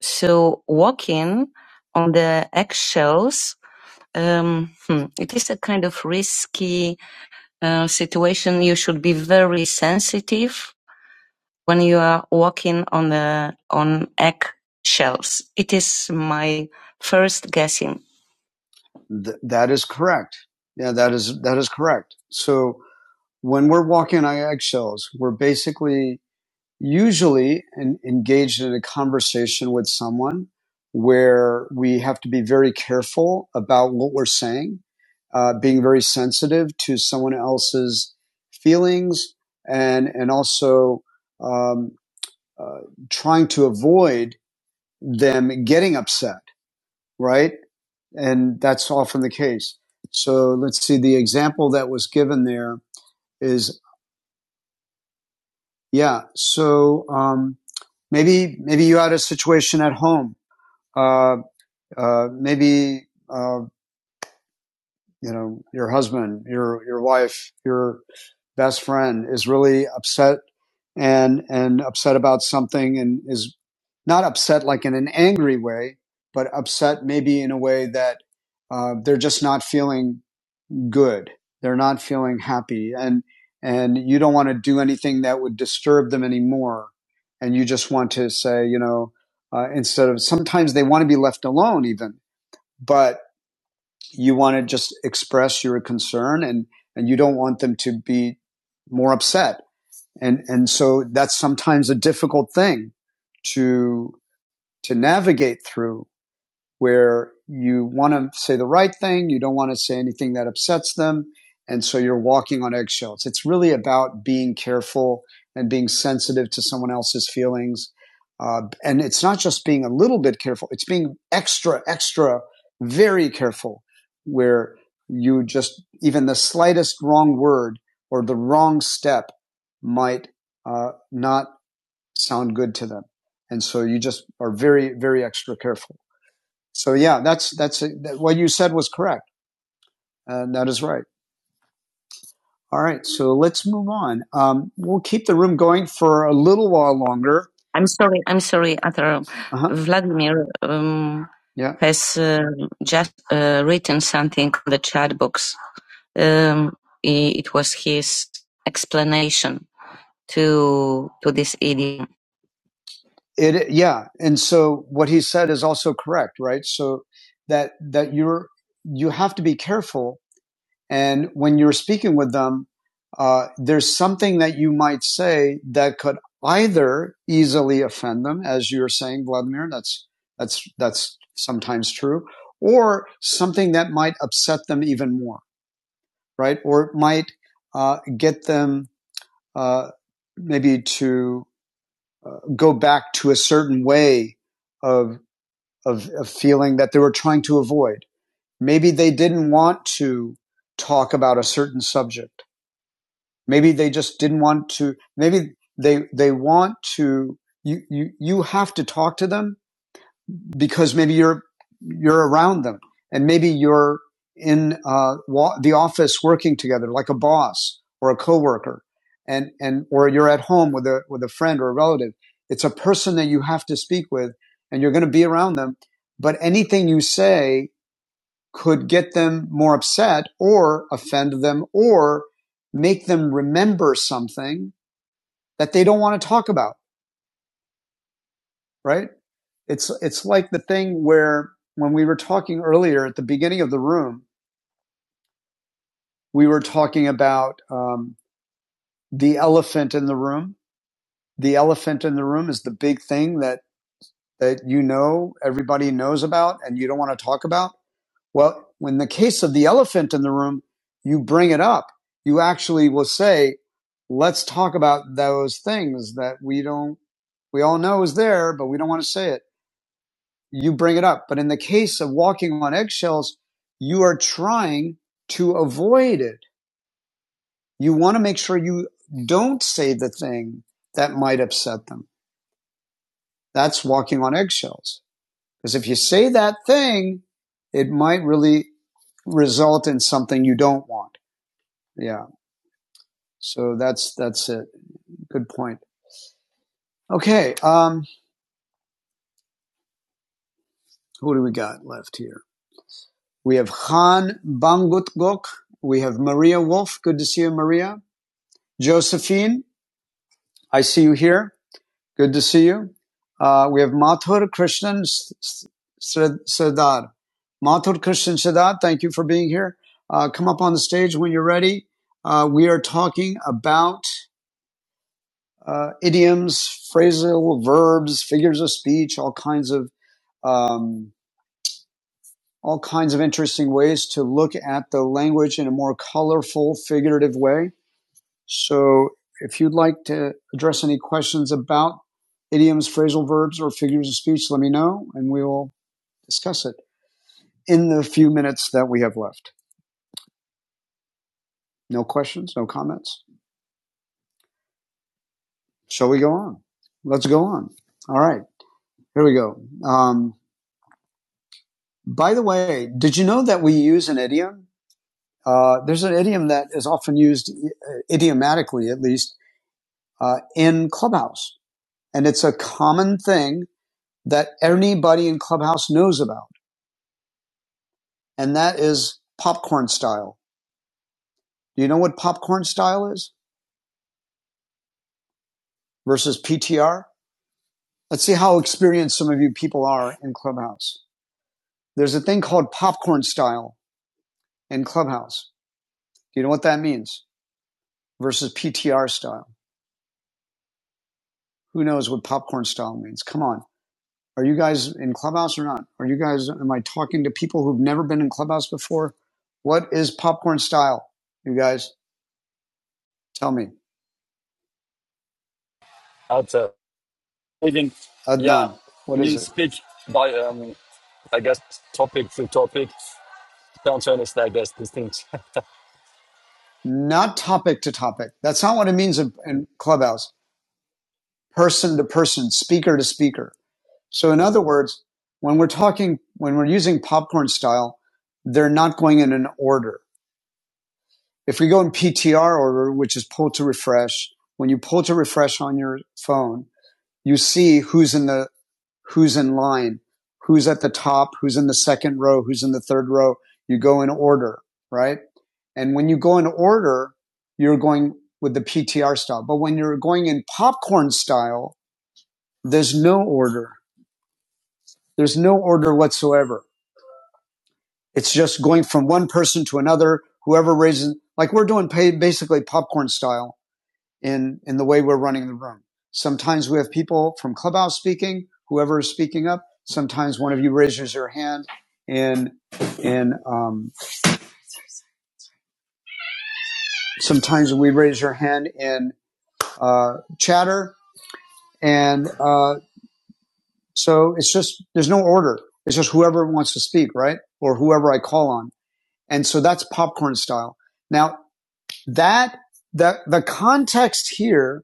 S1: So walking on the eggshells. Um, hmm, it is a kind of risky uh, situation. You should be very sensitive when you are walking on the on eggshells. It is my first guessing. Th- that is correct. Yeah, that is that is correct. So when we're walking on eggshells, we're basically usually en- engaged in a conversation with someone where we have to be very careful about what we're saying, uh, being very sensitive to someone else's feelings, and and also. um, uh, trying to avoid them getting upset, right? And that's often the case. So let's see, the example that was given there is, yeah, so um, maybe, maybe you had a situation at home. Uh, uh, maybe uh, you know, your husband, your your wife, your best friend is really upset and and upset about something and is not upset like in an angry way, but upset maybe in a way that uh, they're just not feeling good. They're not feeling happy, and and you don't want to do anything that would disturb them anymore. And you just want to say, you know, uh, instead of sometimes they want to be left alone, even, but you want to just express your concern and, and you don't want them to be more upset. And, and so that's sometimes a difficult thing to, to navigate through where you want to say the right thing, you don't want to say anything that upsets them, and so you're walking on eggshells. It's really about being careful and being sensitive to someone else's feelings. Uh, and it's not just being a little bit careful, it's being extra, extra, very careful where you just, even the slightest wrong word or the wrong step might uh, not sound good to them. And so you just are very, very extra careful. So yeah, that's that's a, that, what you said was correct. Uh, that is right. All right, so let's move on. Um, we'll keep the room going for a little while longer. I'm sorry. I'm sorry, Atar. Uh-huh. Vladimir um, Yeah. has uh, just uh, written something in the chat box. Um, it was his explanation to to this idiom. It, yeah. And so what he said is also correct, right? So that, that you're, you have to be careful. And when you're speaking with them, uh, there's something that you might say that could either easily offend them, as you're saying, Vladimir, that's, that's, that's sometimes true, or something that might upset them even more, right? Or it might, uh, get them, uh, maybe to, uh, go back to a certain way of of, of feeling that they were trying to avoid. Maybe they didn't want to talk about a certain subject. Maybe they just didn't want to, maybe they, they want to, you, you, you have to talk to them because maybe you're you're around them and maybe you're in uh, wa- the office working together like a boss or a coworker and and or you're at home with a with a friend or a relative it's a person that you have to speak with and you're going to be around them but anything you say could get them more upset or offend them or make them remember something that they don't want to talk about right It's it's like the thing where when we were talking earlier at the beginning of the room, we were talking about um, the elephant in the room. The elephant in the room is the big thing that that you know everybody knows about and you don't want to talk about. Well, in the case of the elephant in the room, you bring it up. You actually will say, "Let's talk about those things that we don't we all know is there, but we don't want to say it." you bring it up. But in the case of walking on eggshells, you are trying to avoid it. You want to make sure you don't say the thing that might upset them. That's walking on eggshells. Because if you say that thing, it might really result in something you don't want. Yeah. So that's, that's it. Good point. Okay. Um, who do we got left here? We have Han Bangutgok. We have Maria Wolf. Good to see you, Maria. Josephine. I see you here. Good to see you. Uh, we have Mathur Krishnan S- Mathur Krishnan Sardar, thank you for being here. Uh, come up on the stage when you're ready. Uh, we are talking about uh, idioms, phrasal verbs, figures of speech, all kinds of um, all kinds of interesting ways to look at the language in a more colorful, figurative way So if you'd like to address any questions about idioms, phrasal verbs, or figures of speech, let me know and we will discuss it in the few minutes that we have left. No questions, no comments. Shall we go on? Let's go on. All right, here we go. Um, by the way, did you know that we use an idiom? Uh, there's an idiom that is often used uh, idiomatically, at least, uh, in Clubhouse. And it's a common thing that anybody in Clubhouse knows about and that is popcorn style. Do you know what popcorn style is versus PTR? Let's see how experienced some of you people are in Clubhouse. There's a thing called popcorn style in Clubhouse. Do you know what that means versus PTR style? Who knows what popcorn style means? Come on. Are you guys in Clubhouse or not? Are you guys, am I talking to people who've never been in Clubhouse before? What is popcorn style? You guys, tell me.
S3: at uh, even yeah,
S1: Adnan, what is
S3: you
S1: it?
S3: speak by um, I guess topic to topic. Don't understand I guess these things.
S1: not topic to topic. That's not what it means in, in Clubhouse. Person to person, speaker to speaker. So in other words, when we're talking, when we're using popcorn style, they're not going in an order. If we go in PTR order, which is pull to refresh, when you pull to refresh on your phone, you see who's in the who's in line, who's at the top, who's in the second row, who's in the third row. You go in order, right? And when you go in order, you're going with the PTR style. But when you're going in popcorn style, there's no order. There's no order whatsoever. It's just going from one person to another. Whoever raises, like we're doing pay, basically popcorn style in, in the way we're running the room. Sometimes we have people from Clubhouse speaking, whoever is speaking up. Sometimes one of you raises your hand in, in, um, sometimes we raise your hand in, uh, chatter. And, uh, so it's just, there's no order. It's just whoever wants to speak, right? Or whoever I call on. And so that's popcorn style. Now that, the, the context here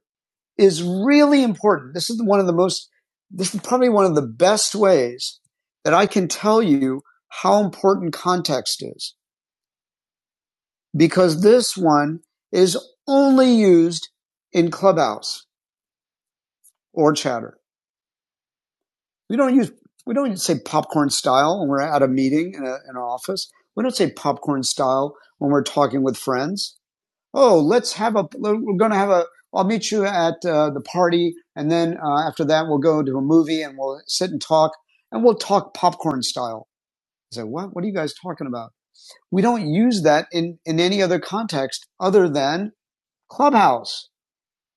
S1: is really important. This is one of the most, this is probably one of the best ways that I can tell you how important context is because this one is only used in clubhouse or chatter. We don't use, we don't say popcorn style when we're at a meeting in, a, in an office. We don't say popcorn style when we're talking with friends. oh, let's have a, we're going to have a, I'll meet you at uh, the party. And then uh, after that, we'll go to a movie and we'll sit and talk and we'll talk popcorn style. I say, what? What are you guys talking about? We don't use that in, in any other context other than clubhouse,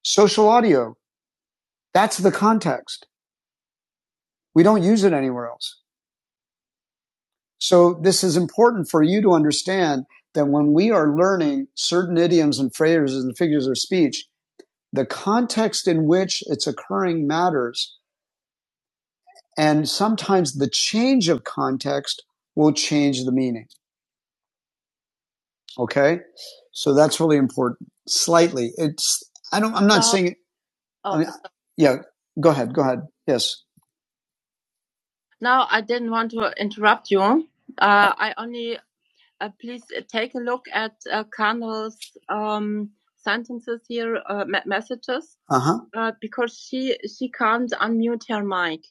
S1: social audio. That's the context. We don't use it anywhere else. So this is important for you to understand that when we are learning certain idioms and phrases and figures of speech, the context in which it's occurring matters. And sometimes the change of context will change the meaning. Okay. So that's really important. Slightly. It's, I don't, I'm not Now, saying, I oh, mean, yeah, go ahead. Go ahead. Yes. now I didn't want to interrupt you. Uh, Uh, I only uh, please uh, take a look at uh, Carnell's um, sentences here, uh, messages, Uh huh. uh, because she she can't unmute her mic.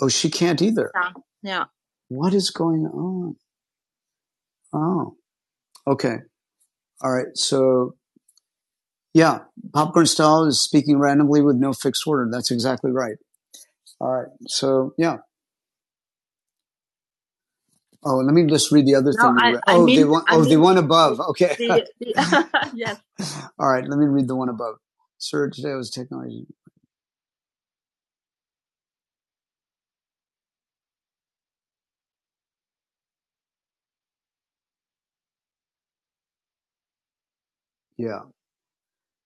S1: Oh, she can't either. Yeah. Yeah. What is going on? Oh, okay. All right. So, yeah, Popcorn Style is speaking randomly with no fixed order. That's exactly right. All right. So, yeah. Oh, let me just read the other No, thing. I- I oh, the mean- one, I oh, mean, the one above. Okay. The- the- yes. All right, let me read the one above. Sir, today was technology. Yeah.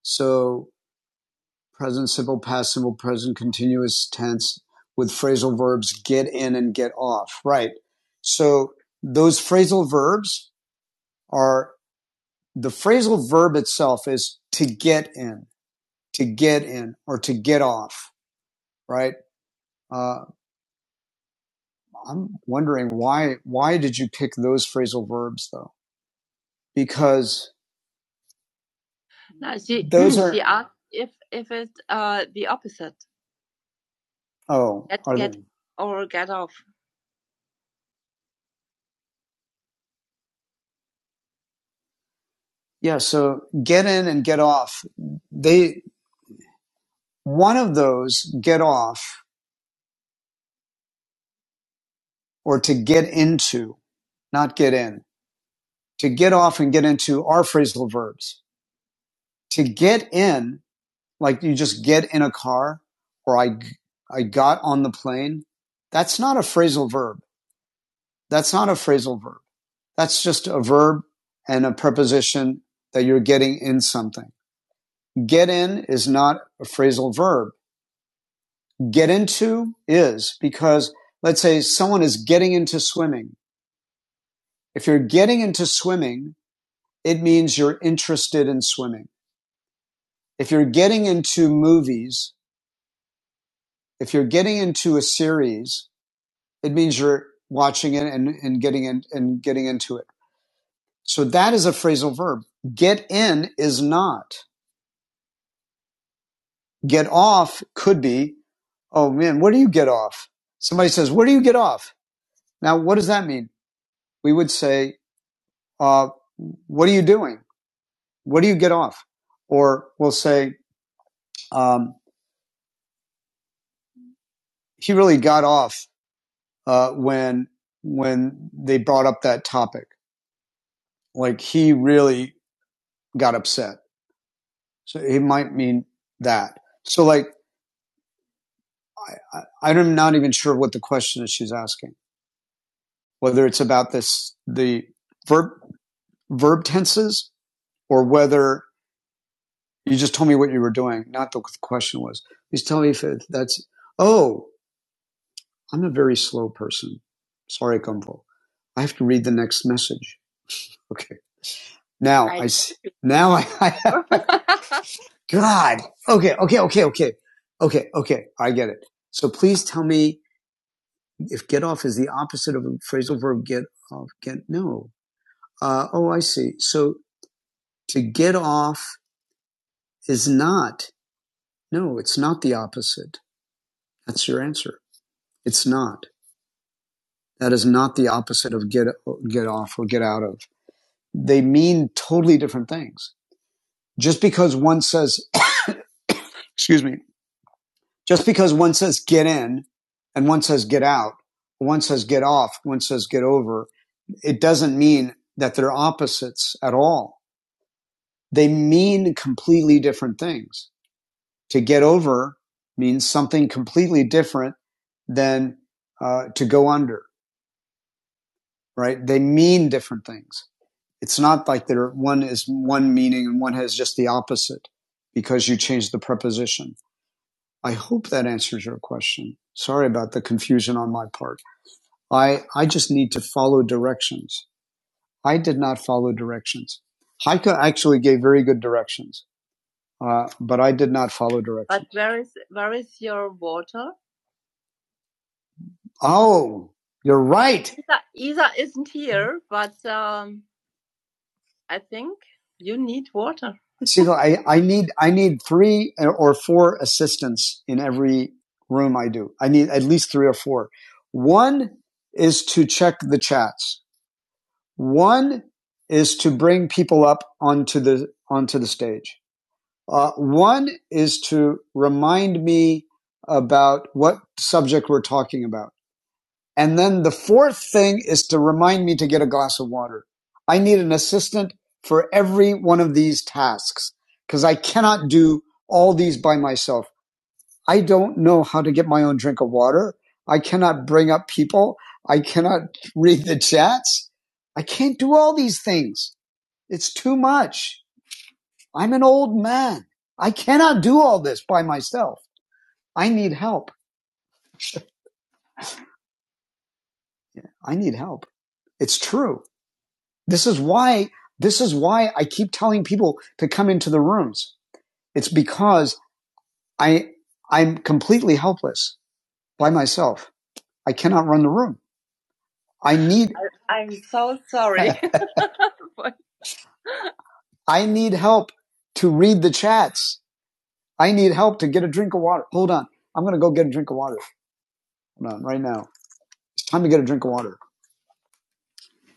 S1: So present simple, past simple, present continuous tense with phrasal verbs get in and get off. Right. So those phrasal verbs are the phrasal verb itself is to get in, to get in, or to get off. Right. Uh, I'm wondering why why did you pick those phrasal verbs though? Because No, she those she are she asked if if it's uh the opposite. oh Get get they or get off. yeah so get in and get off they one of those get off or to get into not get in to get off and get into are phrasal verbs to get in like you just get in a car or I I got on the plane that's not a phrasal verb That's not a phrasal verb. That's just a verb and a preposition that you're getting in something. Get in is not a phrasal verb. Get into is because let's say someone is getting into swimming. If you're getting into swimming, it means you're interested in swimming. If you're getting into movies, if you're getting into a series, it means you're watching it and, and getting in and getting into it. So that is a phrasal verb. Get in is not. Get off could be, oh man, what do you get off? Somebody says, what do you get off? Now, what does that mean? We would say, uh, what are you doing? What do you get off? Or we'll say, um, he really got off, uh, when, when they brought up that topic. Like he really got upset. So it might mean that. So like, I, I, I'm not even sure what the question is she's asking, whether it's about this, the verb verb tenses or whether you just told me what you were doing, not the question was. Please tell me if it, that's, oh, I'm a very slow person. Sorry, Kumpo. I have to read the next message. Okay. Now I I see. now I, I God. Okay. Okay. Okay. Okay. Okay. Okay. I get it. So please tell me if get off is the opposite of a phrasal verb get off. Get, no. Uh, oh, I see. So to get off is not No, it's not the opposite. That's your answer. It's not. That is not the opposite of get, get off or get out of. They mean totally different things. Just because one says, excuse me, just because one says get in and one says get out, one says get off, one says get over, it doesn't mean that they're opposites at all. They mean completely different things. To get over means something completely different than uh, to go under right? They mean different things. It's not like there one is one meaning and one has just the opposite because you changed the preposition. I hope that answers your question. Sorry about the confusion on my part. I, I just need to follow directions. I did not follow directions. Heike actually gave very good directions, uh, but I did not follow directions. But where is where is your water? Oh, you're right. Isa, Isa isn't here, but um, I think you need water. See, no, I, I need I need three or four assistants in every room I do. I need at least three or four. One is to check the chats. One is to bring people up onto the onto the stage. Uh, one is to remind me about what subject we're talking about. And then the fourth thing is to remind me to get a glass of water. I need an assistant for every one of these tasks because I cannot do all these by myself. I don't know how to get my own drink of water. I cannot bring up people. I cannot read the chats. I can't do all these things. It's too much. I'm an old man. I cannot do all this by myself. I need help. Yeah, I need help. It's true This is why, this is why I keep telling people to come into the rooms. It's because I, I'm completely helpless by myself. I cannot run the room. I need, I'm so sorry. I need help to read the chats. I need help to get a drink of water. Hold on. I'm going to go get a drink of water. Hold on right now. It's time to get a drink of water.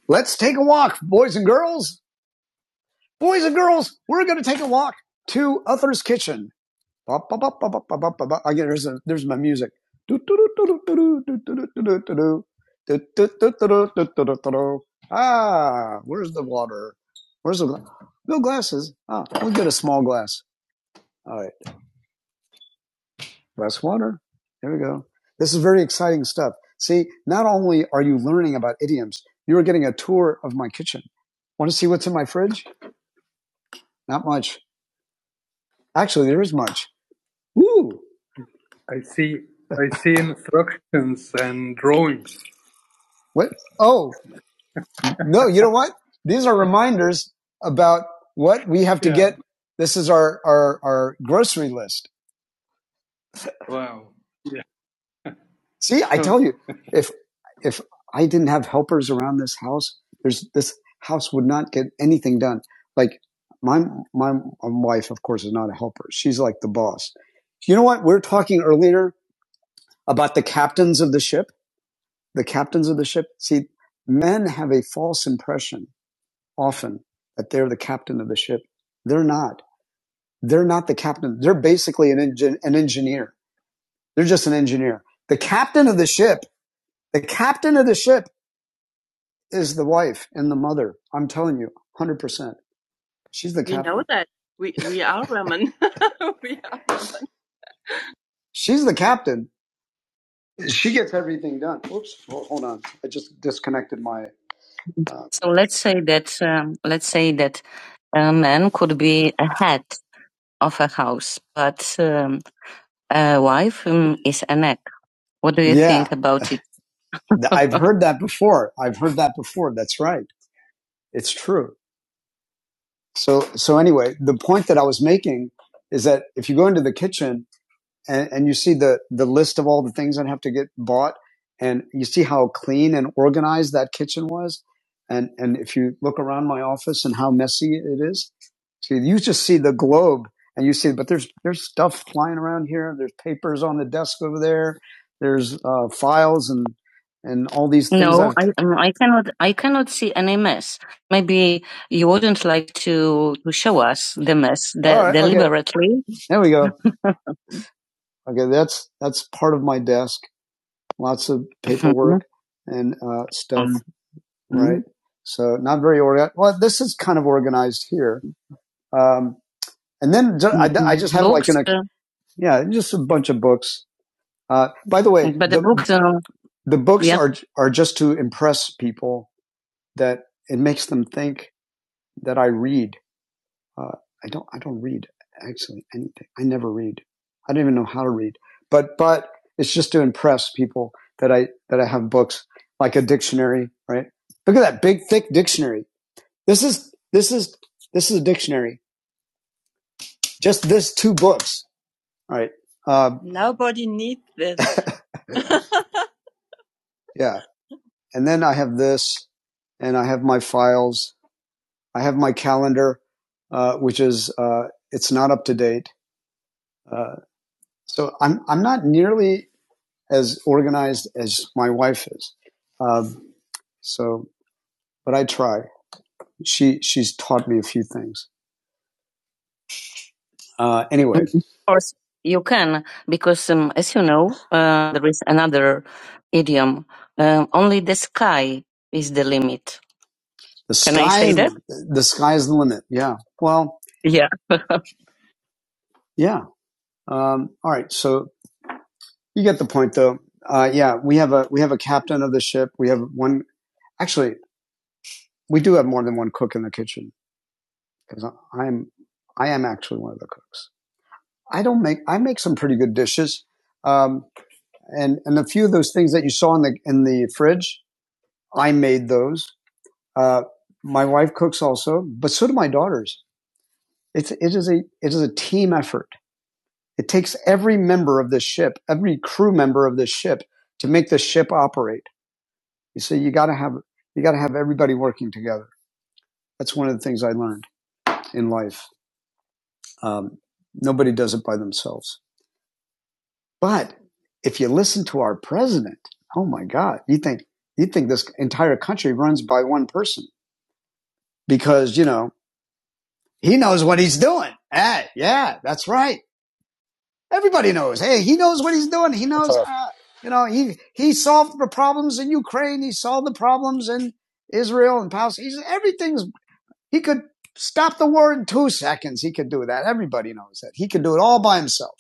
S1: Let's take a walk, boys and girls. Boys and girls, we're going to take a walk to Uther's Kitchen. Ba, ba, Again, there's, there's my music. Ah, where's the water? Where's the gla- no glasses? Ah, we'll get a small glass. All right, glass water. There we go. This is very exciting stuff. See, not only are you learning about idioms, you are getting a tour of my kitchen. Want to see what's in my fridge? Not much. Actually, there is much. Woo! I see I see instructions and drawings. What? Oh, no, you know what? These are reminders about what we have to Yeah. get. This is our, our, our grocery list. Yeah. See, I tell you, if, if I didn't have helpers around this house, there's, this house would not get anything done. Like my, my wife, of course, is not a helper. She's like the boss. You know what? We We're talking earlier about the captains of the ship, the captains of the ship. See, men have a false impression often that they're the captain of the ship. They're not. They're not the captain. They're basically an, engin- an engineer. They're just an engineer. The captain of the ship, the captain of the ship is the wife and the mother. I'm telling you, 100%. She's the We captain. We know that. We we are women. we are women. She's the captain. She gets everything done. Oops, ho- hold on. I just disconnected my. Uh, So let's say that um, let's say that a man could be a head of a house, but um, uh, wife um, is Anak. What do you Yeah, think about it? I've heard that before. I've heard that before. That's right. It's true. So, so anyway, the point that I was making is that if you go into the kitchen and, and you see the, the list of all the things that have to get bought and you see how clean and organized that kitchen was. And, and if you look around my office and how messy it is, so you just see the globe and you see, but there's, there's stuff flying around here. There's papers on the desk over there. There's, uh, files and, and all these things. No, i I cannot I cannot see any mess. Maybe you wouldn't like to to show us the mess the right. Okay. deliberately. Okay. There we go. Okay, that's that's part of my desk. Lots of paperwork and uh, stuff, mm-hmm. right? So not very organized. Well, this is kind of organized here. Um, and then ju- I, I just have books, like an uh, yeah, just a bunch of books. Uh, by the way, but the, the books are the books Yeah. are are just to impress people that it makes them think that I read Uh, I don't I don't read actually anything. I never read. I don't even know how to read. But but it's just to impress people that I that I have books like a dictionary, right? Look at that big thick dictionary. This is this is this is a dictionary. Just this two books, All right? Um, Nobody needs this. yeah, and then I have this, and I have my files. I have my calendar, uh, which is uh, it's not up to date. Uh, So I'm I'm not nearly as organized as my wife is. Um, so, but I try. She she's taught me a few things. Uh, anyway, Mm, Of course, you can, because um, as you know, uh, there is another idiom. Um, only is it? the sky, Can I say that? the sky is the limit. Yeah. Well, Yeah. yeah. Um, all right. So you get the point, though. Uh, yeah, we have a we have a captain of the ship. We have one. Actually, we do have more than one cook in the kitchen because I'm I am actually one of the cooks. I don't make I make some pretty good dishes, um, and and a few of those things that you saw in the in the fridge, I made those. Uh, my wife cooks also, but so do my daughters. It's it is a it is a team effort. It takes every member of this ship, every crew member of this ship, to make the ship operate. You see, you got to have you got to have everybody working together. That's one of the things I learned in life. Um, nobody does it by themselves. But if you listen to our president, oh my God, you think you think this entire country runs by one person because you know he knows what he's doing. Hey, yeah, that's right. Everybody knows. Hey, he knows what he's doing. He
S3: That's
S1: knows.
S3: all right.
S1: Uh, you know, he he solved the problems in Ukraine. He solved the problems in Israel and Palestine. He's, everything's he could stop the war in two seconds. He could do that. Everybody knows that. He could do it all by himself.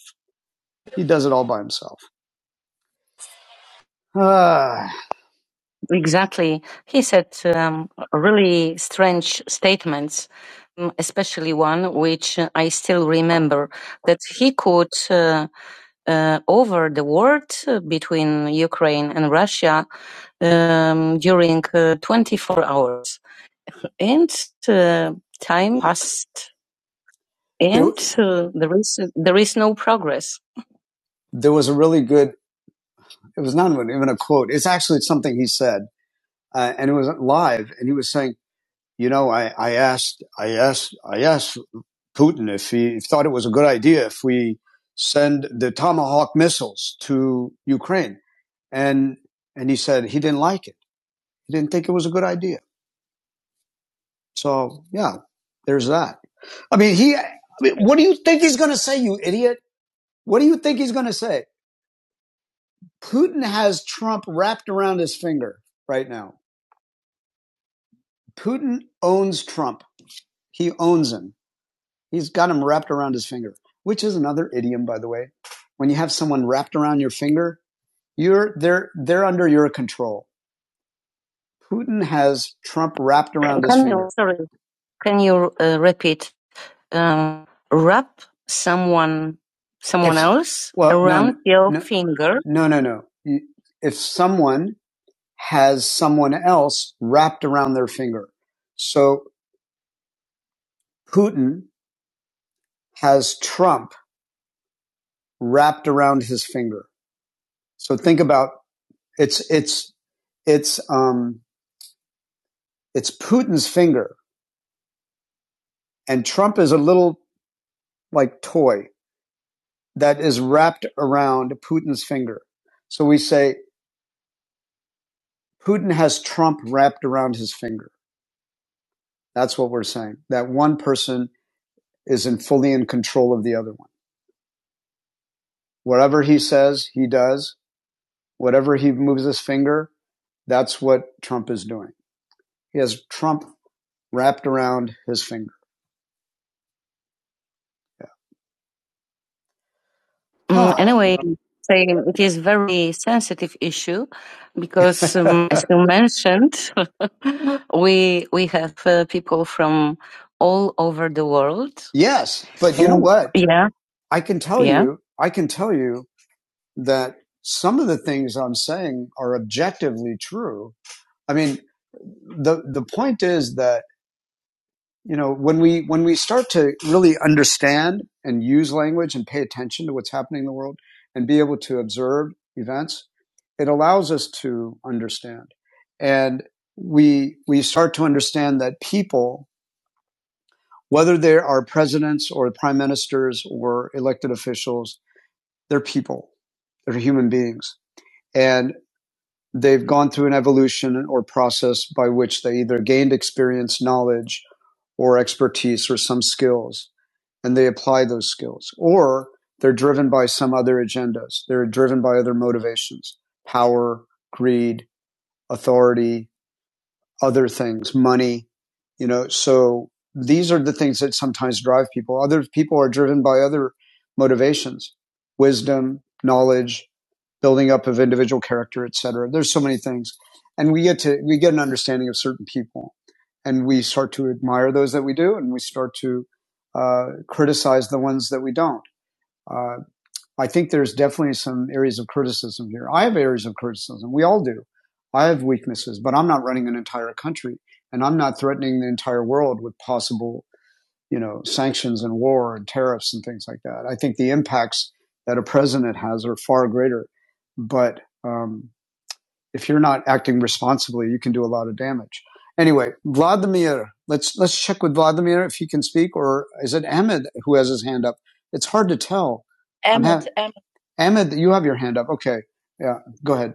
S1: He does it all by himself. Ah, exactly. He said um, really strange statements, mm, especially one which uh, I still remember that he could, uh, uh, over the war uh, between Ukraine and Russia, um, during uh, 24 hours. And uh, time passed, and uh, there is there is no progress. there was a really good. It was not even a quote. It's actually something he said, uh, and it was live. And he was saying. you know, I, I asked, I asked, I asked Putin if he if he thought it was a good idea if we send the Tomahawk missiles to Ukraine, and and he said he didn't like it. He didn't think it was a good idea. So yeah, there's that. I mean, he. I mean, what do you think he's going to say, you idiot? What do you think he's going to say? Putin has Trump wrapped around his finger right now. Putin owns Trump. He owns him He's got him wrapped around his finger, which is another idiom, by the way. When you have someone wrapped around your finger, you're they're they're under your control. Putin has Trump wrapped around his finger. sorry, uh, wrap someone someone If else well, no, around no, your no, finger? no, no, no. If someone has someone else wrapped around their finger, so Putin has Trump wrapped around his finger. So think about It's it's it's um it's Putin's finger, and Trump is a little like toy that is wrapped around Putin's finger. So we say Putin has Trump wrapped around his finger. That's what we're saying. That one person is in fully in control of the other one. Whatever he says, he does. Whatever he moves his finger, that's what Trump is doing. He has Trump wrapped around his finger. Mm, Ah,
S8: Hello.
S1: anyway, saying it is very sensitive issue because, um, as you mentioned, we we have uh, people from all over the world. yes. But you know what? yeah, I can tell yeah. you, I can tell you that some of the things I'm saying are objectively true. I mean, the the point is that you know when we when we start to really understand and use language and pay attention to what's happening in the world and be able to observe events it allows us to understand and we we start to understand that people whether they are presidents or prime ministers or elected officials they're people they're human beings and they've gone through an evolution or process by which they either gained experience knowledge or expertise or some skills and they apply those skills. Or they're driven by some other agendas. They're driven by other motivations, power, greed, authority, other things, money, you know. So these are the things that sometimes drive people. Other people are driven by other motivations, wisdom, knowledge, building up of individual character, et cetera. There's so many things. And we get to, we get an understanding of certain people and we start to admire those that we do and we start to uh, criticize the ones that we don't. Uh, I think there's definitely some areas of criticism here. I have areas of criticism. We all do. I have weaknesses, but I'm not running an entire country and I'm not threatening the entire world with possible you know, sanctions and war and tariffs and things like that. I think the impacts that a president has are far greater. But um, if you're not acting responsibly, you can do a lot of damage. Anyway, Vladimir, let's let's check with Vladimir if he can speak, or is it Ahmed who has his hand up? It's hard to tell. Ahmed, Ahmed. Ahmed, you have your hand up. Okay, yeah, go ahead.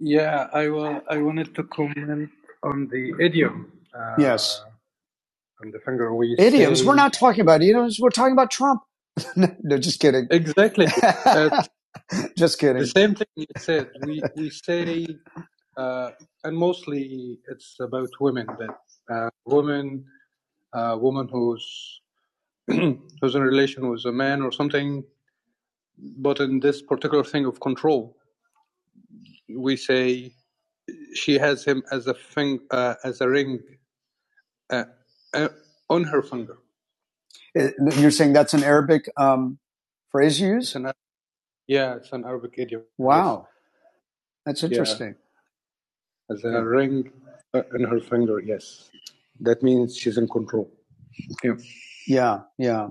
S1: Yeah, I will. I wanted to comment on the idiom. Uh, Yes on the finger we Idioms. say- We're not talking about idioms. We're talking about Trump. no, just kidding. exactly uh, just kidding. the same thing you said. We we say, uh, and mostly it's about women. That uh, woman, uh, woman who's who's in a relation with a man or something. But in this particular thing of control, we say she has him as a thing, uh, as a ring uh, uh, on her finger. You're saying that's an Arabic um, phrase you It's use? It's an, yeah, it's an Arabic idiom. Wow, that's interesting. Yes. As a ring uh, in her finger, yes. That means she's in control. Yeah. Yeah, yeah,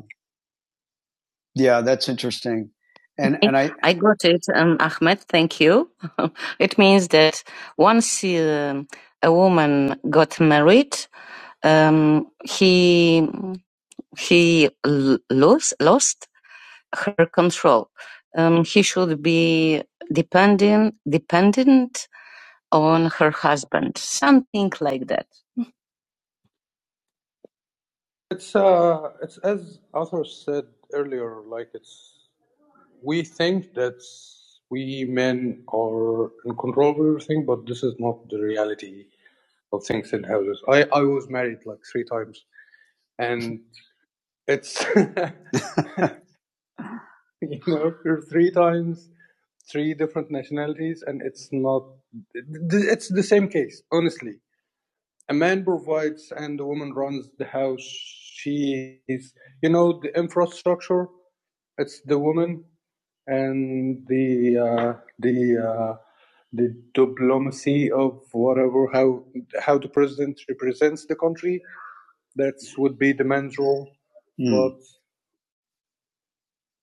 S1: yeah. That's interesting. And and I I got it, um, Ahmed. Thank you. it means that once um a woman got married, um, he he l- lost lost her control. Um, he should be dependent dependent on her husband, something like that. It's uh, it's as Arthur said earlier. Like it's we think that we men are in control of everything, but this is not the reality of things in houses. I I was married like three times, and it's you know, you're three times, three different nationalities, and it's not. It's the same case, honestly. A man provides, and the woman runs the house. She is, you know, the infrastructure. It's the woman, and the uh, the uh, the diplomacy of whatever how how the president represents the country. That would be the man's role. Mm. But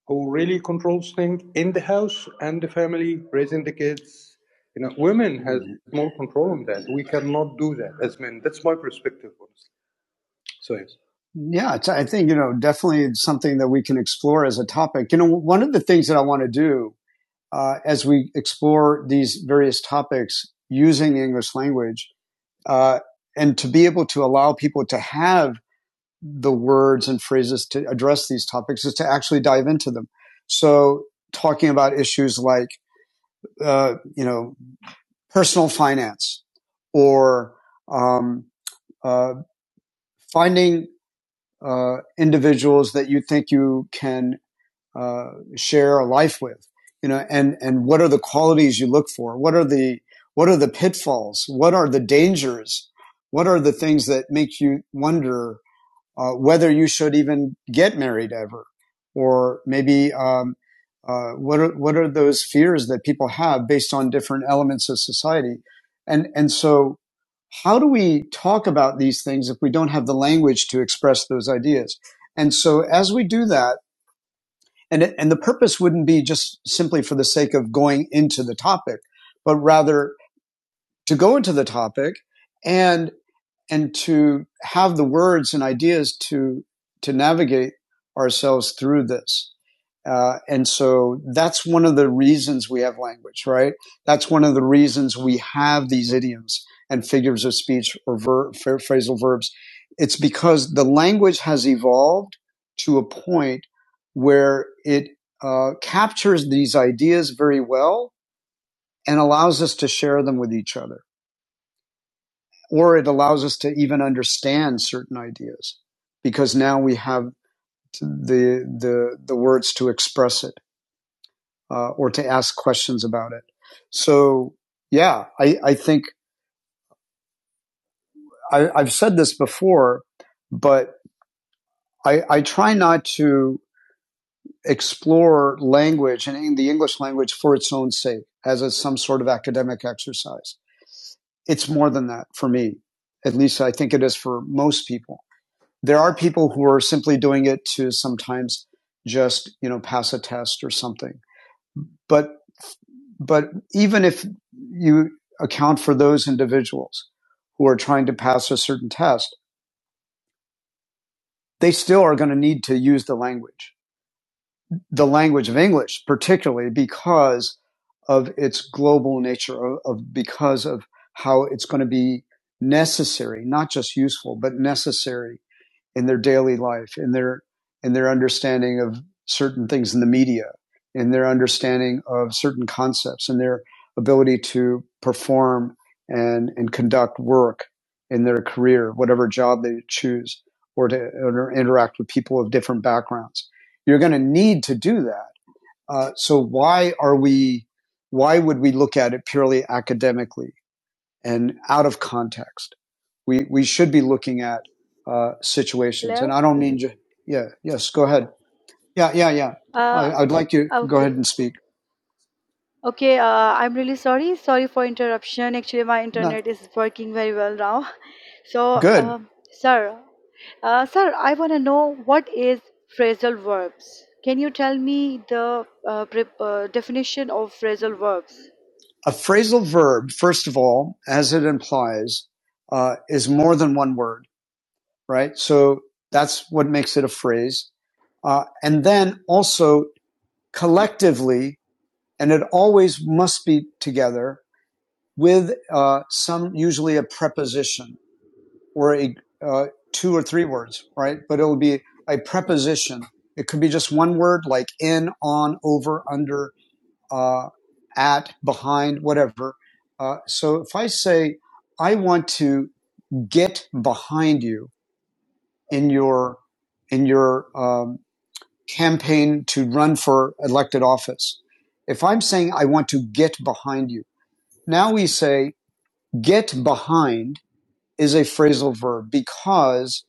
S1: who really controls things in the house and the family, raising the kids. You know, women has more control on that. We cannot do that as men. That's my perspective, honestly. So yes. Yeah, I think, you know, definitely something that we can explore as a topic. You know, one of the things that I want to do uh, as we explore these various topics using the English language uh, and to be able to allow people to have the words and phrases to address these topics is to actually dive into them. So talking about issues like, uh, you know, personal finance or um, uh, finding uh, individuals that you think you can uh, share a life with, you know, and, and what are the qualities you look for? What are the, what are the pitfalls? What are the dangers? What are the things that make you wonder uh, whether you should even get married ever, or maybe um, uh, what are what are those fears that people have based on different elements of society, and and so how do we talk about these things if we don't have the language to express those ideas? And so as we do that, and and the purpose wouldn't be just simply for the sake of going into the topic, but rather to go into the topic and and to have the words and ideas to to navigate ourselves through this. Uh, and so that's one of the reasons we have language, right? That's one of the reasons we have these idioms and figures of speech or ver- phrasal verbs. It's because the language has evolved to a point where it uh, captures these ideas very well and allows us to share them with each other or it allows us to even understand certain ideas because now we have the the the words to express it uh, or to ask questions about it. So yeah, I I think I, I've said this before, but I I try not to explore language and in the English language for its own sake as a, some sort of academic exercise. It's more than that for me. At least I think it is for most people there are people who are simply doing it to sometimes just you know pass a test or something but but even if you account for those individuals who are trying to pass a certain test they still are going to need to use the language the language of english particularly because of its global nature of, of because of how it's going to be necessary not just useful but necessary in their daily life, in their in their understanding of certain things in the media, in their understanding of certain concepts, in their ability to perform and and conduct work in their career, whatever job they choose, or to or interact with people of different backgrounds. You're going to need to do that. Uh, so why are we? Why would we look at it purely academically? and out of context. We we should be looking at uh, situations, and
S8: Hello?
S1: I don't mean ju- yeah yes. Go ahead. Yeah yeah yeah. I,
S8: Uh,
S1: I'd like you to go ahead
S8: okay.
S1: and speak.
S8: Okay, uh, I'm really sorry. Sorry for interruption. Actually, my
S1: Not
S8: internet is working very well now. So,
S1: good.
S8: um, sir, uh, sir, I want to know what is phrasal verbs. Can you tell me the uh, pre- uh, definition of phrasal verbs?
S1: A phrasal verb, first of all, as it implies, uh, is more than one word, right? So that's what makes it a phrase. Uh, and then also collectively, and it always must be together with uh, some, usually a preposition or a uh, two or three words, right? But it will be a
S8: Okay.
S1: preposition. It could be just one word, like in, on, over, under, uh, at, behind, whatever. Uh, so if I say, I want to get behind you in
S8: Okay.
S1: your in your um, campaign to run for elected office. If I'm saying I want to get behind you, now we say get behind is a phrasal verb because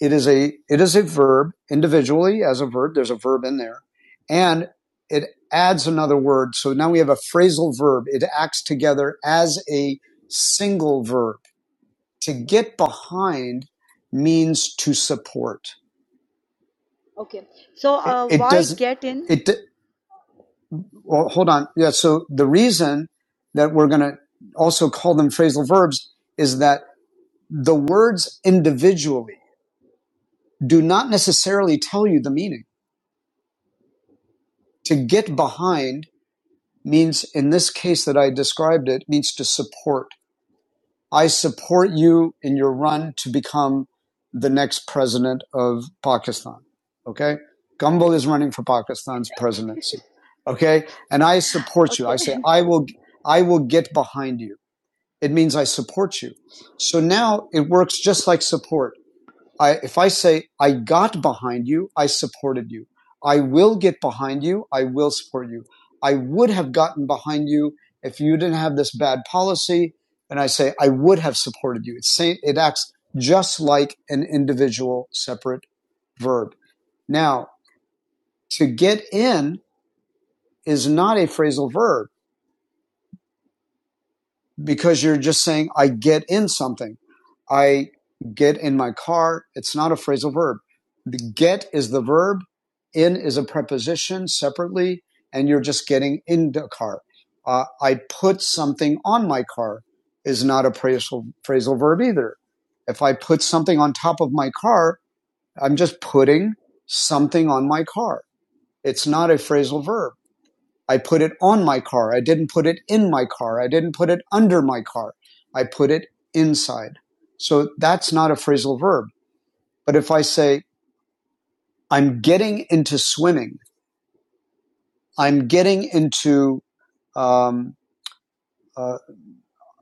S1: It is a it is a verb individually as a verb. There's a verb in there, and it adds another word. So now we have a phrasal verb. It acts together as a single verb. To
S8: Okay.
S1: get behind means to support.
S8: Okay. So,
S1: It,
S8: uh,
S1: it
S8: why
S1: doesn't.
S8: get in?
S1: It well, hold on. Yeah. So the reason that we're going to also call them phrasal verbs is that the words individually do not necessarily tell you the meaning. To get behind means in this case that I described it means to support. I support you in your run to become the next president of Pakistan. Okay. Gumbel is running for Pakistan's presidency. Okay. And I support you. I
S8: Okay.
S1: say, I will, I will get behind you. It means I support you. So now it works just like support. I, if I say, I got behind you, I supported you. I will get behind you. I will support you. I would have gotten behind you if you didn't have this bad policy. And I say, I would have supported you. It's say, it acts just like an individual separate verb. Now, to get in is not a phrasal verb. because you're just saying, I get in something. I get in my car. It's not a phrasal verb. The get is the verb, in is a preposition separately, and you're just getting in the car. Uh, I put something on my car is not a phrasal, phrasal verb either. If I put something on top of my car, I'm just putting something on my car. It's not a phrasal verb. I put it on my car. I didn't put it in my car. I didn't put it under my car. I put it inside. So that's not a phrasal verb. But if I say, I'm getting into swimming, I'm getting into um, uh,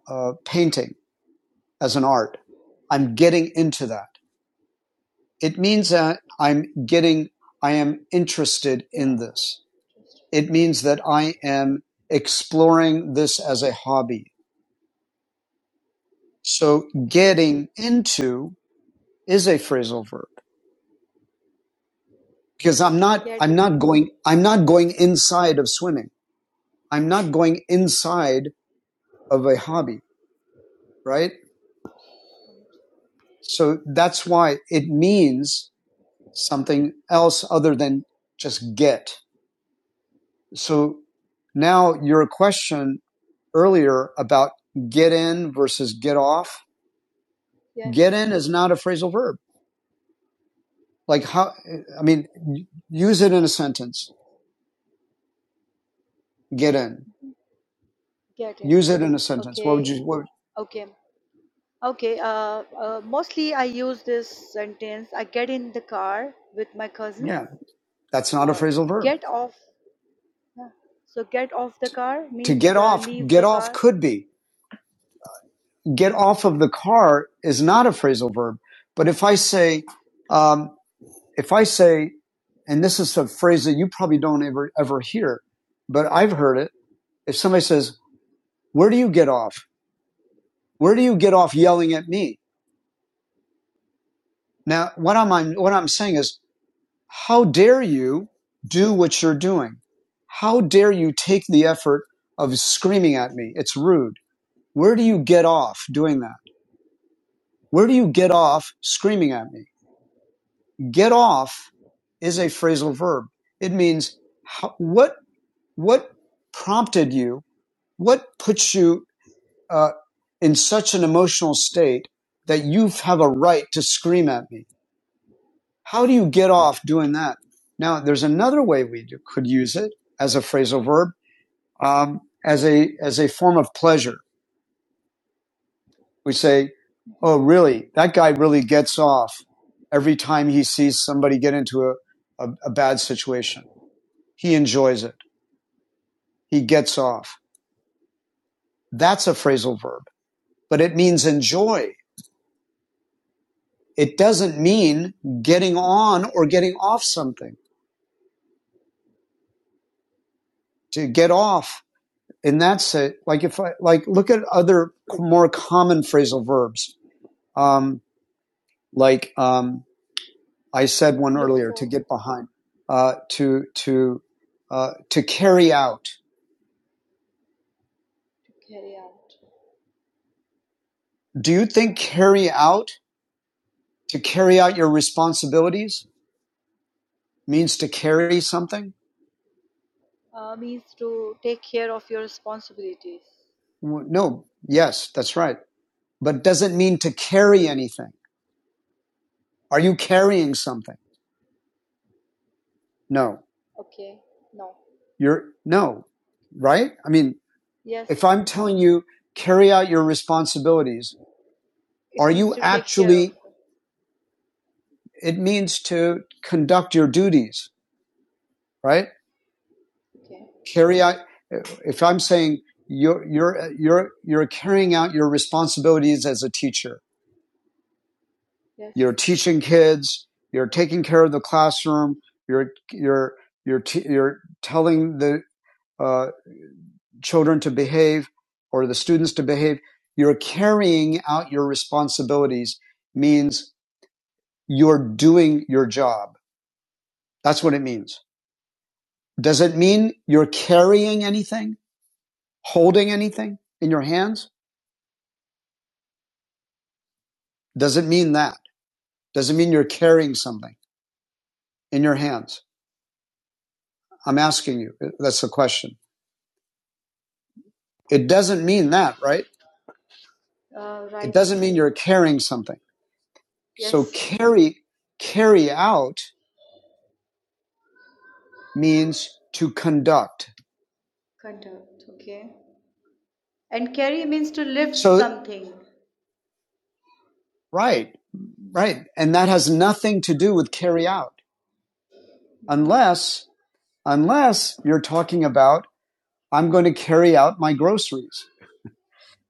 S1: uh, painting as an art, I'm getting into that. It means that I'm getting, I am interested
S8: Yeah.
S1: in this. It means that I am exploring this as a hobby. So
S8: Okay.
S1: getting into is a phrasal verb because I'm not
S8: Get
S1: I'm
S8: in.
S1: not going I'm not going inside of swimming. I'm not going inside of a hobby, right? So that's why it means something else other than just get. So now your question earlier about get in versus get off,
S8: Yes.
S1: get in is not a phrasal verb. Like how, I mean, use it in a sentence, get in,
S8: Get in.
S1: use it in a sentence. What would
S8: Okay.
S1: you, what,
S8: Okay. Okay. Uh, uh, mostly I use this sentence. I get in the car with my cousins.
S1: yeah, that's not a
S8: Uh,
S1: phrasal verb.
S8: get off. yeah. So get off the car
S1: To
S8: means
S1: get
S8: uh,
S1: off,
S8: leave
S1: get
S8: the
S1: off
S8: car.
S1: could be. Get off of the car is not a phrasal verb. But if I say, um, if I say, and this is a phrase that you probably don't ever, ever hear, but I've heard it. If somebody says, where do you get off? Where do you get off yelling at me? Now, what I'm, i what I'm saying is, how dare you do what you're doing? How dare you take the effort of screaming at me? It's rude. Where do you get off doing that? Where do you get off screaming at me? Get off is a phrasal verb. It means how, what what prompted you? What puts you uh, in such an emotional state that you have a right to scream at me? How do you get off doing that? Now, there's another way we do, could use it as a phrasal verb, um, as a as a form of pleasure. we say, oh, really? That guy really gets off every time he sees somebody get into a, a, a bad situation. He enjoys it. He gets off. That's a phrasal verb, but it means enjoy. It doesn't mean getting on or getting off something. To get off in that sense, like if I, like, look at other more common phrasal verbs, um, like, um, I said one
S8: Look
S1: earlier to
S8: for
S1: get behind, uh, to to uh, to carry out.
S8: to carry out.
S1: Do you think
S8: Uh,
S1: carry out to carry out your responsibilities means to carry something?
S8: uh, means to take care of your responsibilities.
S1: No. Yes, that's right. But doesn't mean to carry anything. Are you carrying something? No.
S8: Okay. No.
S1: You're no. Right? I mean,
S8: Yes.
S1: if I'm telling you carry out your responsibilities, are
S8: It means
S1: you
S8: to take care of.
S1: actually? It means to conduct your duties, right?
S8: Okay.
S1: carry out if i'm saying you're you're you're you're carrying out your responsibilities as a teacher
S8: Yes.
S1: you're teaching kids you're taking care of the classroom you're you're you're t- you're telling the uh, children to behave or the students to behave you're carrying out your responsibilities means you're doing your job that's what it means does it mean you're carrying anything holding anything in your hands doesn't mean that Doesn't mean you're carrying something in your hands. I'm asking you. That's the question. It doesn't mean that, right?
S8: Uh,
S1: It
S8: right.
S1: doesn't mean you're carrying something. So
S8: Yes.
S1: carry, carry out means to conduct.
S8: Conduct. Okay. And carry means to lift
S1: So,
S8: something.
S1: right, right. And that has nothing to do with carry out unless, unless you're talking about, I'm going to carry out my groceries.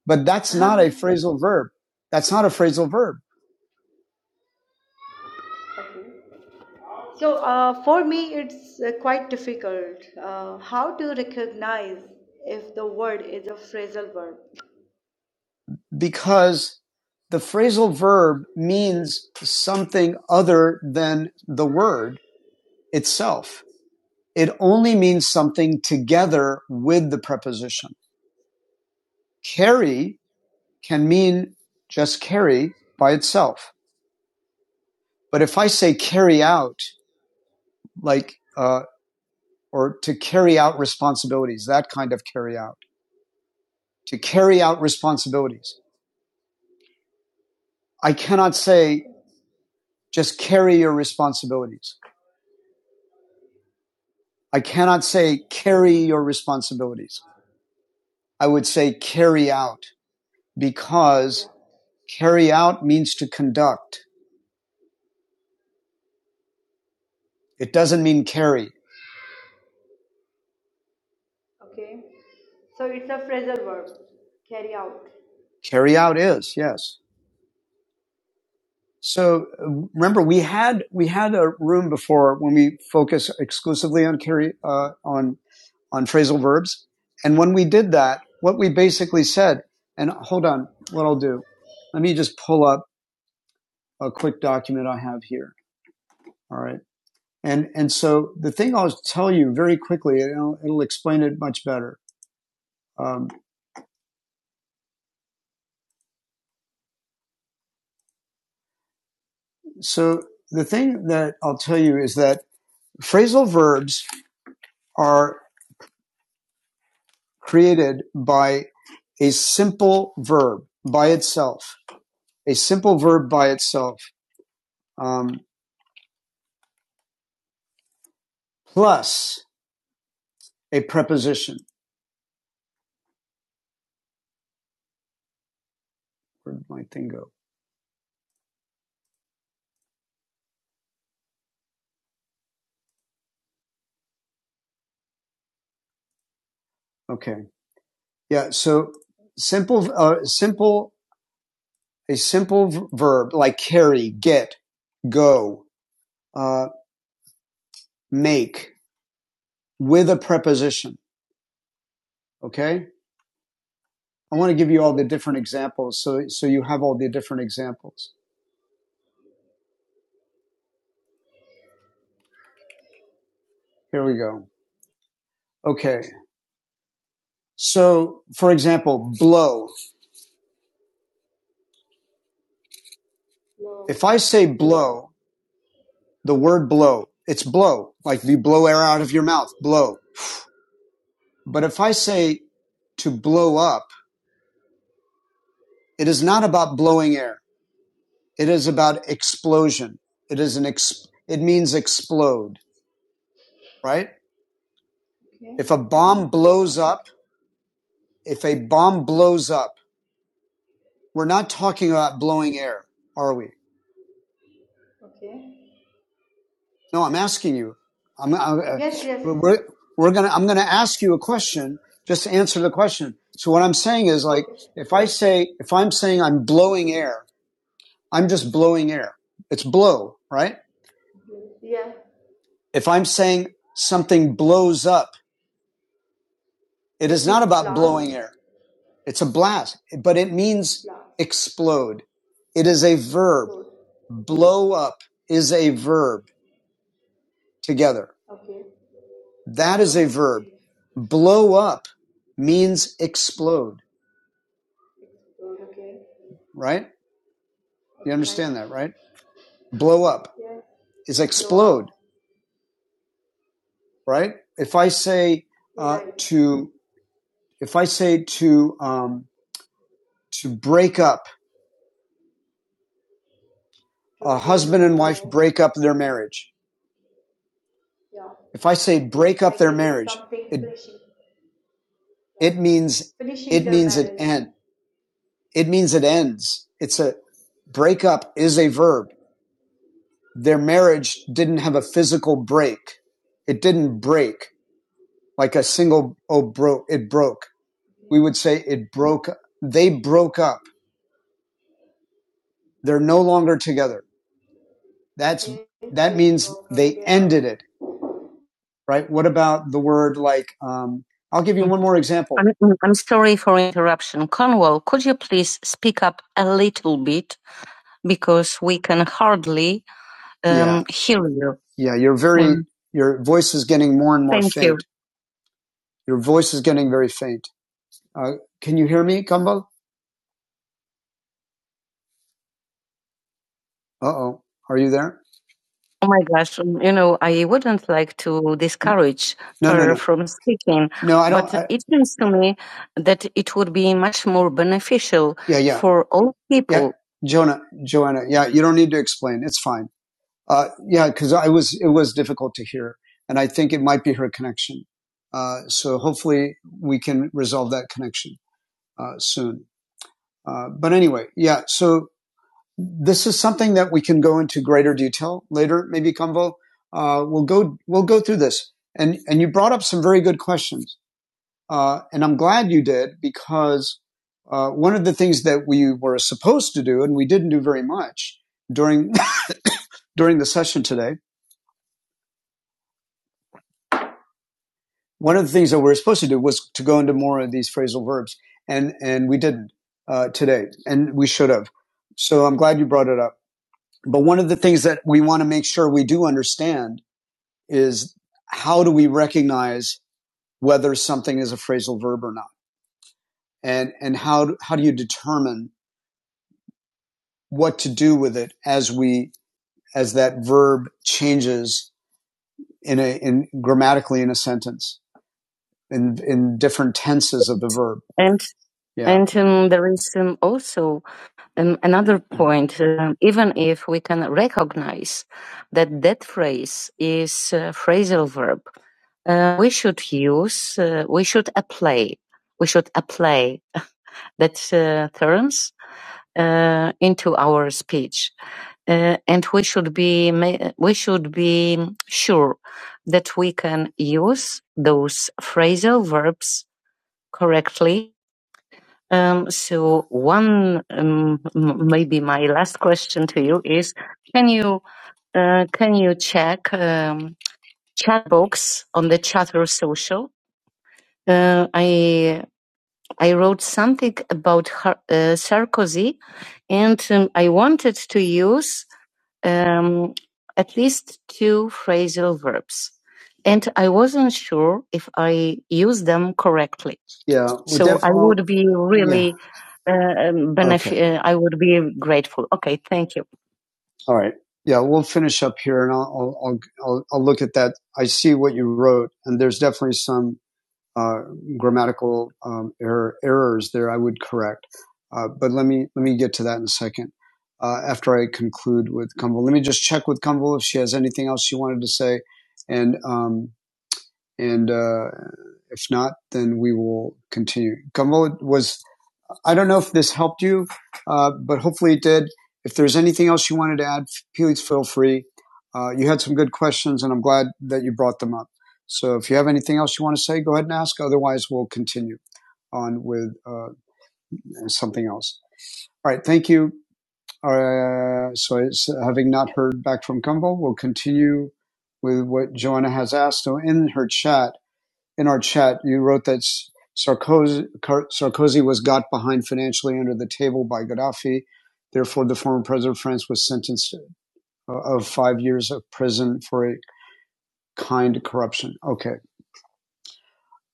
S1: But that's not a
S8: Uh-huh.
S1: phrasal verb. That's not a phrasal verb.
S8: Okay. So, uh, for me, it's uh, quite difficult. Uh, how to recognize if the word is a phrasal verb?
S1: because the phrasal verb means something other than the word itself. It only means something together with the preposition. Carry can mean just carry by itself. But if I say carry out, like, uh, or to carry out responsibilities, that kind of carry out, to carry out responsibilities, I cannot say
S8: Okay.
S1: just carry your responsibilities. I cannot say
S8: Okay.
S1: carry your responsibilities. I would say carry out
S8: Carry
S1: because
S8: out.
S1: carry out means to conduct. It doesn't mean carry.
S8: Okay. So, it's a phrasal verb. Carry out.
S1: Carry out is, yes. So remember, we had we had a room before when we focus exclusively on carry uh, on on phrasal verbs, and when we did that, what we basically said. And hold on, what I'll do, let me just pull up a quick document I have here. All right, and and so the thing I'll tell you very quickly, it'll, it'll explain it much better. Um, so the thing that I'll tell you is that phrasal verbs are created by a simple verb by itself, a simple verb by itself, um, plus a preposition. Where did my thing go? Okay. Yeah. So simple, uh, simple, a simple v- verb like carry, get, go, uh, make with a preposition. Okay. I want to give you all the
S8: Okay.
S1: different examples. So, so you have all the different examples. Here we go. Okay. So for example, blow If
S8: Blow.
S1: I say blow, the word blow, it's blow, like you blow air out of your mouth, blow. But if I say to blow up, it is not about blowing air. It is about explosion. It is an ex- it means explode, right?
S8: Okay.
S1: If a bomb
S8: Blow
S1: blows
S8: up.
S1: up, if a bomb blows up, we're not talking about blowing air, are we?
S8: Okay.
S1: No, I'm asking you. I'm, I'm uh,
S8: Yes, yes.
S1: we're we're gonna. I'm gonna ask you a question. Just answer the question. So what I'm saying is like,
S8: Okay.
S1: if I say, if I'm saying I'm blowing air, I'm just blowing air. It's blow, right?
S8: Yeah.
S1: If I'm saying something blows up, it
S8: It
S1: is not
S8: means
S1: about blowing
S8: blast.
S1: air. It's a blast, but it means
S8: Blast.
S1: explode. It is a verb.
S8: Explode.
S1: Blow up is a verb together.
S8: Okay.
S1: That is a
S8: Oh,
S1: verb.
S8: okay.
S1: Blow up means explode,
S8: Explode. Okay.
S1: right? You
S8: Okay. Right.
S1: understand that, right? Blow up
S8: Yes,
S1: is
S8: blow
S1: explode,
S8: up.
S1: right? If I say
S8: He
S1: uh,
S8: right
S1: to, if I say to um, to break up,
S8: To
S1: a
S8: break
S1: husband
S8: off.
S1: and
S8: Yeah,
S1: wife break up their marriage.
S8: yeah.
S1: If I say break up
S8: Like
S1: their
S8: it is
S1: marriage,
S8: something
S1: it
S8: finishing. Yeah.
S1: it means
S8: Finishing
S1: it
S8: their
S1: means it
S8: marriage.
S1: end. It means it ends. It's a break up is a verb. their marriage didn't have a physical break. It didn't break like a single oh broke it broke. We
S8: Okay.
S1: would say it broke they broke up. They're no longer together. That's
S8: Okay.
S1: that
S8: They
S1: means
S8: broke up.
S1: they
S8: Yes.
S1: ended it, right? What about the word like um I'll give you one more example. I'm, I'm sorry for interruption. Cornwall, could you please speak up a little bit because we can hardly um, Yeah. hear you. Yeah, you're very Um, your voice is getting more and more thank faint. you. Your voice is getting very faint. Uh, can you hear me, Kambal? Uh oh. Are you there? Oh my gosh, um, you know, I wouldn't like to discourage No, no, her no. no. from speaking, No, I don't. but I, it seems to me that it would be much yeah, yeah. for all Yeah. people. Yeah. Jonah, Joanna. Yeah. You don't need to explain. It's fine. Uh, yeah. Cause I was, it was difficult to hear. And I think it might be her connection. Uh, so hopefully we can resolve that connection, uh, soon. Uh, but anyway, yeah. So, This is something that we can go into greater detail later, maybe Convo. Uh, we'll go we'll go through this, and and you brought up some very good questions, uh, and I'm glad you did because uh, one of the things that we were supposed to do and we didn't do very much during during the session today, one of the things that we were supposed to do was to go into more of these phrasal verbs, and and we didn't uh, today, and we should have. So I'm glad you brought it up. But one of the things that we want to make sure we do understand is how do we recognize whether something is a phrasal verb or not? And, and how, how do you determine what to do with it as we, as that verb changes in a, in grammatically in a sentence, in, in different tenses of the verb? And Yeah. and um, there is um, also Um, another point, um, even if we can recognize that that phrase is a phrasal verb, uh, we should use, uh, we should apply, we should apply that uh, terms uh, into our speech, uh, and we should be we should be sure that we can use those phrasal verbs correctly um, so one, um, m- maybe my last question to you is, can you, uh, can you check, um, chat box on the Chatter social? Uh, I I wrote something about Har- uh, Sarkozy, and um, I wanted to use um, at least two phrasal verbs, and I wasn't sure if I used them correctly. Yeah, So I oh, would be really yeah. really benefit. Okay. uh, I would be grateful. Okay, thank you. All right. Yeah, we'll finish up here, and I'll I'll, I'll I'll look at that. I see what you wrote, and there's definitely some uh, grammatical um, error, errors there I would correct. Uh, but let me let me get to that in a second. Uh, after I conclude with Kumbal, let me just check with Kumbal if she has anything else she wanted to say, and um, and uh, if not, then we will continue. Kumbal, was I don't know if this helped you, uh, but hopefully it did. If there's anything else you wanted to add, please feel free. Uh, you had some good questions, and I'm glad that you brought them up. So if you have anything else you want to say, go ahead and ask. Otherwise, we'll continue on with uh, something else. All right, thank you. Uh, so, it's, uh, having not heard back from Gumbel, we'll continue with what Joanna has asked So, in her chat in our chat, you wrote that Sarkozy, Sarkozy was got behind financially under the table by Gaddafi. Therefore, the former president of France was sentenced uh, of five years of prison for a kind corruption. Okay.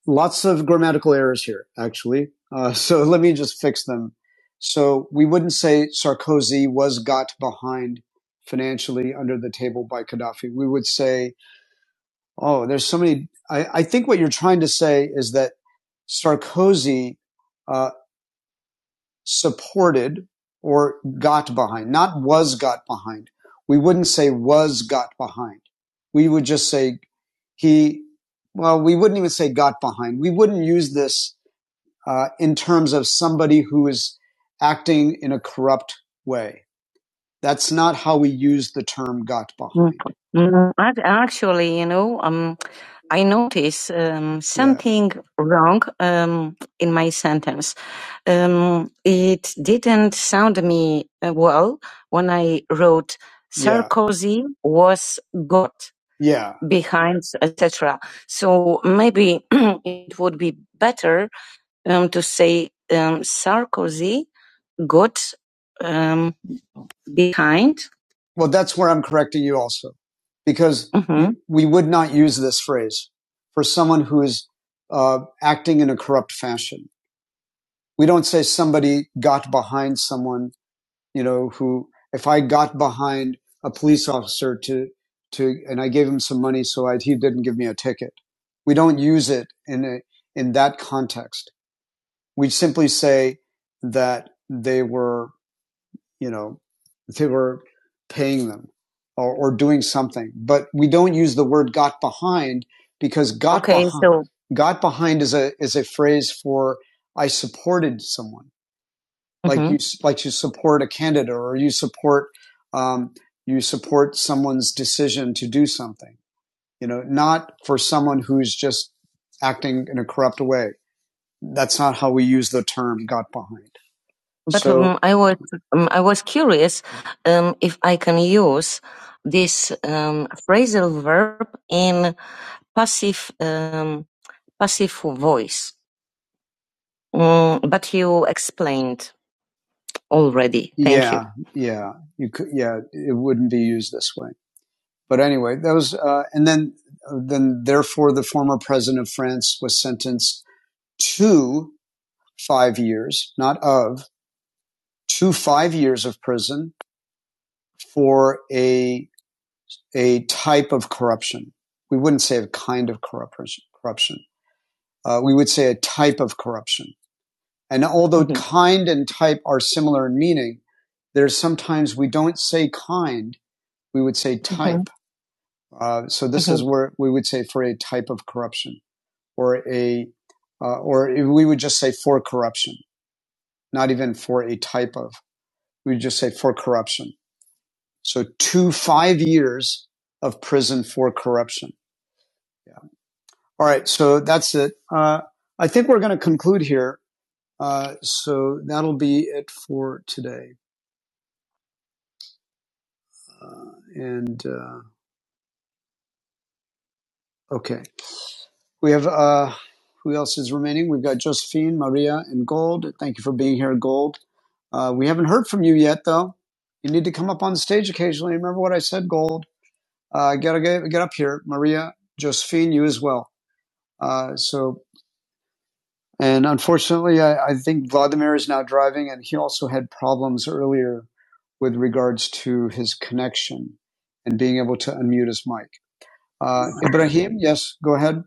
S1: Lots of grammatical errors here, actually. Uh, so let me just fix them. So we wouldn't say Sarkozy was got behind financially under the table by Gaddafi. We would say Oh, there's so many. I, I think what you're trying to say is that Sarkozy uh, supported or got behind, not was got behind. We wouldn't say was got behind. We would just say he, well, we wouldn't even say got behind. We wouldn't use this uh, in terms of somebody who is acting in a corrupt way. That's not how we use the term got Mm, behind. mm, Actually, you know, um, I notice um, Yeah. something yeah. wrong um, in my sentence. Um, it didn't sound me uh, well when I wrote Yeah. Sarkozy yeah. was got Yeah. behind, etc. So maybe it would be better um, to say um, Sarkozy got. um, be kind. Well, that's where I'm correcting you also, because hmm we would not use this phrase for someone who is uh, acting in a corrupt fashion. We don't say somebody got behind someone, you know, who, if I got behind a police officer to, to, and I gave him some money so I, he didn't give me a ticket. We don't use it in a, in that context. We simply say that they were you know, they were paying them or, or doing something. But we don't use the word got behind because got Okay, behind so got behind is a is a phrase for I supported someone like mhm. you like you support a candidate or you support um, you support someone's decision to do something you know not for someone who's just acting in a corrupt way that's not how we use the term got behind but so, um, I was um, I was curious um, if I can use this um, phrasal verb in passive um, passive voice. Mm, but you explained already. Thank you. Yeah, you. yeah, you could. Yeah, it wouldn't be used this way. But anyway, that was, uh, and then, uh, then therefore, the former president of France was sentenced to five years, not of, to five years of prison for a a type of corruption. We wouldn't say a kind of corruption. Uh, we would say a type of corruption. And although mm-hmm. kind and type are similar in meaning, there's sometimes we don't say kind, we would say type. Mm-hmm. Uh, so this mm-hmm. is where we would say for a type of corruption or a, uh, or we would just say for corruption, not even for a type of. We would just say for corruption. So two, five years of prison for corruption. Yeah. All right, so that's it. Uh, I think we're going to conclude here. Uh, so that'll be it for today. And uh, okay, we have uh, who else is remaining? We've got Josephine, Maria, and Gold. Thank you for being here, Gold. Uh, we haven't heard from you yet, though. You need to come up on stage occasionally. Remember what I said, Gold. Uh, gotta get, get up here, Maria, Josephine, you as well. Uh, so And unfortunately, I, I think Vladimir is now driving, and he also had problems earlier with regards to his connection and being able to unmute his mic. Uh, Ibrahim, yes, go ahead.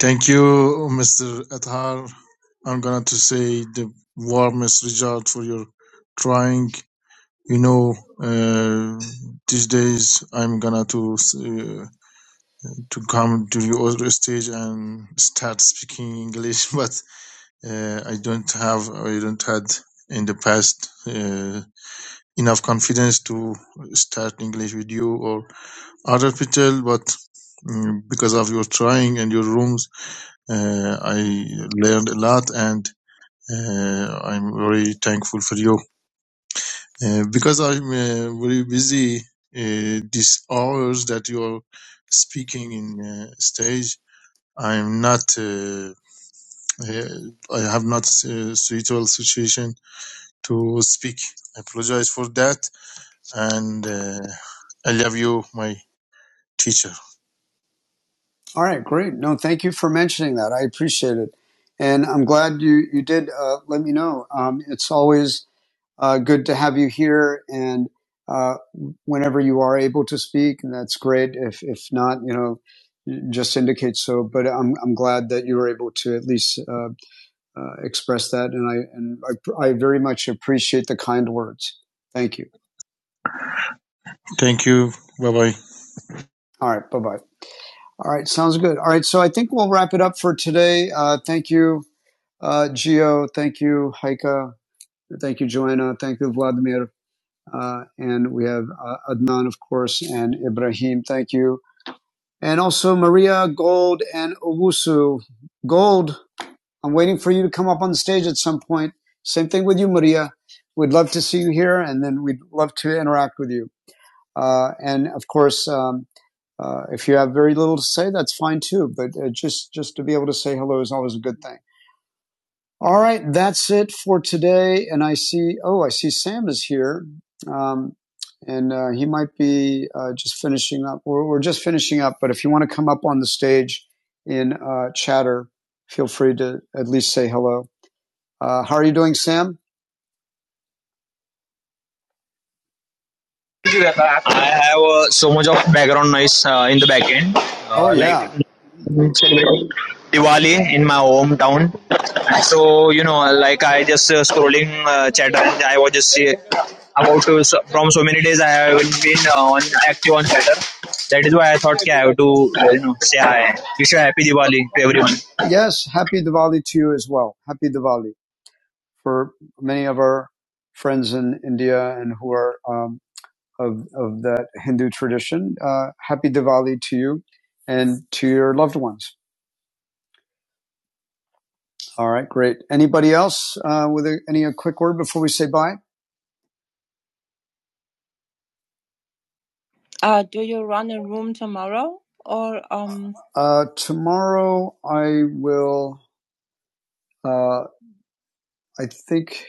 S2: Thank you, Mr. Athar. I'm gonna to say the warmest regard for your trying. You know, uh, these days I'm gonna to uh, to come to the other stage and start speaking English, but uh, I don't have. I don't had in the past. Uh, enough confidence to start English with you or other people, but mm, because of your trying and your rooms, uh, I learned a lot and uh, I'm very thankful for you. Uh, because I'm uh, very busy uh, these hours that you're speaking in uh, stage, I'm not, uh, uh, I have not uh, suitable situation to speak. I apologize for that and uh, I love you, my teacher.
S1: All right, great. No, thank you for mentioning that. I appreciate it, and I'm glad you you did uh, let me know. Um, it's always Uh, good to have you here, and uh, whenever you are able to speak, that's great. If if not, you know, just indicate so. But I'm I'm glad that you were able to at least uh, uh, express that, and I and I, I very much appreciate the kind words. Thank you.
S2: Thank you. Bye bye.
S1: All right. Bye bye. All right, sounds good. All right, so I think we'll wrap it up for today. Uh, thank you, uh, Gio. Thank you, Heike. Thank you, Joanna. Thank you, Vladimir. Uh, and we have uh, Adnan, of course, and Ibrahim. Thank you. And also Maria Gold and Owusu. Gold, I'm waiting for you to come up on stage at some point. Same thing with you, Maria. We'd love to see you here, and then we'd love to interact with you. Uh, and of course, um, uh, if you have very little to say, that's fine too. But uh, just just to be able to say hello is always a good thing. All right, that's it for today. And I see, oh, I see Sam is here. Um, and uh, he might be uh, just finishing up. We're, we're just finishing up, but if you want to come up on the stage in uh, chatter, feel free to at least say hello. Uh, how are you doing, Sam? I have uh, so much of background noise uh, in the back end, Oh, uh, like yeah. Like Diwali in my hometown. So you know, like I just uh, scrolling uh, Chatterjee, I was just uh, about to from so many days I haven't been uh, on active on Chatter. That is why I thought okay, I have to uh, you know say hi. Wish you a happy Diwali to everyone. Yes, happy Diwali to you as well. Happy Diwali for many of our friends in India and who are um, of of that Hindu tradition. Uh, happy Diwali to you and to your loved ones. All right, great. Anybody else uh, with a, any a quick word before we say bye? Uh, do you run a room tomorrow or um? Uh, tomorrow I will. Uh, I think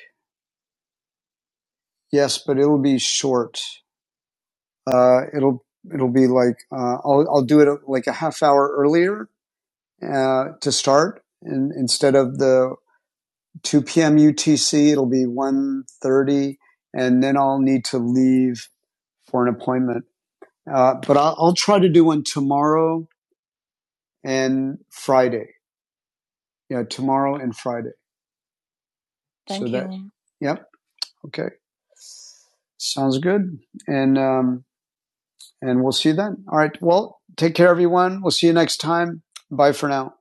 S1: yes, but it'll be short. Uh, it'll it'll be like uh, I'll I'll do it uh, like a half hour earlier uh, to start, and instead of the two p.m. UTC, it'll be one thirty, and then I'll need to leave for an appointment. Uh, but I'll, I'll try to do one tomorrow and Friday. Yeah, tomorrow and Friday. Thank so that you. That, yep okay sounds good and um and we'll see you then all right well take care everyone we'll see you next time bye for now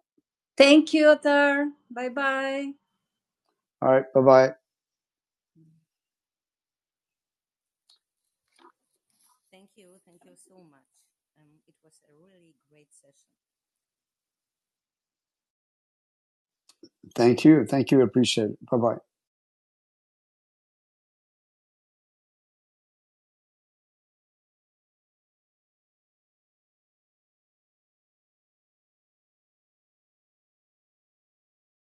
S1: Thank you, Atar. Bye bye. all right bye bye thank you thank you appreciate it bye bye